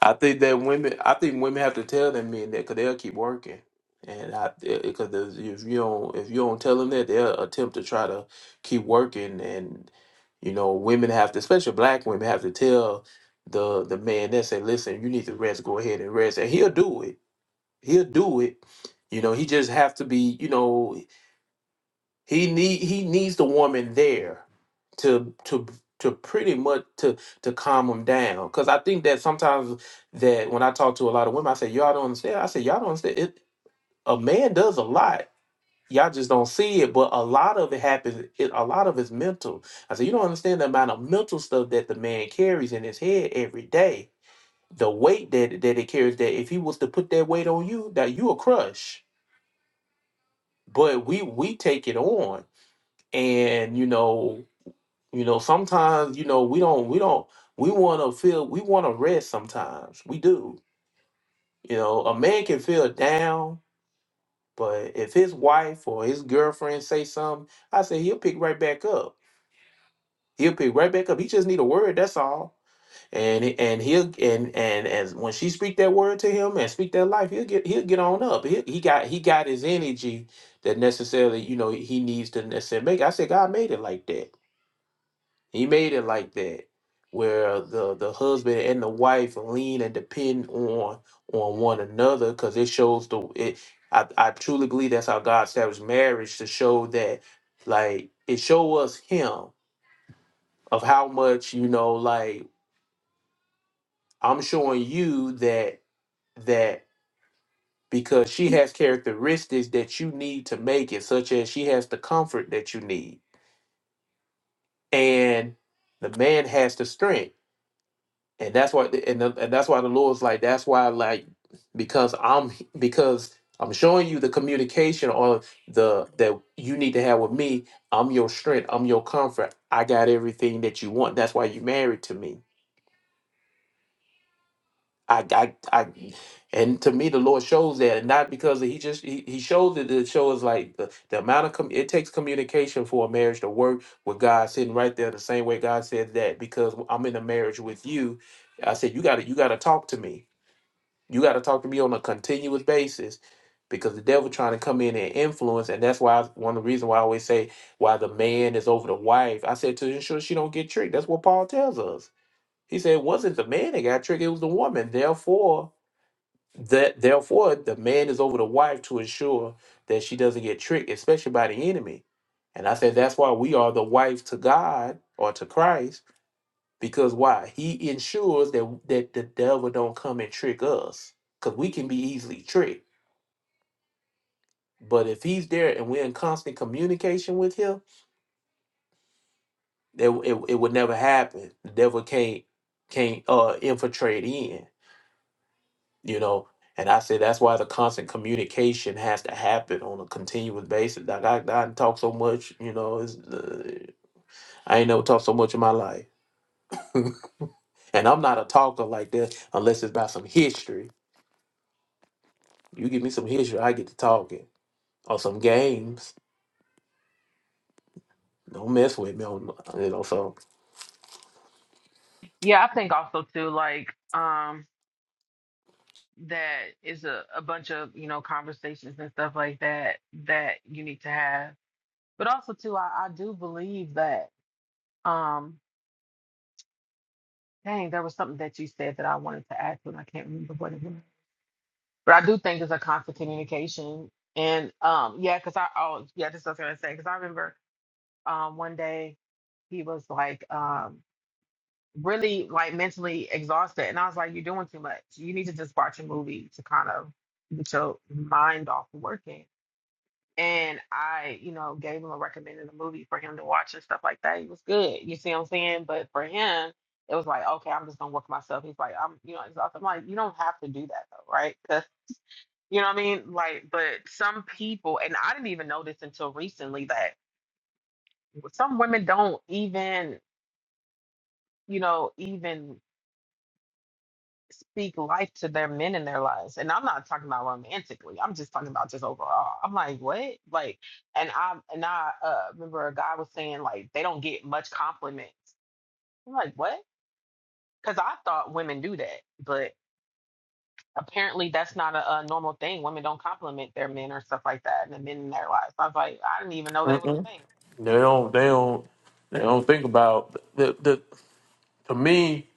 I think that women, I think women have to tell them men that because they'll keep working, and I because if you don't if you don't tell them that, they'll attempt to try to keep working, and you know women have to, especially black women, have to tell the the man that say, listen, you need to rest, go ahead and rest, and he'll do it, he'll do it. You know, he just have to be, you know, he need he needs the woman there to to to pretty much to to calm him down. Cause I think that sometimes that when I talk to a lot of women, I say y'all don't understand. I say y'all don't understand. It a man does a lot. Y'all just don't see it, but a lot of it happens. It, a lot of it's mental. I said you don't understand the amount of mental stuff that the man carries in his head every day. The weight that that it carries. That if he was to put that weight on you, that you will crush. But we we take it on, and you know You know, sometimes, you know, we don't we don't we want to feel we want to rest sometimes. We do. You know, a man can feel down, but if his wife or his girlfriend say something, I say he'll pick right back up. He'll pick right back up. He just need a word, that's all. And he- and he'll and and as when she speak that word to him and speak that life, he'll get he'll get on up. He, he got he got his energy that necessarily, you know, he needs to necessarily make. I said God made it like that He made it like that, where the the husband and the wife lean and depend on on one another, because it shows the it. I I truly believe that's how God established marriage to show that, like it show us Him of how much you know. Like I'm showing you that that because she has characteristics that you need to make it, such as she has the comfort that you need, and the man has the strength and that's why and, the, and that's why the lord's like that's why like because i'm because i'm showing you the communication or the that you need to have with me i'm your strength i'm your comfort i got everything that you want that's why you married to me i i, I and to me the lord shows that and not because he just he, he shows it It shows like the, the amount of com- it takes communication for a marriage to work with god sitting right there the same way god said that because i'm in a marriage with you i said you gotta you gotta talk to me You got to talk to me on a continuous basis because the devil trying to come in and influence, and that's why one of the reasons why I always say why the man is over the wife. I said to ensure she don't get tricked. That's what Paul tells us. He said it wasn't the man that got tricked; it was the woman. Therefore, that therefore the man is over the wife to ensure that she doesn't get tricked, especially by the enemy. And I said that's why we are the wife to God or to Christ because why he ensures that that the devil don't come and trick us because we can be easily tricked but if he's there and we're in constant communication with him that it, it would never happen the devil can't can't uh infiltrate in you know and i say that's why the constant communication has to happen on a continuous basis like i, I done talk so much you know it's, uh, i ain't never talked so much in my life and i'm not a talker like that unless it's about some history you give me some history i get to talking or some games. Don't mess with me on you know. So Yeah, I think also too, like, um, that is a, a bunch of, you know, conversations and stuff like that that you need to have. But also too, I, I do believe that, um, dang, there was something that you said that I wanted to add to, and I can't remember what it was. But I do think it's a constant communication. And um, yeah, because I oh yeah, this is what I was gonna say, because I remember um one day he was like, um, really like mentally exhausted. And I was like, you're doing too much. You need to just watch a movie to kind of get your mind off of working. And I, you know, gave him a recommended a movie for him to watch and stuff like that. It was good. You see what I'm saying? But for him, it was like, okay, I'm just gonna work myself. He's like, I'm, you know, exhausted. I'm like, you don't have to do that though, right? 'Cause- you know what I mean? Like, but some people, and I didn't even know this until recently that some women don't even, you know, even speak life to their men in their lives. And I'm not talking about romantically. I'm just talking about just overall. I'm like, what? Like, and I and I uh, remember a guy was saying like they don't get much compliments. I'm like, what? Because I thought women do that, but apparently that's not a, a normal thing. Women don't compliment their men or stuff like that, and the men in their lives. I was like, I didn't even know that was mm a thing. they don't they don't they don't think about the the to me.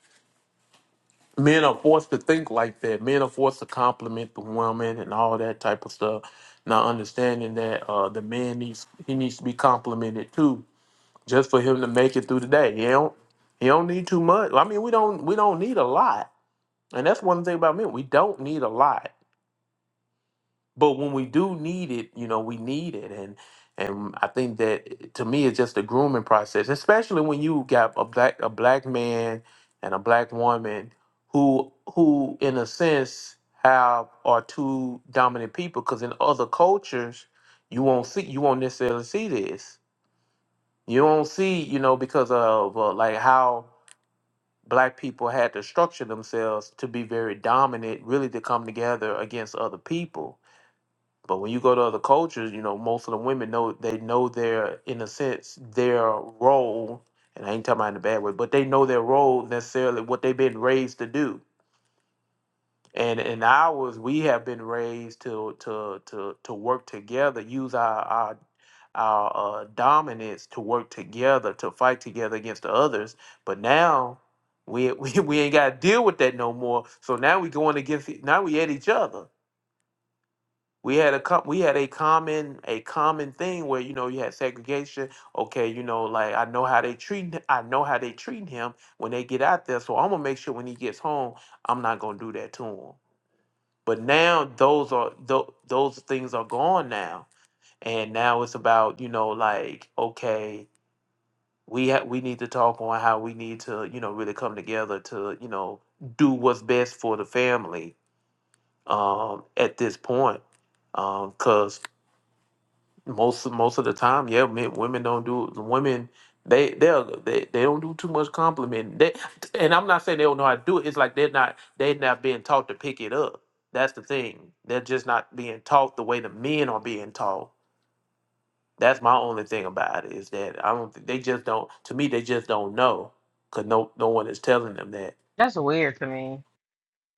Men are forced to think like that. Men are forced to compliment the woman and all that type of stuff. Not understanding that uh, the man needs he needs to be complimented too, just for him to make it through the day. He don't he don't need too much. I mean, we don't we don't need a lot, and that's one thing about men. We don't need a lot. but when we do need it, you know, we need it, and and I think that to me, it's just a grooming process, especially when you got a black a black man and a black woman who who in a sense have are two dominant people, because in other cultures, you won't see you won't necessarily see this. You don't see, you know, because of uh, like how black people had to structure themselves to be very dominant, really to come together against other people but when you go to other cultures, you know, most of the women know they know their, in a sense, their role. And I ain't talking about in a bad way, but they know their role necessarily, what they've been raised to do. And in ours, we have been raised to to to to work together, use our our our uh, dominance to work together, to fight together against the others. But now we <laughs> we, we ain't got to deal with that no more. So now we going against e- now we at each other we had a co- we had a common a common thing where you know you had segregation. Okay, you know, like I know how they treat I know how they treating him when they get out there. So I'm gonna make sure when he gets home, I'm not gonna do that to him. But now those are tho- those things are gone now, and now it's about you know like okay, we ha- we need to talk on how we need to you know really come together to you know do what's best for the family um, at this point because most most of the time, yeah, men, women don't do women. They they'll- they they don't do too much compliment. They and I'm not saying they don't know how to do it. It's like they're not they're not being taught to pick it up. That's the thing. They're just not being taught the way the men are being taught. That's my only thing about it is that I don't think they just don't. To me, they just don't know because no no one is telling them that. That's weird to me.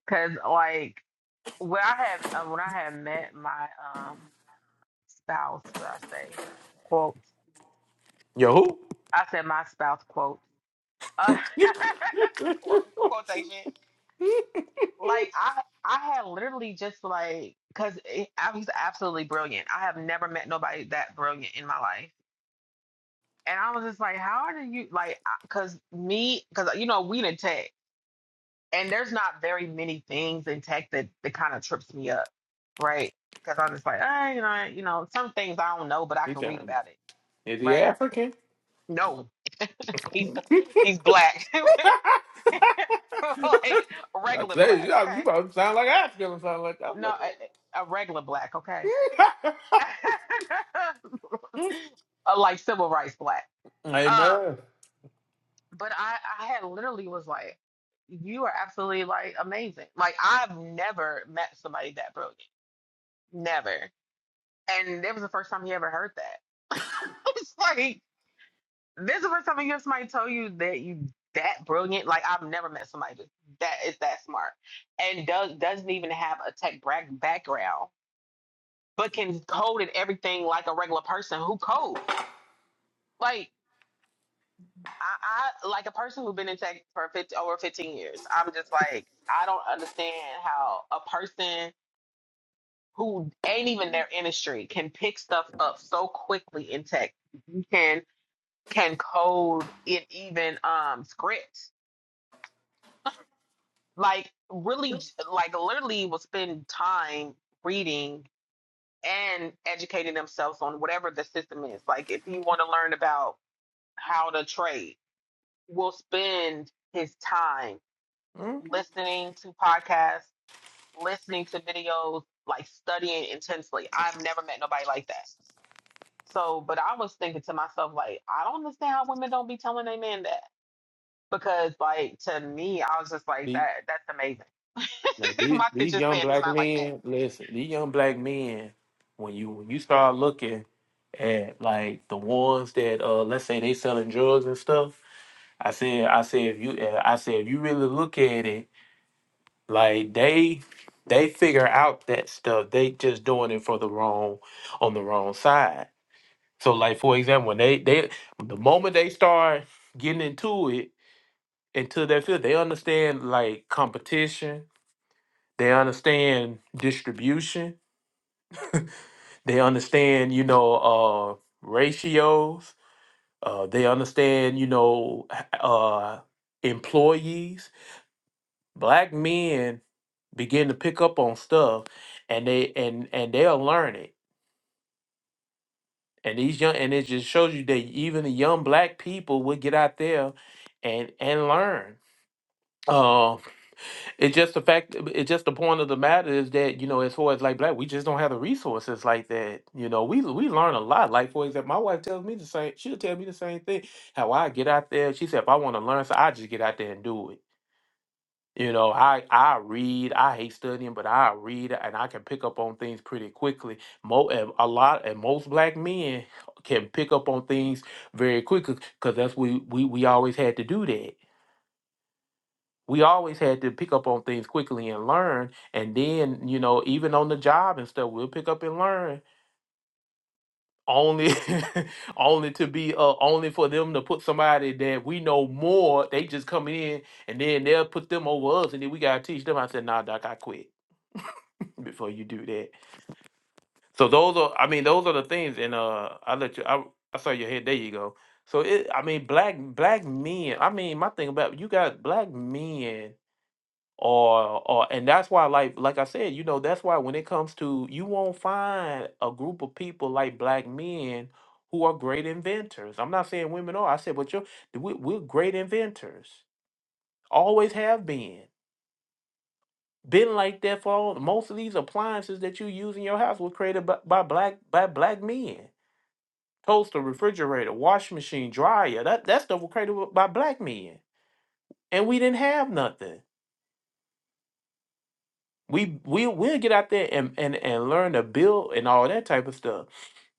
Cause like when I had uh, when I had met my um spouse, should I say quote Yo, who? I said my spouse quote. Uh, <laughs> quote- quotation. Like I I had literally just like because I was absolutely brilliant. I have never met nobody that brilliant in my life. And I was just like, how do you like? Because me, because you know, we in tech, and there's not very many things in tech that that kind of trips me up, right? Because I'm just like, ah, you know, you know, some things I don't know, but I He can read sound about it, is he right? African? <laughs> No, <laughs> he's he's black. <laughs> <laughs> like I regular say you black, okay? about to sound like African or something like No, that. a, a regular black, okay? <laughs> Uh, like civil rights black. Uh, Amen. but I, I had literally was like, you are absolutely like amazing. Like I've never met somebody that brilliant, never. And that was the first time he ever heard that. <laughs> It's like this is the first time you hear somebody tell you that you that brilliant. Like I've never met somebody that that is that smart and does doesn't even have a tech bra- background but can code at everything like a regular person who codes. Like I, I like a person who's been in tech for 50, over 15 years. I'm just like I don't understand how a person who ain't even their industry can pick stuff up so quickly in tech. You can can code in even um scripts. Like really, like literally, will spend time reading and educating themselves on whatever the system is. Like if you want to learn about how to trade. will spend his time hmm listening to podcasts, listening to videos, like studying intensely. I've never met nobody like that. So, but I was thinking to myself, like, I don't understand how women don't be telling their men that. Because, like, to me, I was just like, Be, that that's amazing. like, <laughs> these, My these attention young span is black not like men, that. listen, these young black men, when you when you start looking at like the ones that uh let's say they selling drugs and stuff, I said I said if you uh, I said if you really look at it, like they they figure out that stuff. They just doing it for the wrong on the wrong side. So like for example, when they they the moment they start getting into it, into that field. They understand like competition. They understand distribution. They understand, you know, uh, ratios. Uh, they understand, you know, h- uh, employees. Black men begin to pick up on stuff, and they and and they'll learn it. And these young and it just shows you that even the young black people will get out there and and learn. Um, It's just the fact. It's just the point of the matter is that you know, as far as like black, we just don't have the resources like that. You know, we we learn a lot. Like for example, my wife tells me the same. She'll tell me the same thing. How I get out there. She said, if I want to learn, so I just get out there and do it. You know, I I read. I hate studying, but I read and I can pick up on things pretty quickly. Mo and a lot and most black men can pick up on things very quickly because that's we we we always had to do that we always had to pick up on things quickly and learn. And then, you know, even on the job and stuff, we'll pick up and learn. Only, <laughs> only to be, uh, only for them to put somebody that we know more. They just coming in and then they'll put them over us, and then we gotta teach them. I said, "Nah, doc, I quit <laughs> before you do that." So those are, I mean, those are the things. And uh, I let you. I, I saw your head. There you go. So it, I mean, black black men. I mean, my thing about you got black men or or and that's why like like I said, you know, that's why when it comes to you won't find a group of people like black men who are great inventors. I'm not saying women are. I said, but you're we, we're great inventors. Always have been. Been like that for all, most of these appliances that you use in your house were created by, by black by black men. Toaster, refrigerator, washing machine, dryer. That that stuff was created by black men, and we didn't have nothing. we we we'll get out there and, and and learn to build and all that type of stuff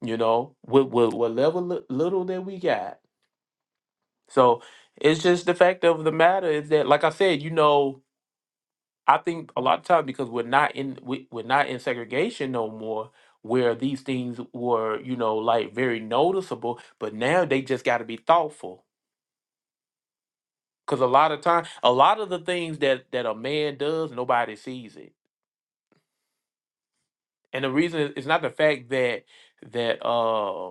you know with with what level li- little that we got so it's just the fact of the matter is that like i said you know i think a lot of time because we're not in we, we're not in segregation no more where these things were you know like very noticeable but now they just got to be thoughtful because a lot of time a lot of the things that that a man does nobody sees it and the reason is it's not the fact that that um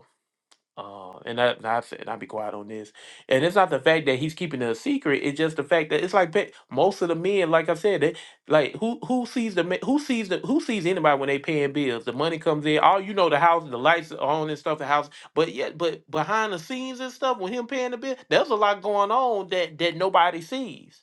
Uh, and that and I said, and I'll be quiet on this. And it's not the fact that he's keeping it a secret. It's just the fact that it's like pe- most of the men, like I said, they, like who who sees the ma- who sees the who sees anybody when they paying bills. The money comes in. All you know, the house, the lights are on and stuff. The house, but yet, but behind the scenes and stuff, when him paying the bill, there's a lot going on that that nobody sees.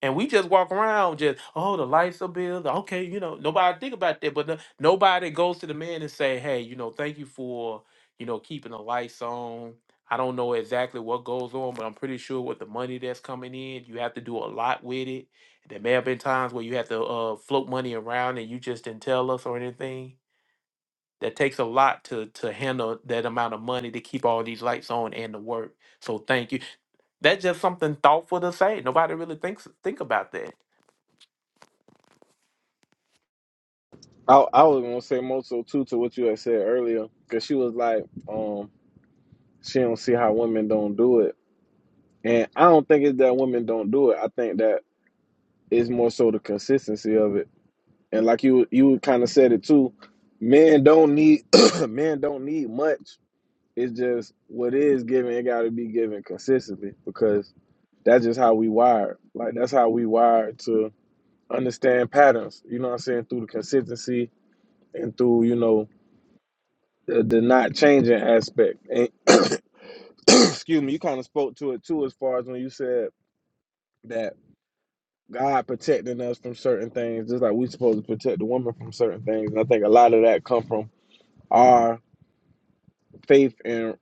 And we just walk around just, oh, the lights are built. Okay, you know, nobody think about that. But no- nobody goes to the man and say, hey, you know, thank you for, you know, keeping the lights on. I don't know exactly what goes on, but I'm pretty sure with the money that's coming in, you have to do a lot with it. There may have been times where you have to uh, float money around and you just didn't tell us or anything. That takes a lot to to handle that amount of money to keep all these lights on and to work. So thank you. That's just something thoughtful to say. Nobody really thinks think about that I, I was gonna say more so too to what you had said earlier, because she was like, um, she don't see how women don't do it, and I don't think it's that women don't do it. I think that it's more so the consistency of it, and like you you kind of said it too, men don't need <coughs> <clears throat> men don't need much. It's just what is given. It got to be given consistently because that's just how we wired. Like that's how we wired to understand patterns. You know what I'm saying through the consistency and through you know the, the not changing aspect. And, <coughs> <clears throat> excuse me, you kind of spoke to it too, as far as when you said that God protecting us from certain things, just like we supposed to protect the woman from certain things. And I think a lot of that come from our faith and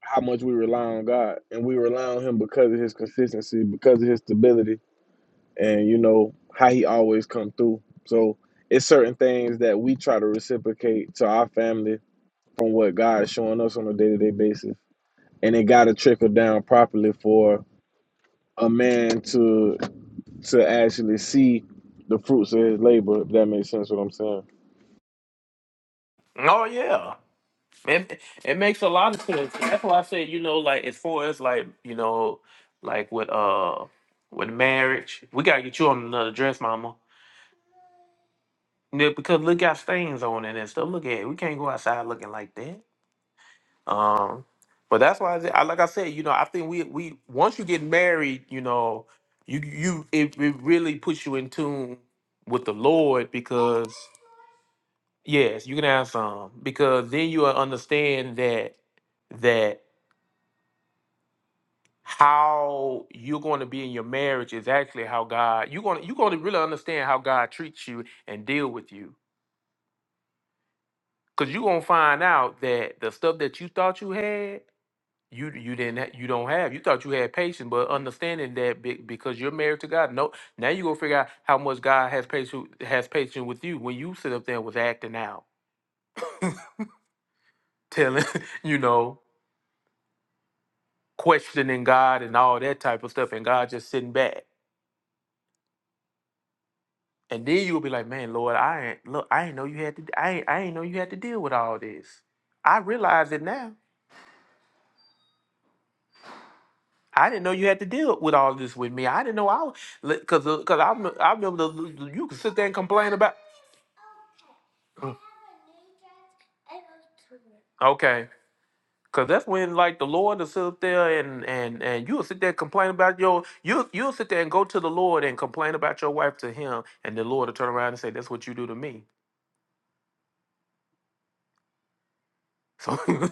how much we rely on God, and we rely on Him because of His consistency, because of His stability, and you know how He always come through. So it's certain things that we try to reciprocate to our family from what God is showing us on a day to day basis and it got to trickle down properly for a man to to actually see the fruits of his labor. If that makes sense, what I'm saying. Oh yeah, it it makes a lot of sense. That's why I said you know like as far as like you know like with uh with marriage, we gotta get you on another dress, mama. Yeah, because look got stains on it and stuff. Look at it. We can't go outside looking like that. Um, but that's why I, said- I like I said you know I think we we once you get married you know you you it, it really puts you in tune with the Lord because yes you can have some because then you will understand that. how you're going to be in your marriage is actually how God you're going to, you're going to really understand how God treats you and deal with you because you're going to find out that the stuff that you thought you had you you didn't ha- you don't have you thought you had patience but understanding that be- because you're married to God no now you're going to figure out how much God has patience has patience with you when you sit up there and was acting out telling <laughs> you know questioning God and all that type of stuff and God just sitting back And then you'll be like, man, Lord, I ain't look, I ain't know you had to I ain't, I ain't know you had to deal with all this. I realize it now. I didn't know you had to deal with all this with me. I didn't know I was because because I rem- I remember the, you could sit there and complain about. Mm, Okay, because that's when like the Lord will sit up there and and and you'll sit there and complain about your you you'll sit there and go to the Lord and complain about your wife to him, and the Lord will turn around and say, "That's what you do to me." So, <laughs>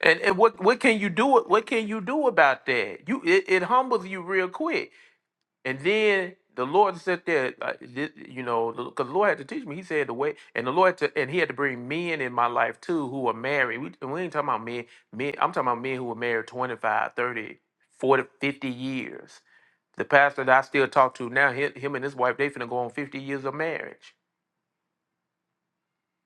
and, and what what can you do? What can you do about that? You it, it humbles you real quick, and then the Lord said there, uh, thi- you know, because the Lord had to teach me. He said the way, and the Lord had to, and He had to bring men in my life too who are married. We and we ain't talking about men. Men, I'm talking about men who were married 25, 30, 40, 50 years. The pastor that I still talk to now, him, him and his wife, they finna go on 50 years of marriage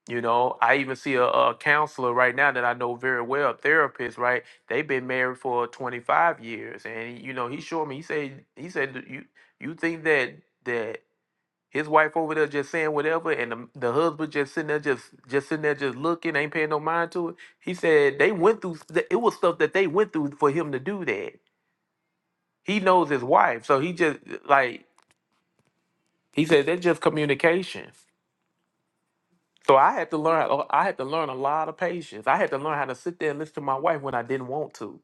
you know, I even see a, a counselor right now that I know very well, a therapist, right? They've been married for 25 years. And, you know, he showed me, he said, he said, "Do you, you think that, that his wife over there just saying whatever and the, the husband just sitting there, just, just sitting there, just looking, ain't paying no mind to it. He said they went through, th- it was stuff that they went through for him to do that. He knows his wife. So he just like, he said, that's just communication. So I had to learn. a- I had to learn a lot of patience. I had to learn how to sit there and listen to my wife when I didn't want to.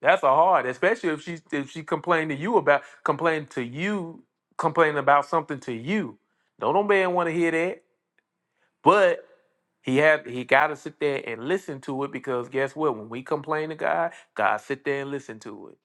That's a hard, especially if she if she complained to you about complained to you complaining about something to you. No, no man want to hear that. But he had he got to sit there and listen to it because guess what? When we complain to God, God sit there and listen to it.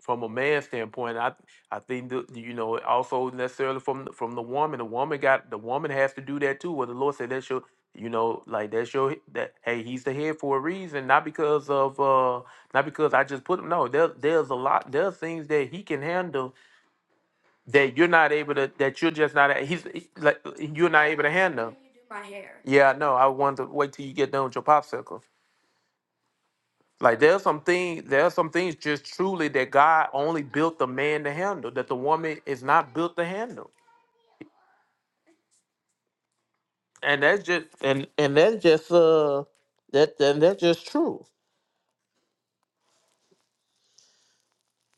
from a man's standpoint, I I think the, you know also necessarily from from the woman. The woman got the woman has to do that too. What the Lord said that's your you know like that's your that hey he's the head for a reason, not because of uh not because I just put him. No, there there's a lot there's things that he can handle that you're not able to that you're just not a- he's he- like you're not able to handle. Yeah, no, I wanted to wait till you get done with your popsicle. Like there's some things, there's some things just truly that God only built the man to handle, that the woman is not built to handle. And that's just and and that's just uh that and that's just true.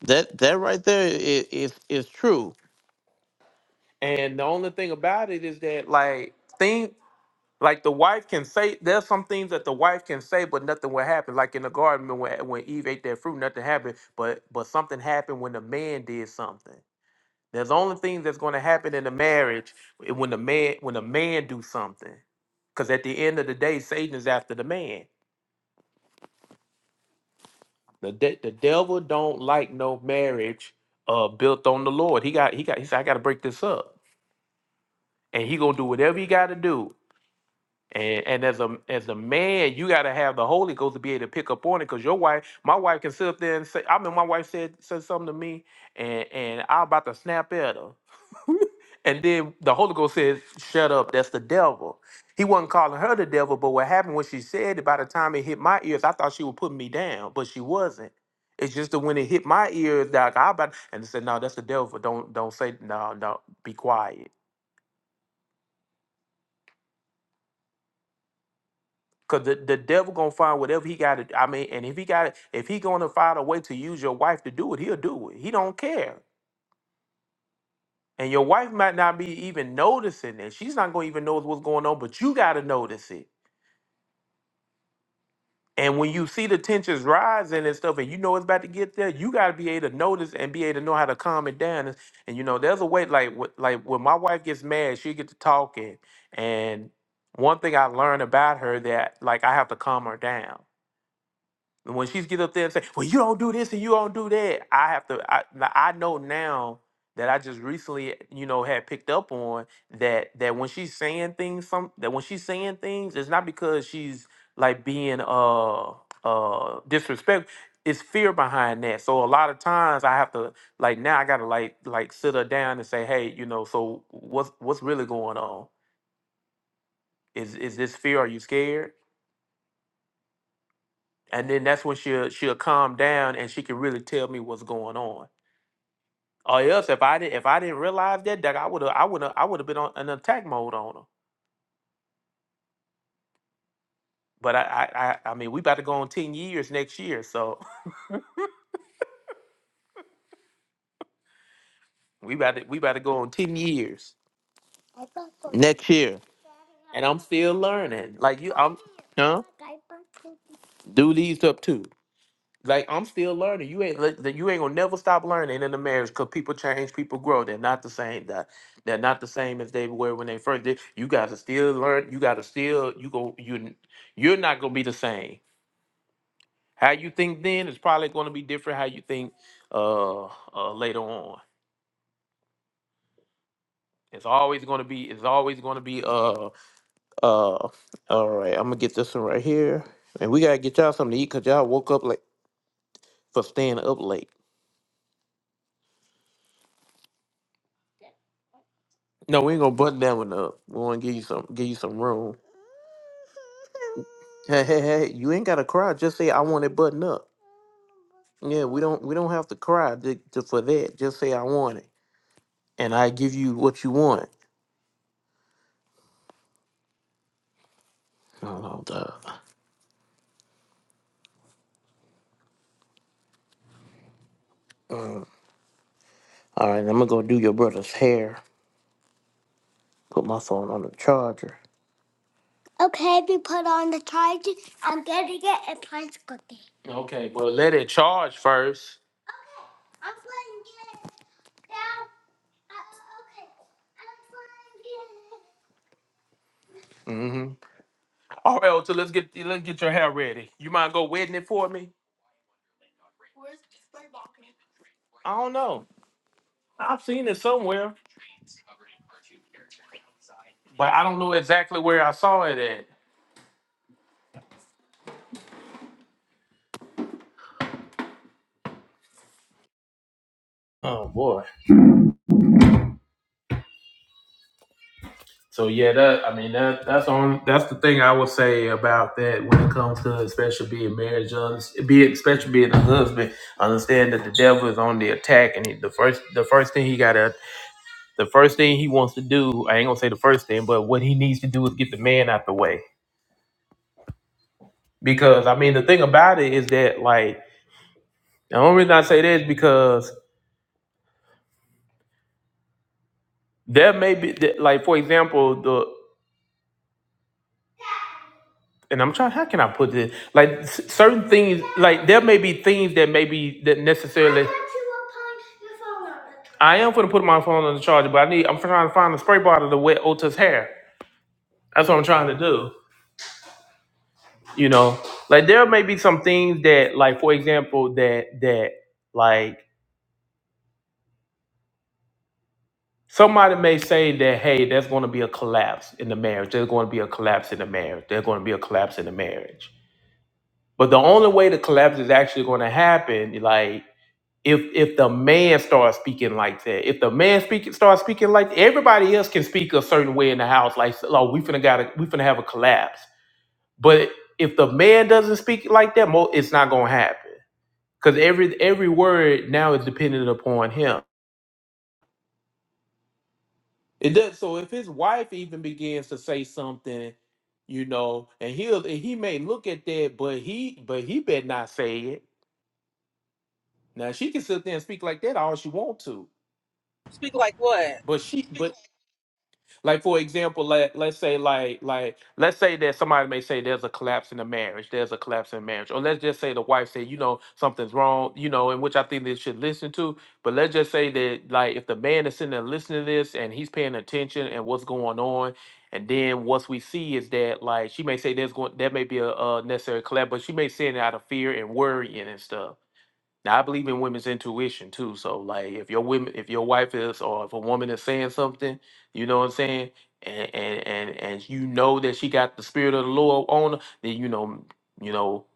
That that right there is is, is true. And the only thing about it is that like think like the wife can say there's some things that the wife can say, but nothing will happen. Like in the garden when when Eve ate that fruit, nothing happened. But but something happened when the man did something There's only things that's going to happen in the marriage eh, when the man when the man do something, because at the end of the day, Satan is after the man. The de- the devil don't like no marriage uh built on the Lord. He got he got he said I got to break this up, and he gonna do whatever he got to do And, and as a as a man, you got to have the Holy Ghost to be able to pick up on it. Because your wife, my wife, can sit up there and say, I mean, my wife said said something to me, and and I'm about to snap at her. <laughs> and then the Holy Ghost says, "Shut up, that's the devil." He wasn't calling her the devil, but what happened when she said it? By the time it hit my ears, I thought she was putting me down, but she wasn't. It's just that when it hit my ears, that I about and they said, "No, that's the devil. Don't don't say no, no, be quiet." Cause the, the devil gonna find whatever he got to. I mean, and if he got if he gonna find a way to use your wife to do it, he'll do it. He don't care. And your wife might not be even noticing it. She's not gonna even notice what's going on, but you gotta notice it. And when you see the tensions rising and stuff, and you know it's about to get there, you gotta be able to notice and be able to know how to calm it down. And, and, you know, there's a way. Like wh- like when my wife gets mad, she get to talking. And one thing I learned about her that like I have to calm her down And when she's get up there and say, "Well, you don't do this and you don't do that," I have to. I now- I know now that I just recently, you know, had picked up on that that when she's saying things, some that when she's saying things, it's not because she's like being uh uh disrespect. It's fear behind that. So a lot of times I have to like now I gotta like like sit her down and say, "Hey, you know, so what's what's really going on? Is is this fear? Are you scared?" and then that's when she'll she'll calm down and she can really tell me what's going on. Or else, if I didn't if I didn't realize that, that I would have I would have I would have been on an attack mode on her. But I, I I I mean, we about to go on ten years next year, so <laughs> we about to we about to go on ten years next year, and I'm still learning. Like you, I'm huh? Do these up too. Like I'm still learning. You ain't like, that. You ain't gonna never stop learning in the marriage because people change, people grow. They're not the same. That they're not the same as they were when they first did. You gotta still learn. You gotta still you go you you're not gonna be the same. How you think then is probably gonna be different. How you think uh, uh later on. It's always gonna be. It's always gonna be. Uh uh. All right. I'm gonna get this one right here, and we gotta get y'all something to eat because y'all woke up late for staying up late. No, we ain't gonna button that one up. We wanna give you some give you some room. Hey, hey, hey, you ain't gotta cry. Just say I want it buttoned up. Yeah, we don't we don't have to cry to, to, for that. Just say I want it. And I give you what you want. Oh, duh. Mm. All right, I'm gonna go do your brother's hair. Put my phone on the charger. Okay, well let it charge first. Mm-hmm. All right, so let's get let's get your hair ready. You mind go wetting it for me? I don't know. I've seen it somewhere, but I don't know exactly where I saw it at. Oh boy. So yeah, that I mean that that's on that's the thing I would say about that when it comes to especially being married, un- be especially being a husband. Understand that the devil is on the attack, and he, the first the first thing he got to the first thing he wants to do. I ain't gonna say the first thing, but what he needs to do is get the man out the way. Because I mean, the thing about it is that like the only reason I say that is because there may be that, like for example the. and I'm trying. How can I put this? Like s- certain things, like there may be things that may be that necessarily. I am going to put my phone on the charger, but I need. I'm trying to find a spray bottle to wet Ota's hair. That's what I'm trying to do. You know, like there may be some things that, like for example, that that like somebody may say that, hey, there's going to be a collapse in the marriage. There's going to be a collapse in the marriage. There's going to be a collapse in the marriage. But the only way the collapse is actually going to happen, like if if the man starts speaking like that, if the man speak starts speaking like everybody else can speak a certain way in the house, like so, oh we finna got we finna have a collapse. But if the man doesn't speak like that, mo- it's not gonna happen because every every word now is dependent upon him. It does. So if his wife even begins to say something, you know, and he'll and he may look at that, but he but he better not say it. Now she can sit there and speak like that all she want to, Speak like what? but she but Like for example, let let's say like like let's say that somebody may say there's a collapse in the marriage, there's a collapse in marriage, or let's just say the wife said you know something's wrong, you know, and which I think they should listen to. But let's just say that like if the man is sitting there listening to this and he's paying attention and what's going on, and then what we see is that like she may say there's going there may be a, a necessary collapse, but she may say it out of fear and worrying and stuff. Now I believe in women's intuition too. So like if your women if your wife is or if a woman is saying something, you know what I'm saying, and and and, and you know that she got the spirit of the Lord on her, then you know you know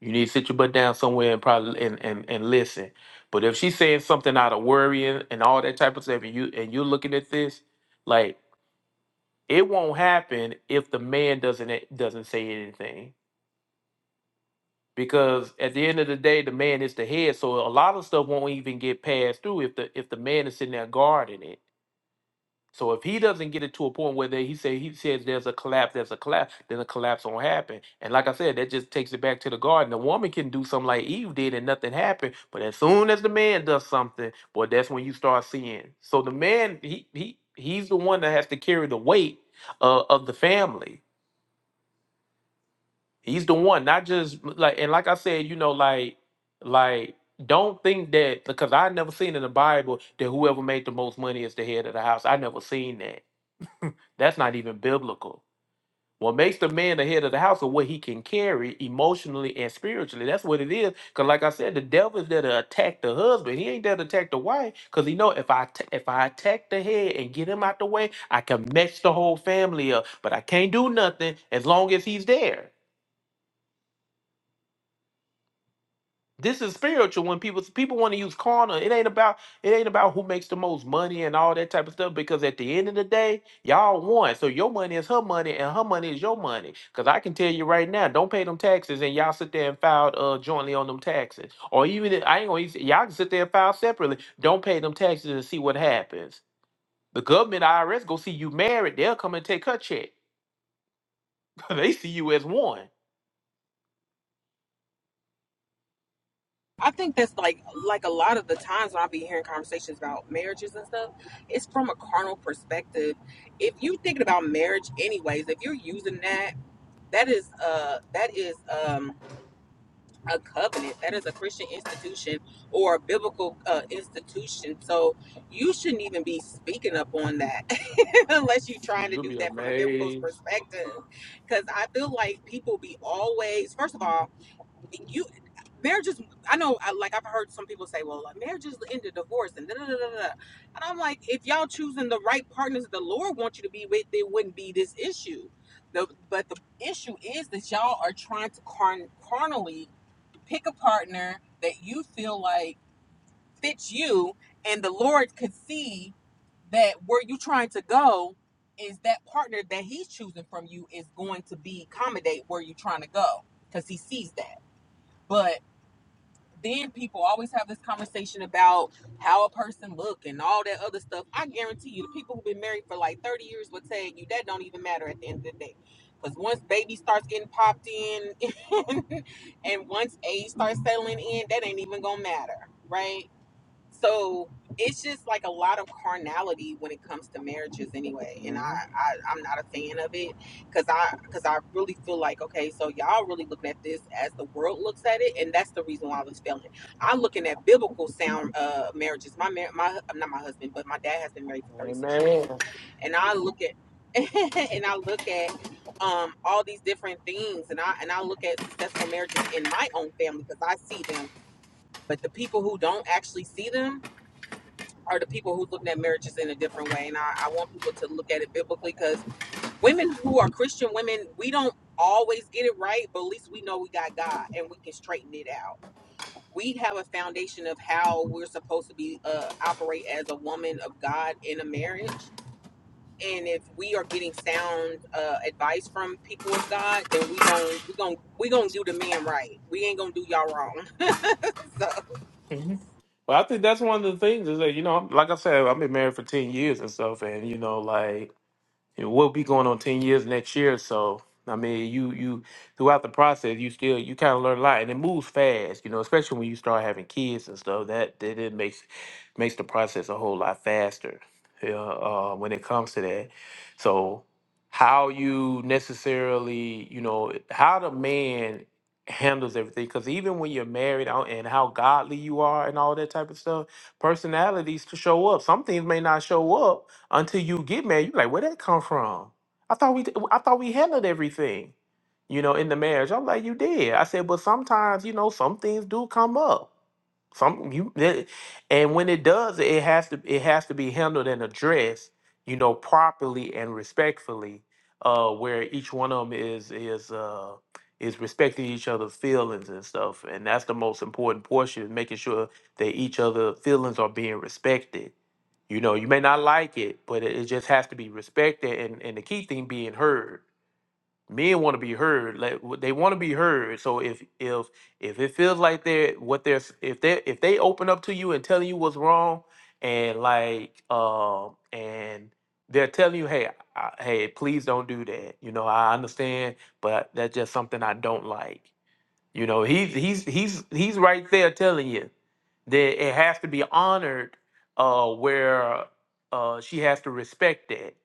you need to sit your butt down somewhere and probably and and, and listen. But if she's saying something out of worry and, and all that type of stuff, and you and you're looking at this, like it won't happen if the man doesn't eh, doesn't say anything because at the end of the day, the man is the head. So a lot of stuff won't even get passed through if the if the man is sitting there guarding it. So if he doesn't get it to a point where they, he say he says there's a collapse, there's a collapse, then a collapse won't happen. And like I said, that just takes it back to the garden. The woman can do something like Eve did and nothing happened, but as soon as the man does something, boy, that's when you start seeing. So the man, he he he's the one that has to carry the weight uh, of the family He's the one, not just like and like I said, you know, like like don't think that because I never seen in the Bible that whoever made the most money is the head of the house. I never seen that. That's not even biblical. What makes the man the head of the house is what he can carry emotionally and spiritually. That's what it is. Cause like I said, the devil is there to attack the husband. He ain't there to attack the wife. Cause he know if I t- if I attack the head and get him out the way, I can mess the whole family up. But I can't do nothing as long as he's there. This is spiritual when people people want to use carnal. It ain't about it ain't about who makes the most money and all that type of stuff. Because at the end of the day, y'all one. So your money is her money and her money is your money. Because I can tell you right now, don't pay them taxes and y'all sit there and file uh jointly on them taxes. Or even if, I ain't gonna even say- y'all can sit there and file separately. Don't pay them taxes and see what happens. The government IRS go see you married. They'll come and take her check. <laughs> they see you as one. I think that's like like a lot of the times when I be hearing conversations about marriages and stuff, it's from a carnal perspective. If you thinking about marriage anyways, if you're using that that is uh that is um a covenant that is a christian institution or a biblical uh, institution so you shouldn't even be speaking up on that <laughs> unless you're trying to You'll do be that from a biblical amazed. perspective because i feel like people be always first of all you marriages i know I, like i've heard some people say well marriages end in divorce and da, da, da, da, da. and i'm like if y'all choosing the right partners the lord wants you to be with there wouldn't be this issue the, but the issue is that y'all are trying to carn- carnally pick a partner that you feel like fits you and the lord could see that where you trying to go is that partner that he's choosing from you is going to be accommodate where you trying to go because he sees that. but then people always have this conversation about how a person look and all that other stuff. I guarantee you, the people who've been married for like 30 years would tell you that don't even matter at the end of the day. Because once baby starts getting popped in <laughs> and once age starts settling in, that ain't even gonna matter, right? So it's just like a lot of carnality when it comes to marriages, anyway. And I, Mhm. I I'm not a fan of it because I because I really feel like okay, so y'all really looking at this as the world looks at it, and that's the reason why I was failing. I'm looking at biblical sound uh marriages. My mar- my not my husband, but my dad has been married for 36 years, Amen. and I look at. <laughs> and I look at um, all these different things, and I and I look at successful marriages in my own family because I see them. But the people who don't actually see them, are the people who's looking at marriages in a different way. And I, I want people to look at it biblically because women who are Christian women, we don't always get it right, but at least we know we got God and we can straighten it out. We have a foundation of how we're supposed to be uh, operate as a woman of God in a marriage. And if we are getting sound uh, advice from people of God, then we gon' we gon' we gonna do the man right. We ain't gonna do y'all wrong. <laughs> so Well, I think that's one of the things is that you know, like I said, I've been married for ten years and stuff, and you know, like And we'll be going on ten years next year. So I mean, you you throughout the process, you still you kind of learn a lot, and it moves fast. You know, especially when you start having kids and stuff. That that it makes makes the process a whole lot faster. Yeah, uh, when it comes to that. So how you necessarily, you know, how the man handles everything because even when you're married out and how godly you are and all that type of stuff personalities to show up some things may not show up until you get married, you're like, where that come from? I thought we, I thought we handled everything, you know, in the marriage. I'm like, you did. I said, but sometimes, you know, some things do come up some you that- and when it does, it has to it has to be handled and addressed, you know, properly and respectfully, uh, where each one of them is is uh is respecting each other's feelings and stuff, and that's the most important portion, is making sure that each other's feelings are being respected. You know, you may not like it, but it, it just has to be respected, and and the key thing being heard men want to be heard like w- they want to be heard so if if if it feels like they're what they're s- if they if they open up to you and telling you what's wrong and like um and they're telling you hey I, hey please don't do that you know i understand but that's just something i don't like you know he's he's he's he's right there telling you that it has to be honored uh where uh she has to respect that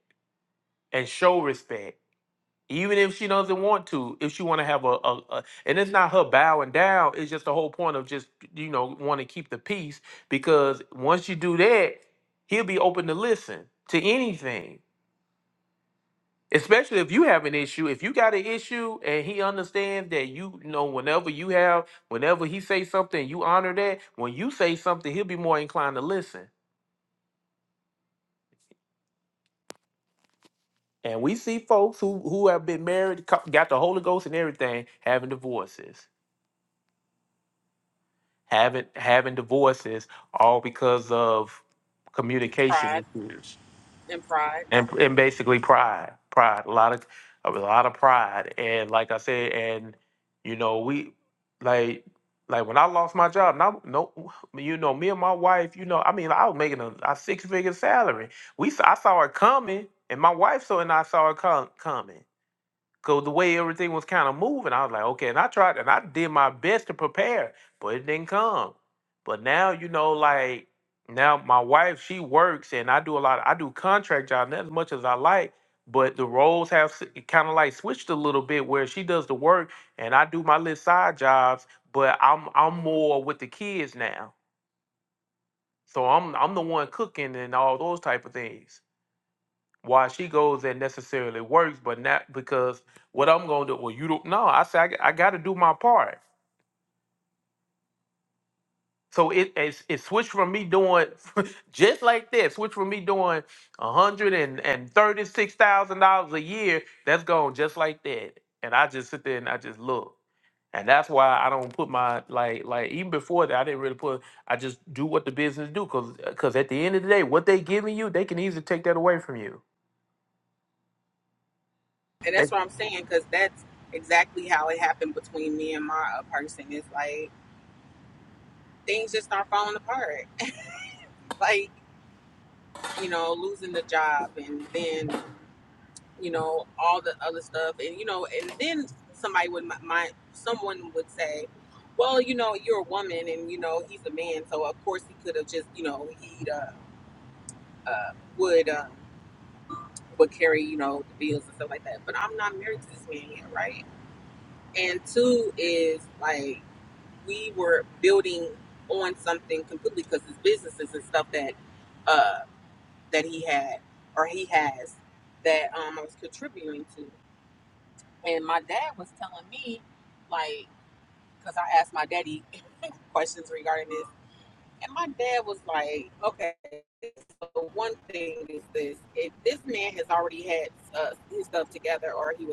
and show respect even if she doesn't want to if she want to have a, a, a and it's not her bowing down it's just the whole point of just you know want to keep the peace because once you do that he'll be open to listen to anything especially if you have an issue if you got an issue and he understands that you, you know whenever you have whenever he say something you honor that when you say something he'll be more inclined to listen and we see folks who who have been married co- got the holy ghost and everything having divorces having having divorces all because of pride communication issues and pride. and and basically pride, pride, a lot of a lot of pride, and like I said, and you know we like like when I lost my job, now no, you know me and my wife, you know, I mean I was making a, a six figure salary. We s- I saw it coming, and my wife saw it and I saw it com- coming. Cause the way everything was kind of moving, I was like, okay. And I tried and I did my best to prepare, but it didn't come. But now, you know, like now my wife, she works and I do a lot, I do contract jobs, not as much as I like, but the roles have kind of like switched a little bit where she does the work and I do my little side jobs, but I'm I'm more with the kids now. So I'm I'm the one cooking and all those type of things why she goes and necessarily works, but not because what I'm going to do. Well, you don't. No, I say I, got to do my part. So it, it it switched from me doing <laughs> just like that. Switched from me doing a hundred and and thirty six thousand dollars a year. That's gone just like that. And I just sit there and I just look. And that's why I don't put my like like even before that I didn't really put I just do what the business do because because at the end of the day what they giving you they can easily take that away from you. and that's what I'm saying because that's exactly how it happened between me and my uh, person. It's like things just start falling apart, like you know, losing the job, and then you know all the other stuff, and you know, and then somebody would my, my someone would say. Well, you know, you're a woman, and you know he's a man, so of course he could have just, you know, he uh, uh, would uh would carry, you know, the bills and stuff like that. But I'm not married to this man yet, right? And two is like we were building on something completely because his businesses and stuff that uh, that he had or he has that um, I was contributing to. And my dad was telling me, like, because I asked my daddy <laughs> questions regarding this, and my dad was like, okay, so one thing is this: if this man has already had uh, his stuff together, or he was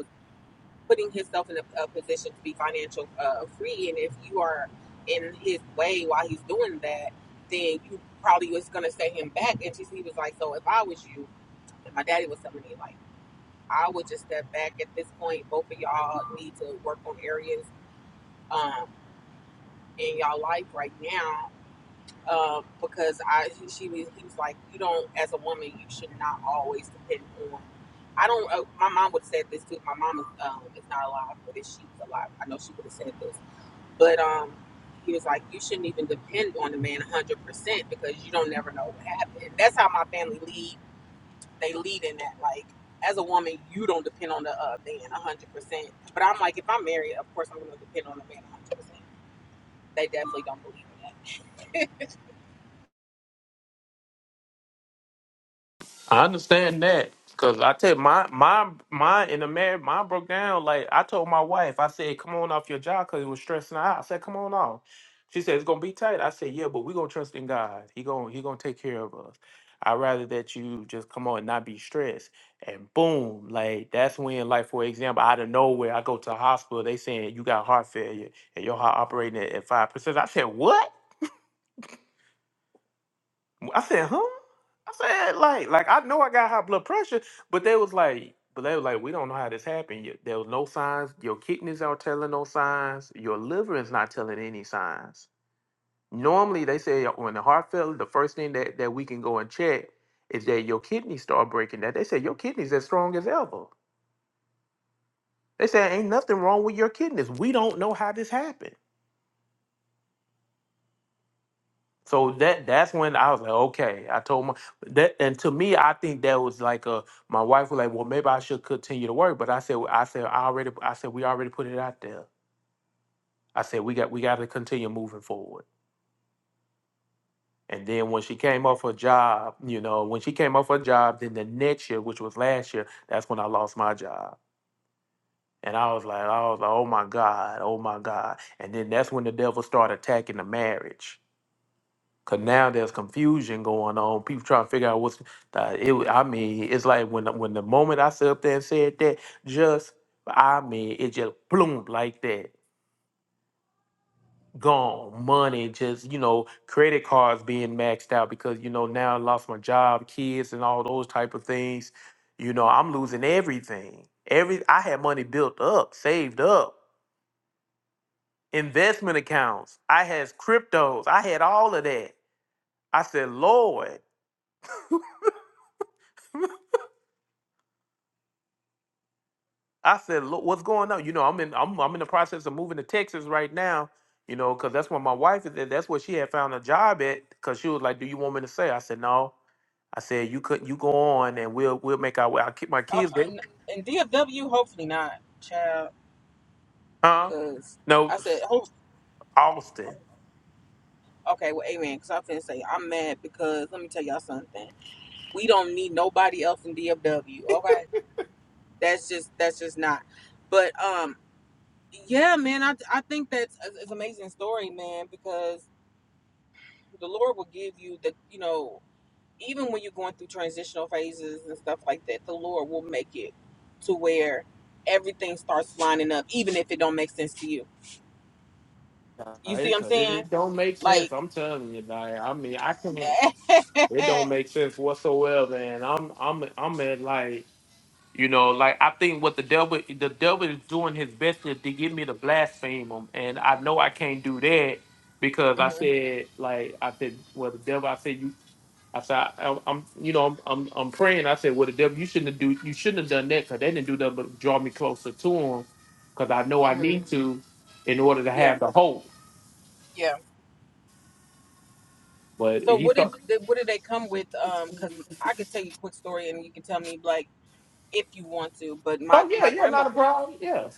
putting himself in a, a position to be financial uh, free. And if you are in his way while he's doing that, then you probably was gonna set him back. And he was like, so if I was you, and my daddy was telling me like, I would just step back at this point. Both of y'all need to work on areas um, in y'all life right now um, because I she was he was like you don't as a woman you should not always depend on. I don't. Uh, my mom would have said this too. My mom is um, is not alive, but if she was alive, I know she would have said this. But um, he was like you shouldn't even depend on the man hundred percent because you don't never know what happened. That's how my family lead. They lead in that like. As a woman, you don't depend on the uh, man 100%. But I'm like, if I'm married, of course I'm going to depend on the man 100%. They definitely don't believe me. I understand that because I tell you, my my mine in the marriage, mine broke down. Like I told my wife, I said, "Come on off your job," because it was stressing her out. I said, "Come on off." She said, "It's gonna be tight." I said, "Yeah, but we gonna trust in God. He gonna He gonna take care of us. I'd rather that you just come on and not be stressed." And boom, like that's when, like for example, out of nowhere, I go to the hospital. They saying you got heart failure and your heart operating at five percent. I said, "What?" I said, huh? I said, like, like I know I got high blood pressure, but they was like, but they was like, we don't know how this happened. yet. There was no signs. Your kidneys aren't telling no signs. Your liver is not telling any signs. Normally, they say when the heart failure, the first thing that, that we can go and check is that your kidneys start breaking. That they say your kidneys as strong as ever. They say ain't nothing wrong with your kidneys. We don't know how this happened. So that that's when I was like, okay. I told my that, and to me, I think that was like a. My wife was like, well, maybe I should continue to work, but I said, I said, I already, I said, we already put it out there. I said, we got, we got to continue moving forward. And then when she came off her job, you know, when she came off her job, then the next year, which was last year, that's when I lost my job. And I was like, I was like, oh my God, oh my God. And then that's when the devil started attacking the marriage Cause now there's confusion going on. People trying to figure out what's. Uh, it, wa- I mean, it's like when the- when the moment I sat up there and said that, just I mean, it just bloom like that. Gone money, just you know, credit cards being maxed out because you know now I lost my job, kids, and all those type of things. You know, I'm losing everything. Every I had money built up, saved up, investment accounts. I had cryptos. I had all of that. I said, Lord. <laughs> I said, "Look, what's going on? You know, I'm in I'm I'm in the process of moving to Texas right now, you know, because that's where my wife is at. That's where she had found a job at. Because she was like, "Do you want me to say?" I said, "No." I said, "You could you go on, and we'll we'll make our way." I keep my Uh, kids, there. and, and DFW, hopefully not, child. huh? Cause No, I said, s- hope. Austin. Okay, well, amen. Cause I'm finna say I'm mad because let me tell y'all something. We don't need nobody else in DFW. Okay, that's just that's just not. But um, yeah, man, I I think that's a- it's an amazing story, man. Because the Lord will give you the you know even when you're going through transitional phases and stuff like that, the Lord will make it to where everything starts lining up, even if it don't make sense to you. You see what I'm Because saying? it don't make Like, sense. I'm telling you, like, I mean, I can't. <laughs> It don't make sense whatsoever, and I'm I'm I'm at like. You know, like I think what the devil the devil is doing his best to, to get me to blaspheme him, and I know I can't do that because I hmm said like I said, well the devil I said you I said I, I'm you know I'm, I'm I'm praying I said well the devil you shouldn't have do you shouldn't have done that because they didn't do nothing but draw me closer to him because I know I hmm need to in order to yeah, have the hope. yeah. But So he what did thought they, what did they come with? Um, cause I could tell you a quick story, and you can tell me like if you want to. But my oh yeah my yeah not a grandmother problem yeah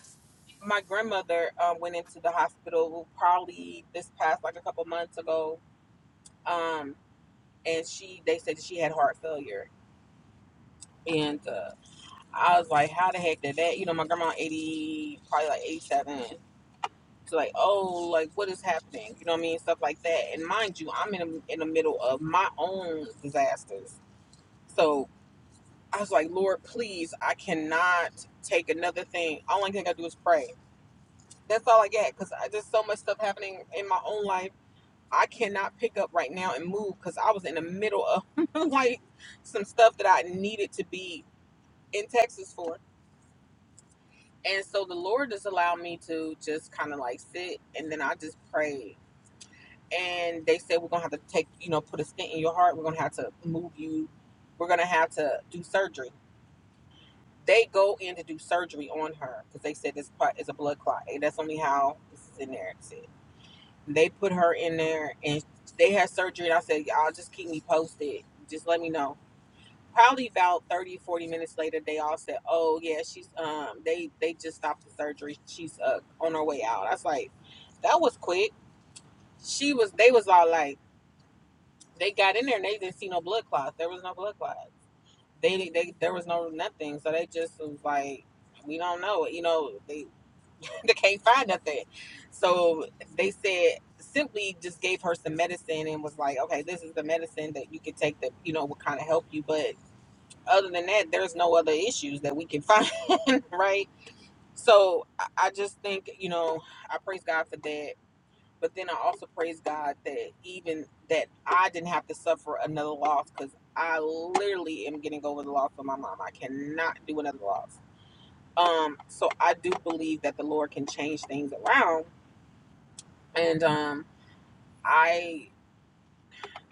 my grandmother uh, went into the hospital probably this past like a couple months ago. Um, and she they said that she had heart failure, and uh, I was like, how the heck did that? You know, my grandma eighty probably like eighty seven. It's like, oh, like what is happening? You know what I mean? Stuff like that. And mind you, I'm in a, in the middle of my own disasters. So I was like, Lord, please, I cannot take another thing. All I can do is pray. That's all I get because there's so much stuff happening in my own life. I cannot pick up right now and move because I was in the middle of <laughs> like some stuff that I needed to be in Texas for. And so the Lord just allowed me to just kind of like sit and then I just prayed and they said we're gonna have to take you know put a stent in your heart we're gonna have to move you we're gonna have to do surgery they go in to do surgery on her because they said this clot is a blood clot and that's only how this is in there said they put her in there and they had surgery and i said y'all just keep me posted just let me know probably about 30, 40 minutes later they all said oh yeah she's um they they just stopped the surgery she's uh on her way out i was like that was quick she was they was all like They got in there and they didn't see no blood clots. There was no blood clot. They, they there was no nothing. So they just was like, we don't know. You know, they <laughs> they can't find nothing. So they said simply just gave her some medicine and was like, okay, this is the medicine that you can take that you know will kind of help you. But other than that, there's no other issues that we can <laughs> find, right? So I I just think you know I praise God for that but then I also praise God that even that I didn't have to suffer another loss because I literally am getting over the loss of my mom. I cannot do another loss. Um, so I do believe that the Lord can change things around, and um, I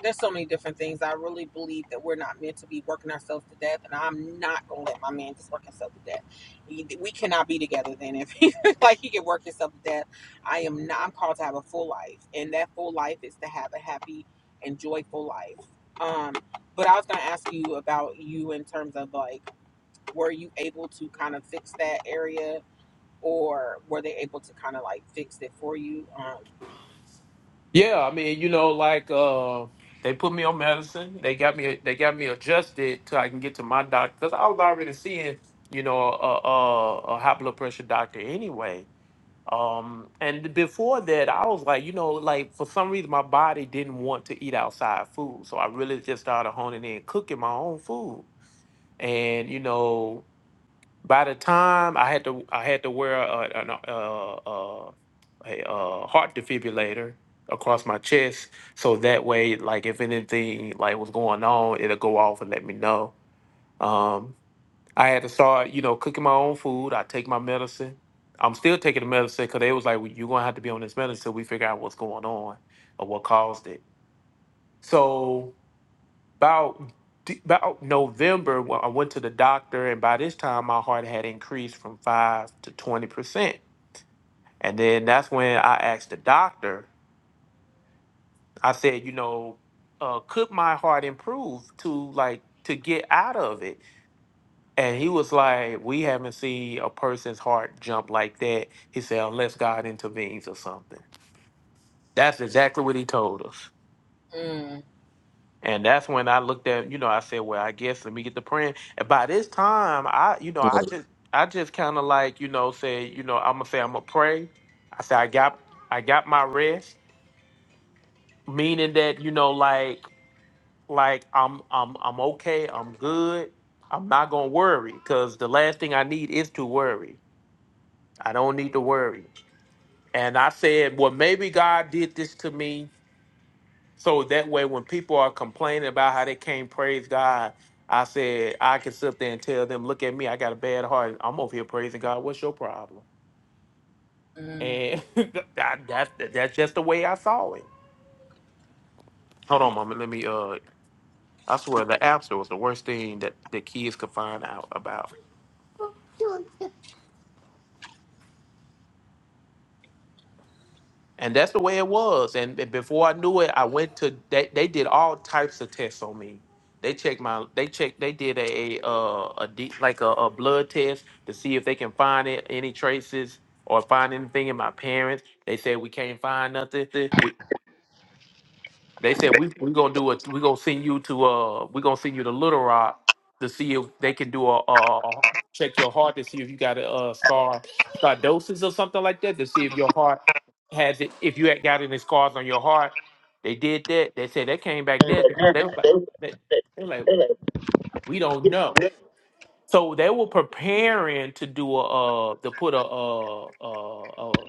there's so many different things. I really believe that we're not meant to be working ourselves to death, and I'm not gonna let my man just work himself to death. He- We cannot be together then if he <laughs> like he can work himself to death. I am not. I'm called to have a full life, and that full life is to have a happy and joyful life. Um, but I was gonna ask you about you in terms of like, were you able to kind of fix that area, or were they able to kind of like fix it for you? Um, Yeah, I mean, you know, like uh they put me on medicine. They got me they got me adjusted till I can get to my doctor cuz I was already seeing, you know, a, a a high blood pressure doctor anyway. Um and before that, I was like, you know, like for some reason my body didn't want to eat outside food. So I really just started honing in cooking my own food. And you know, by the time I had to, I had to wear a, an, uh, uh, a, uh heart defibrillator across my chest, so that way, like if anything like was going on, it'll go off and let me know. Um, I had to start, you know, cooking my own food. I take my medicine. I'm still taking the medicine because they was like, well, "You're gonna have to be on this medicine till we figure out what's going on or what caused it." So about D- about November when I went to the doctor, and by this time my heart had increased from five to twenty percent. And then that's when I asked the doctor. I said, you know, uh, could my heart improve to like to get out of it? And he was like, we haven't seen a person's heart jump like that. He said, unless God intervenes or something. That's exactly what he told us. mm, And that's when I looked at, you know, I said, well, I guess let me get the print. And by this time, I, you know, Hey, I Byron. just, I just kind of like, you know, say, you know, I'm gonna say I'm gonna pray. I said I got, I got my rest, meaning that, you know, like, like I'm, I'm, I'm okay. I'm good. I'm not gonna worry because the last thing I need is to worry. I don't need to worry. And I said, well, maybe God did this to me So that way, when people are complaining about how they can't praise God, I said, I can sit there and tell them, look at me, I got a bad heart. I'm over here praising God. What's your problem? mm. And <laughs> that, that's, that's just the way I saw it. Hold on, mama. Let me, uh, I swear the app store was the worst thing that the kids could find out about. And that's the way it was. And b- before I knew it, I went to they, they did all types of tests on me. They checked my they checked they did a uh a deep like a, a blood test to see if they can find it, any traces or find anything in my parents. They said we can't find nothing. They said we we gonna do it. We gonna send you to uh we gonna send you to Little Rock to see if they can do a uh check your heart to see if you got a uh, scar scardosis or something like that to see if your heart has it if you had got any scars on your heart. They did that. They said they came back negative. They were like they, they were like we don't know. So they were preparing to do a uh to put a uh uh uh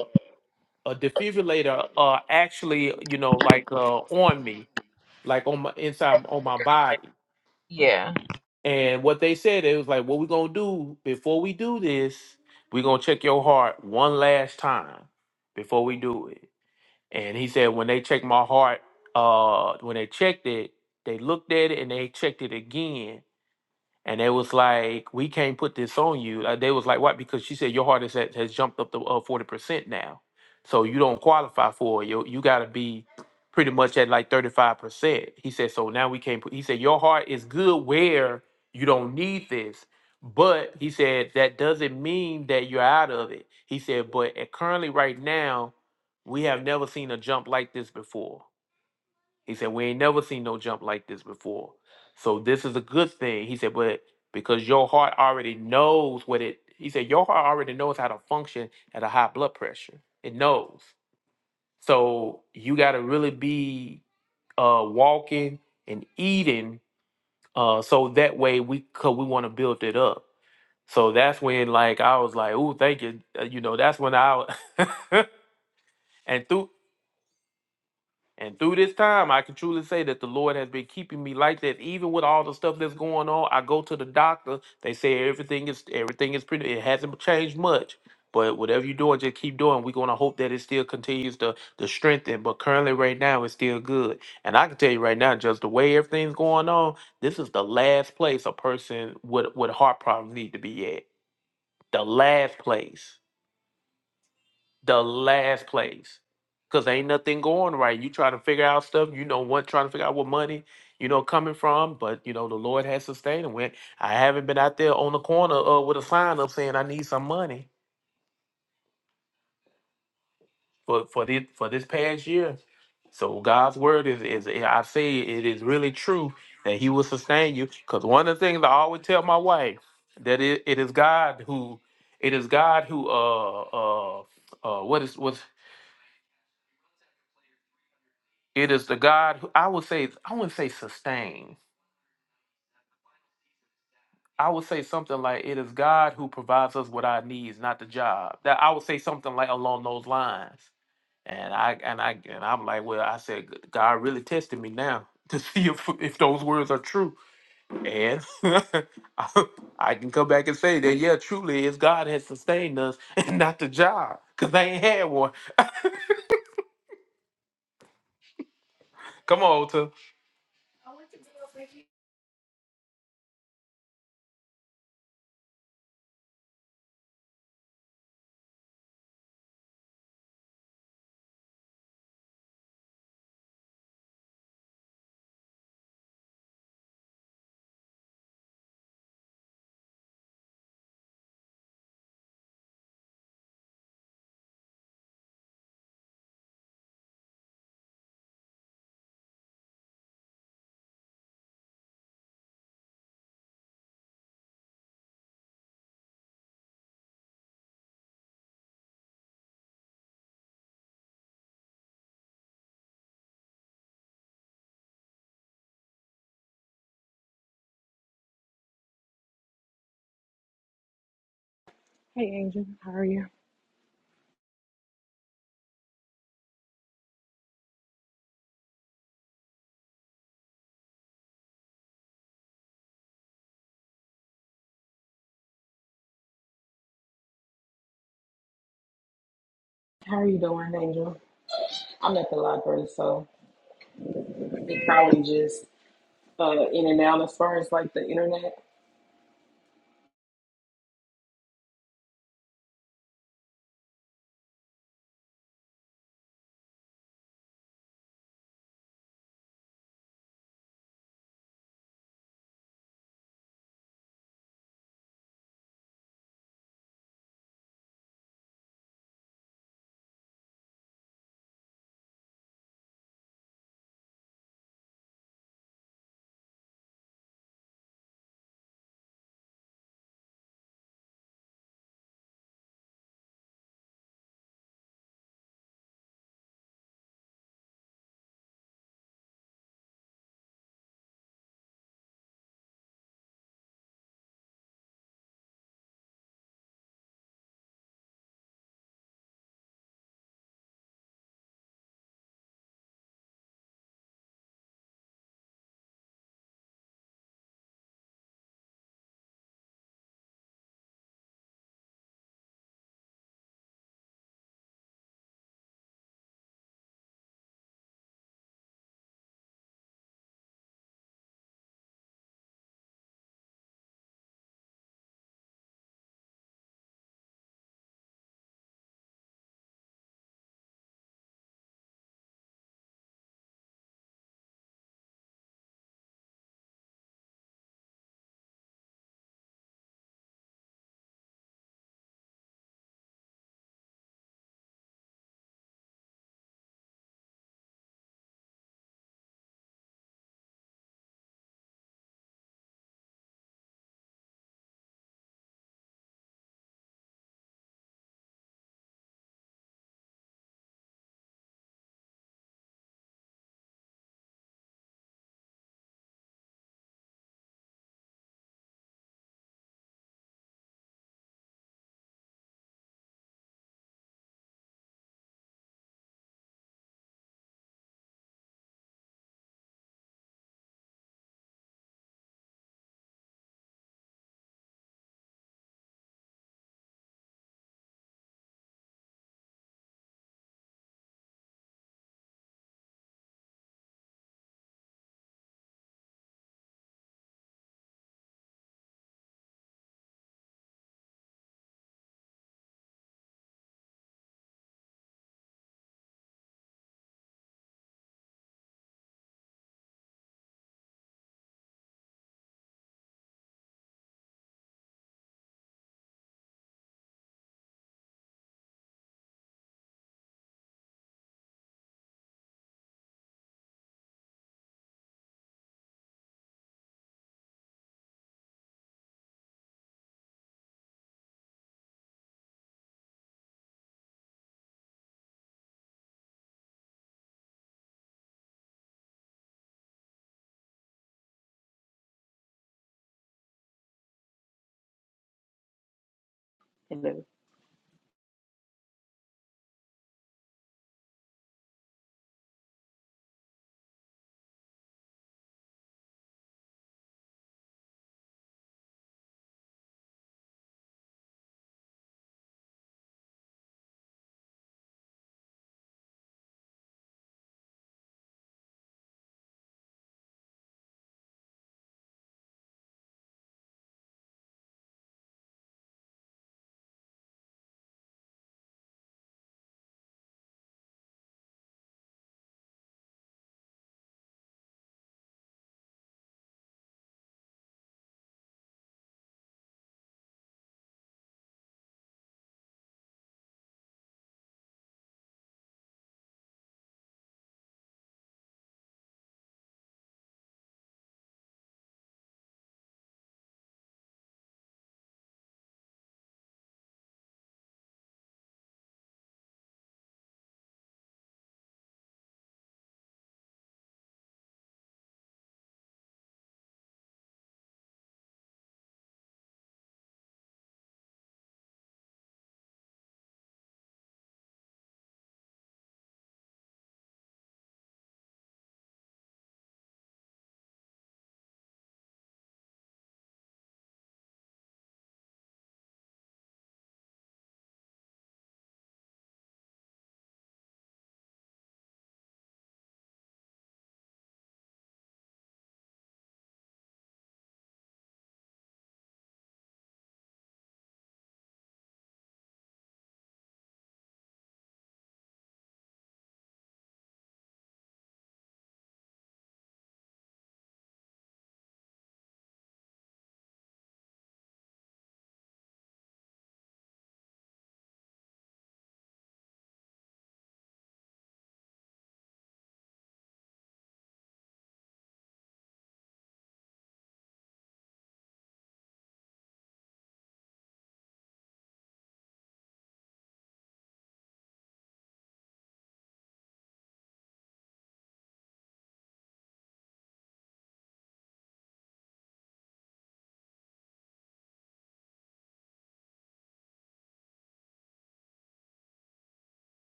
uh a defibrillator uh actually you know like uh on me like on my inside on my body. Yeah. And what they said, it was like, what we're gonna do before we do this, we're gonna check your heart one last time before we do it. And he said, when they checked my heart, uh, when they checked it, they looked at it and they checked it again and they was like, "We can't put this on you." Uh, they was like, "What?" Because she said your heart is at, has jumped up to uh, forty percent now, so you don't qualify for it. You you got to be pretty much at like thirty five percent. He said, "So now we can't put." He said, "Your heart is good where you don't need this." But he said that doesn't mean that you're out of it. He said, but at currently right now, we have never seen a jump like this before. He said, We ain't never seen no jump like this before. So this is a good thing. He said, but because your heart already knows what it he said, your heart already knows how to function at a high blood pressure. It knows. So you gotta really be uh walking and eating uh so that way we cause we wanna build it up. So that's when like I was like, oh, thank you. Uh, You know, that's when I <laughs> and through And through this time, I can truly say that the Lord has been keeping me like that. Even with all the stuff that's going on, I go to the doctor. They say everything is everything is pretty. It hasn't changed much, but whatever you're doing, just keep doing. We're gonna hope that it still continues to to strengthen. But currently, right now, it's still good. And I can tell you right now, just the way everything's going on, this is the last place a person with with heart problems need to be at. The last place the last place because ain't nothing going right. You try to figure out stuff, you know what, trying to figure out what money, you know, coming from, but you know, the Lord has sustained and when I haven't been out there on the corner uh, with a sign up saying I need some money for for this for this past year. So God's word is is eh, I say it is really true that He will sustain you. Because one of the things I always tell my wife that it, it is God who it is God who uh uh uh what is what It is the God who I would say I wouldn't say sustain. I would say something like it is God who provides us with our needs, not the job. That I would say something like along those lines. And I and I and I'm like, well, I said God really tested me now <laughs> to see if if those words are true. And <laughs> I I can come back and say that yeah, truly, it's God has sustained us <laughs> and not the job, cause they ain't had one. Come on, How are you doing, Angel? I'm at the library, so it probably just uh, in and out as far as like the internet. Hello.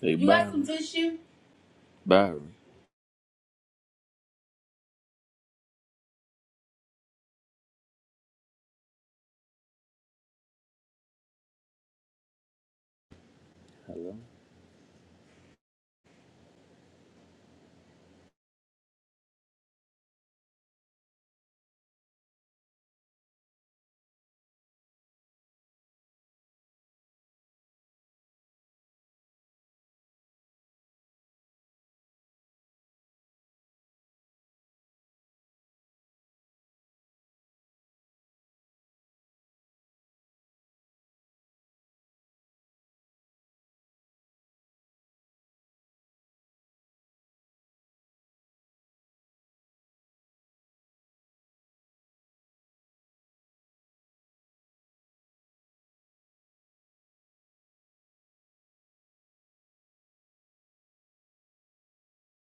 You got some tissue? Byron.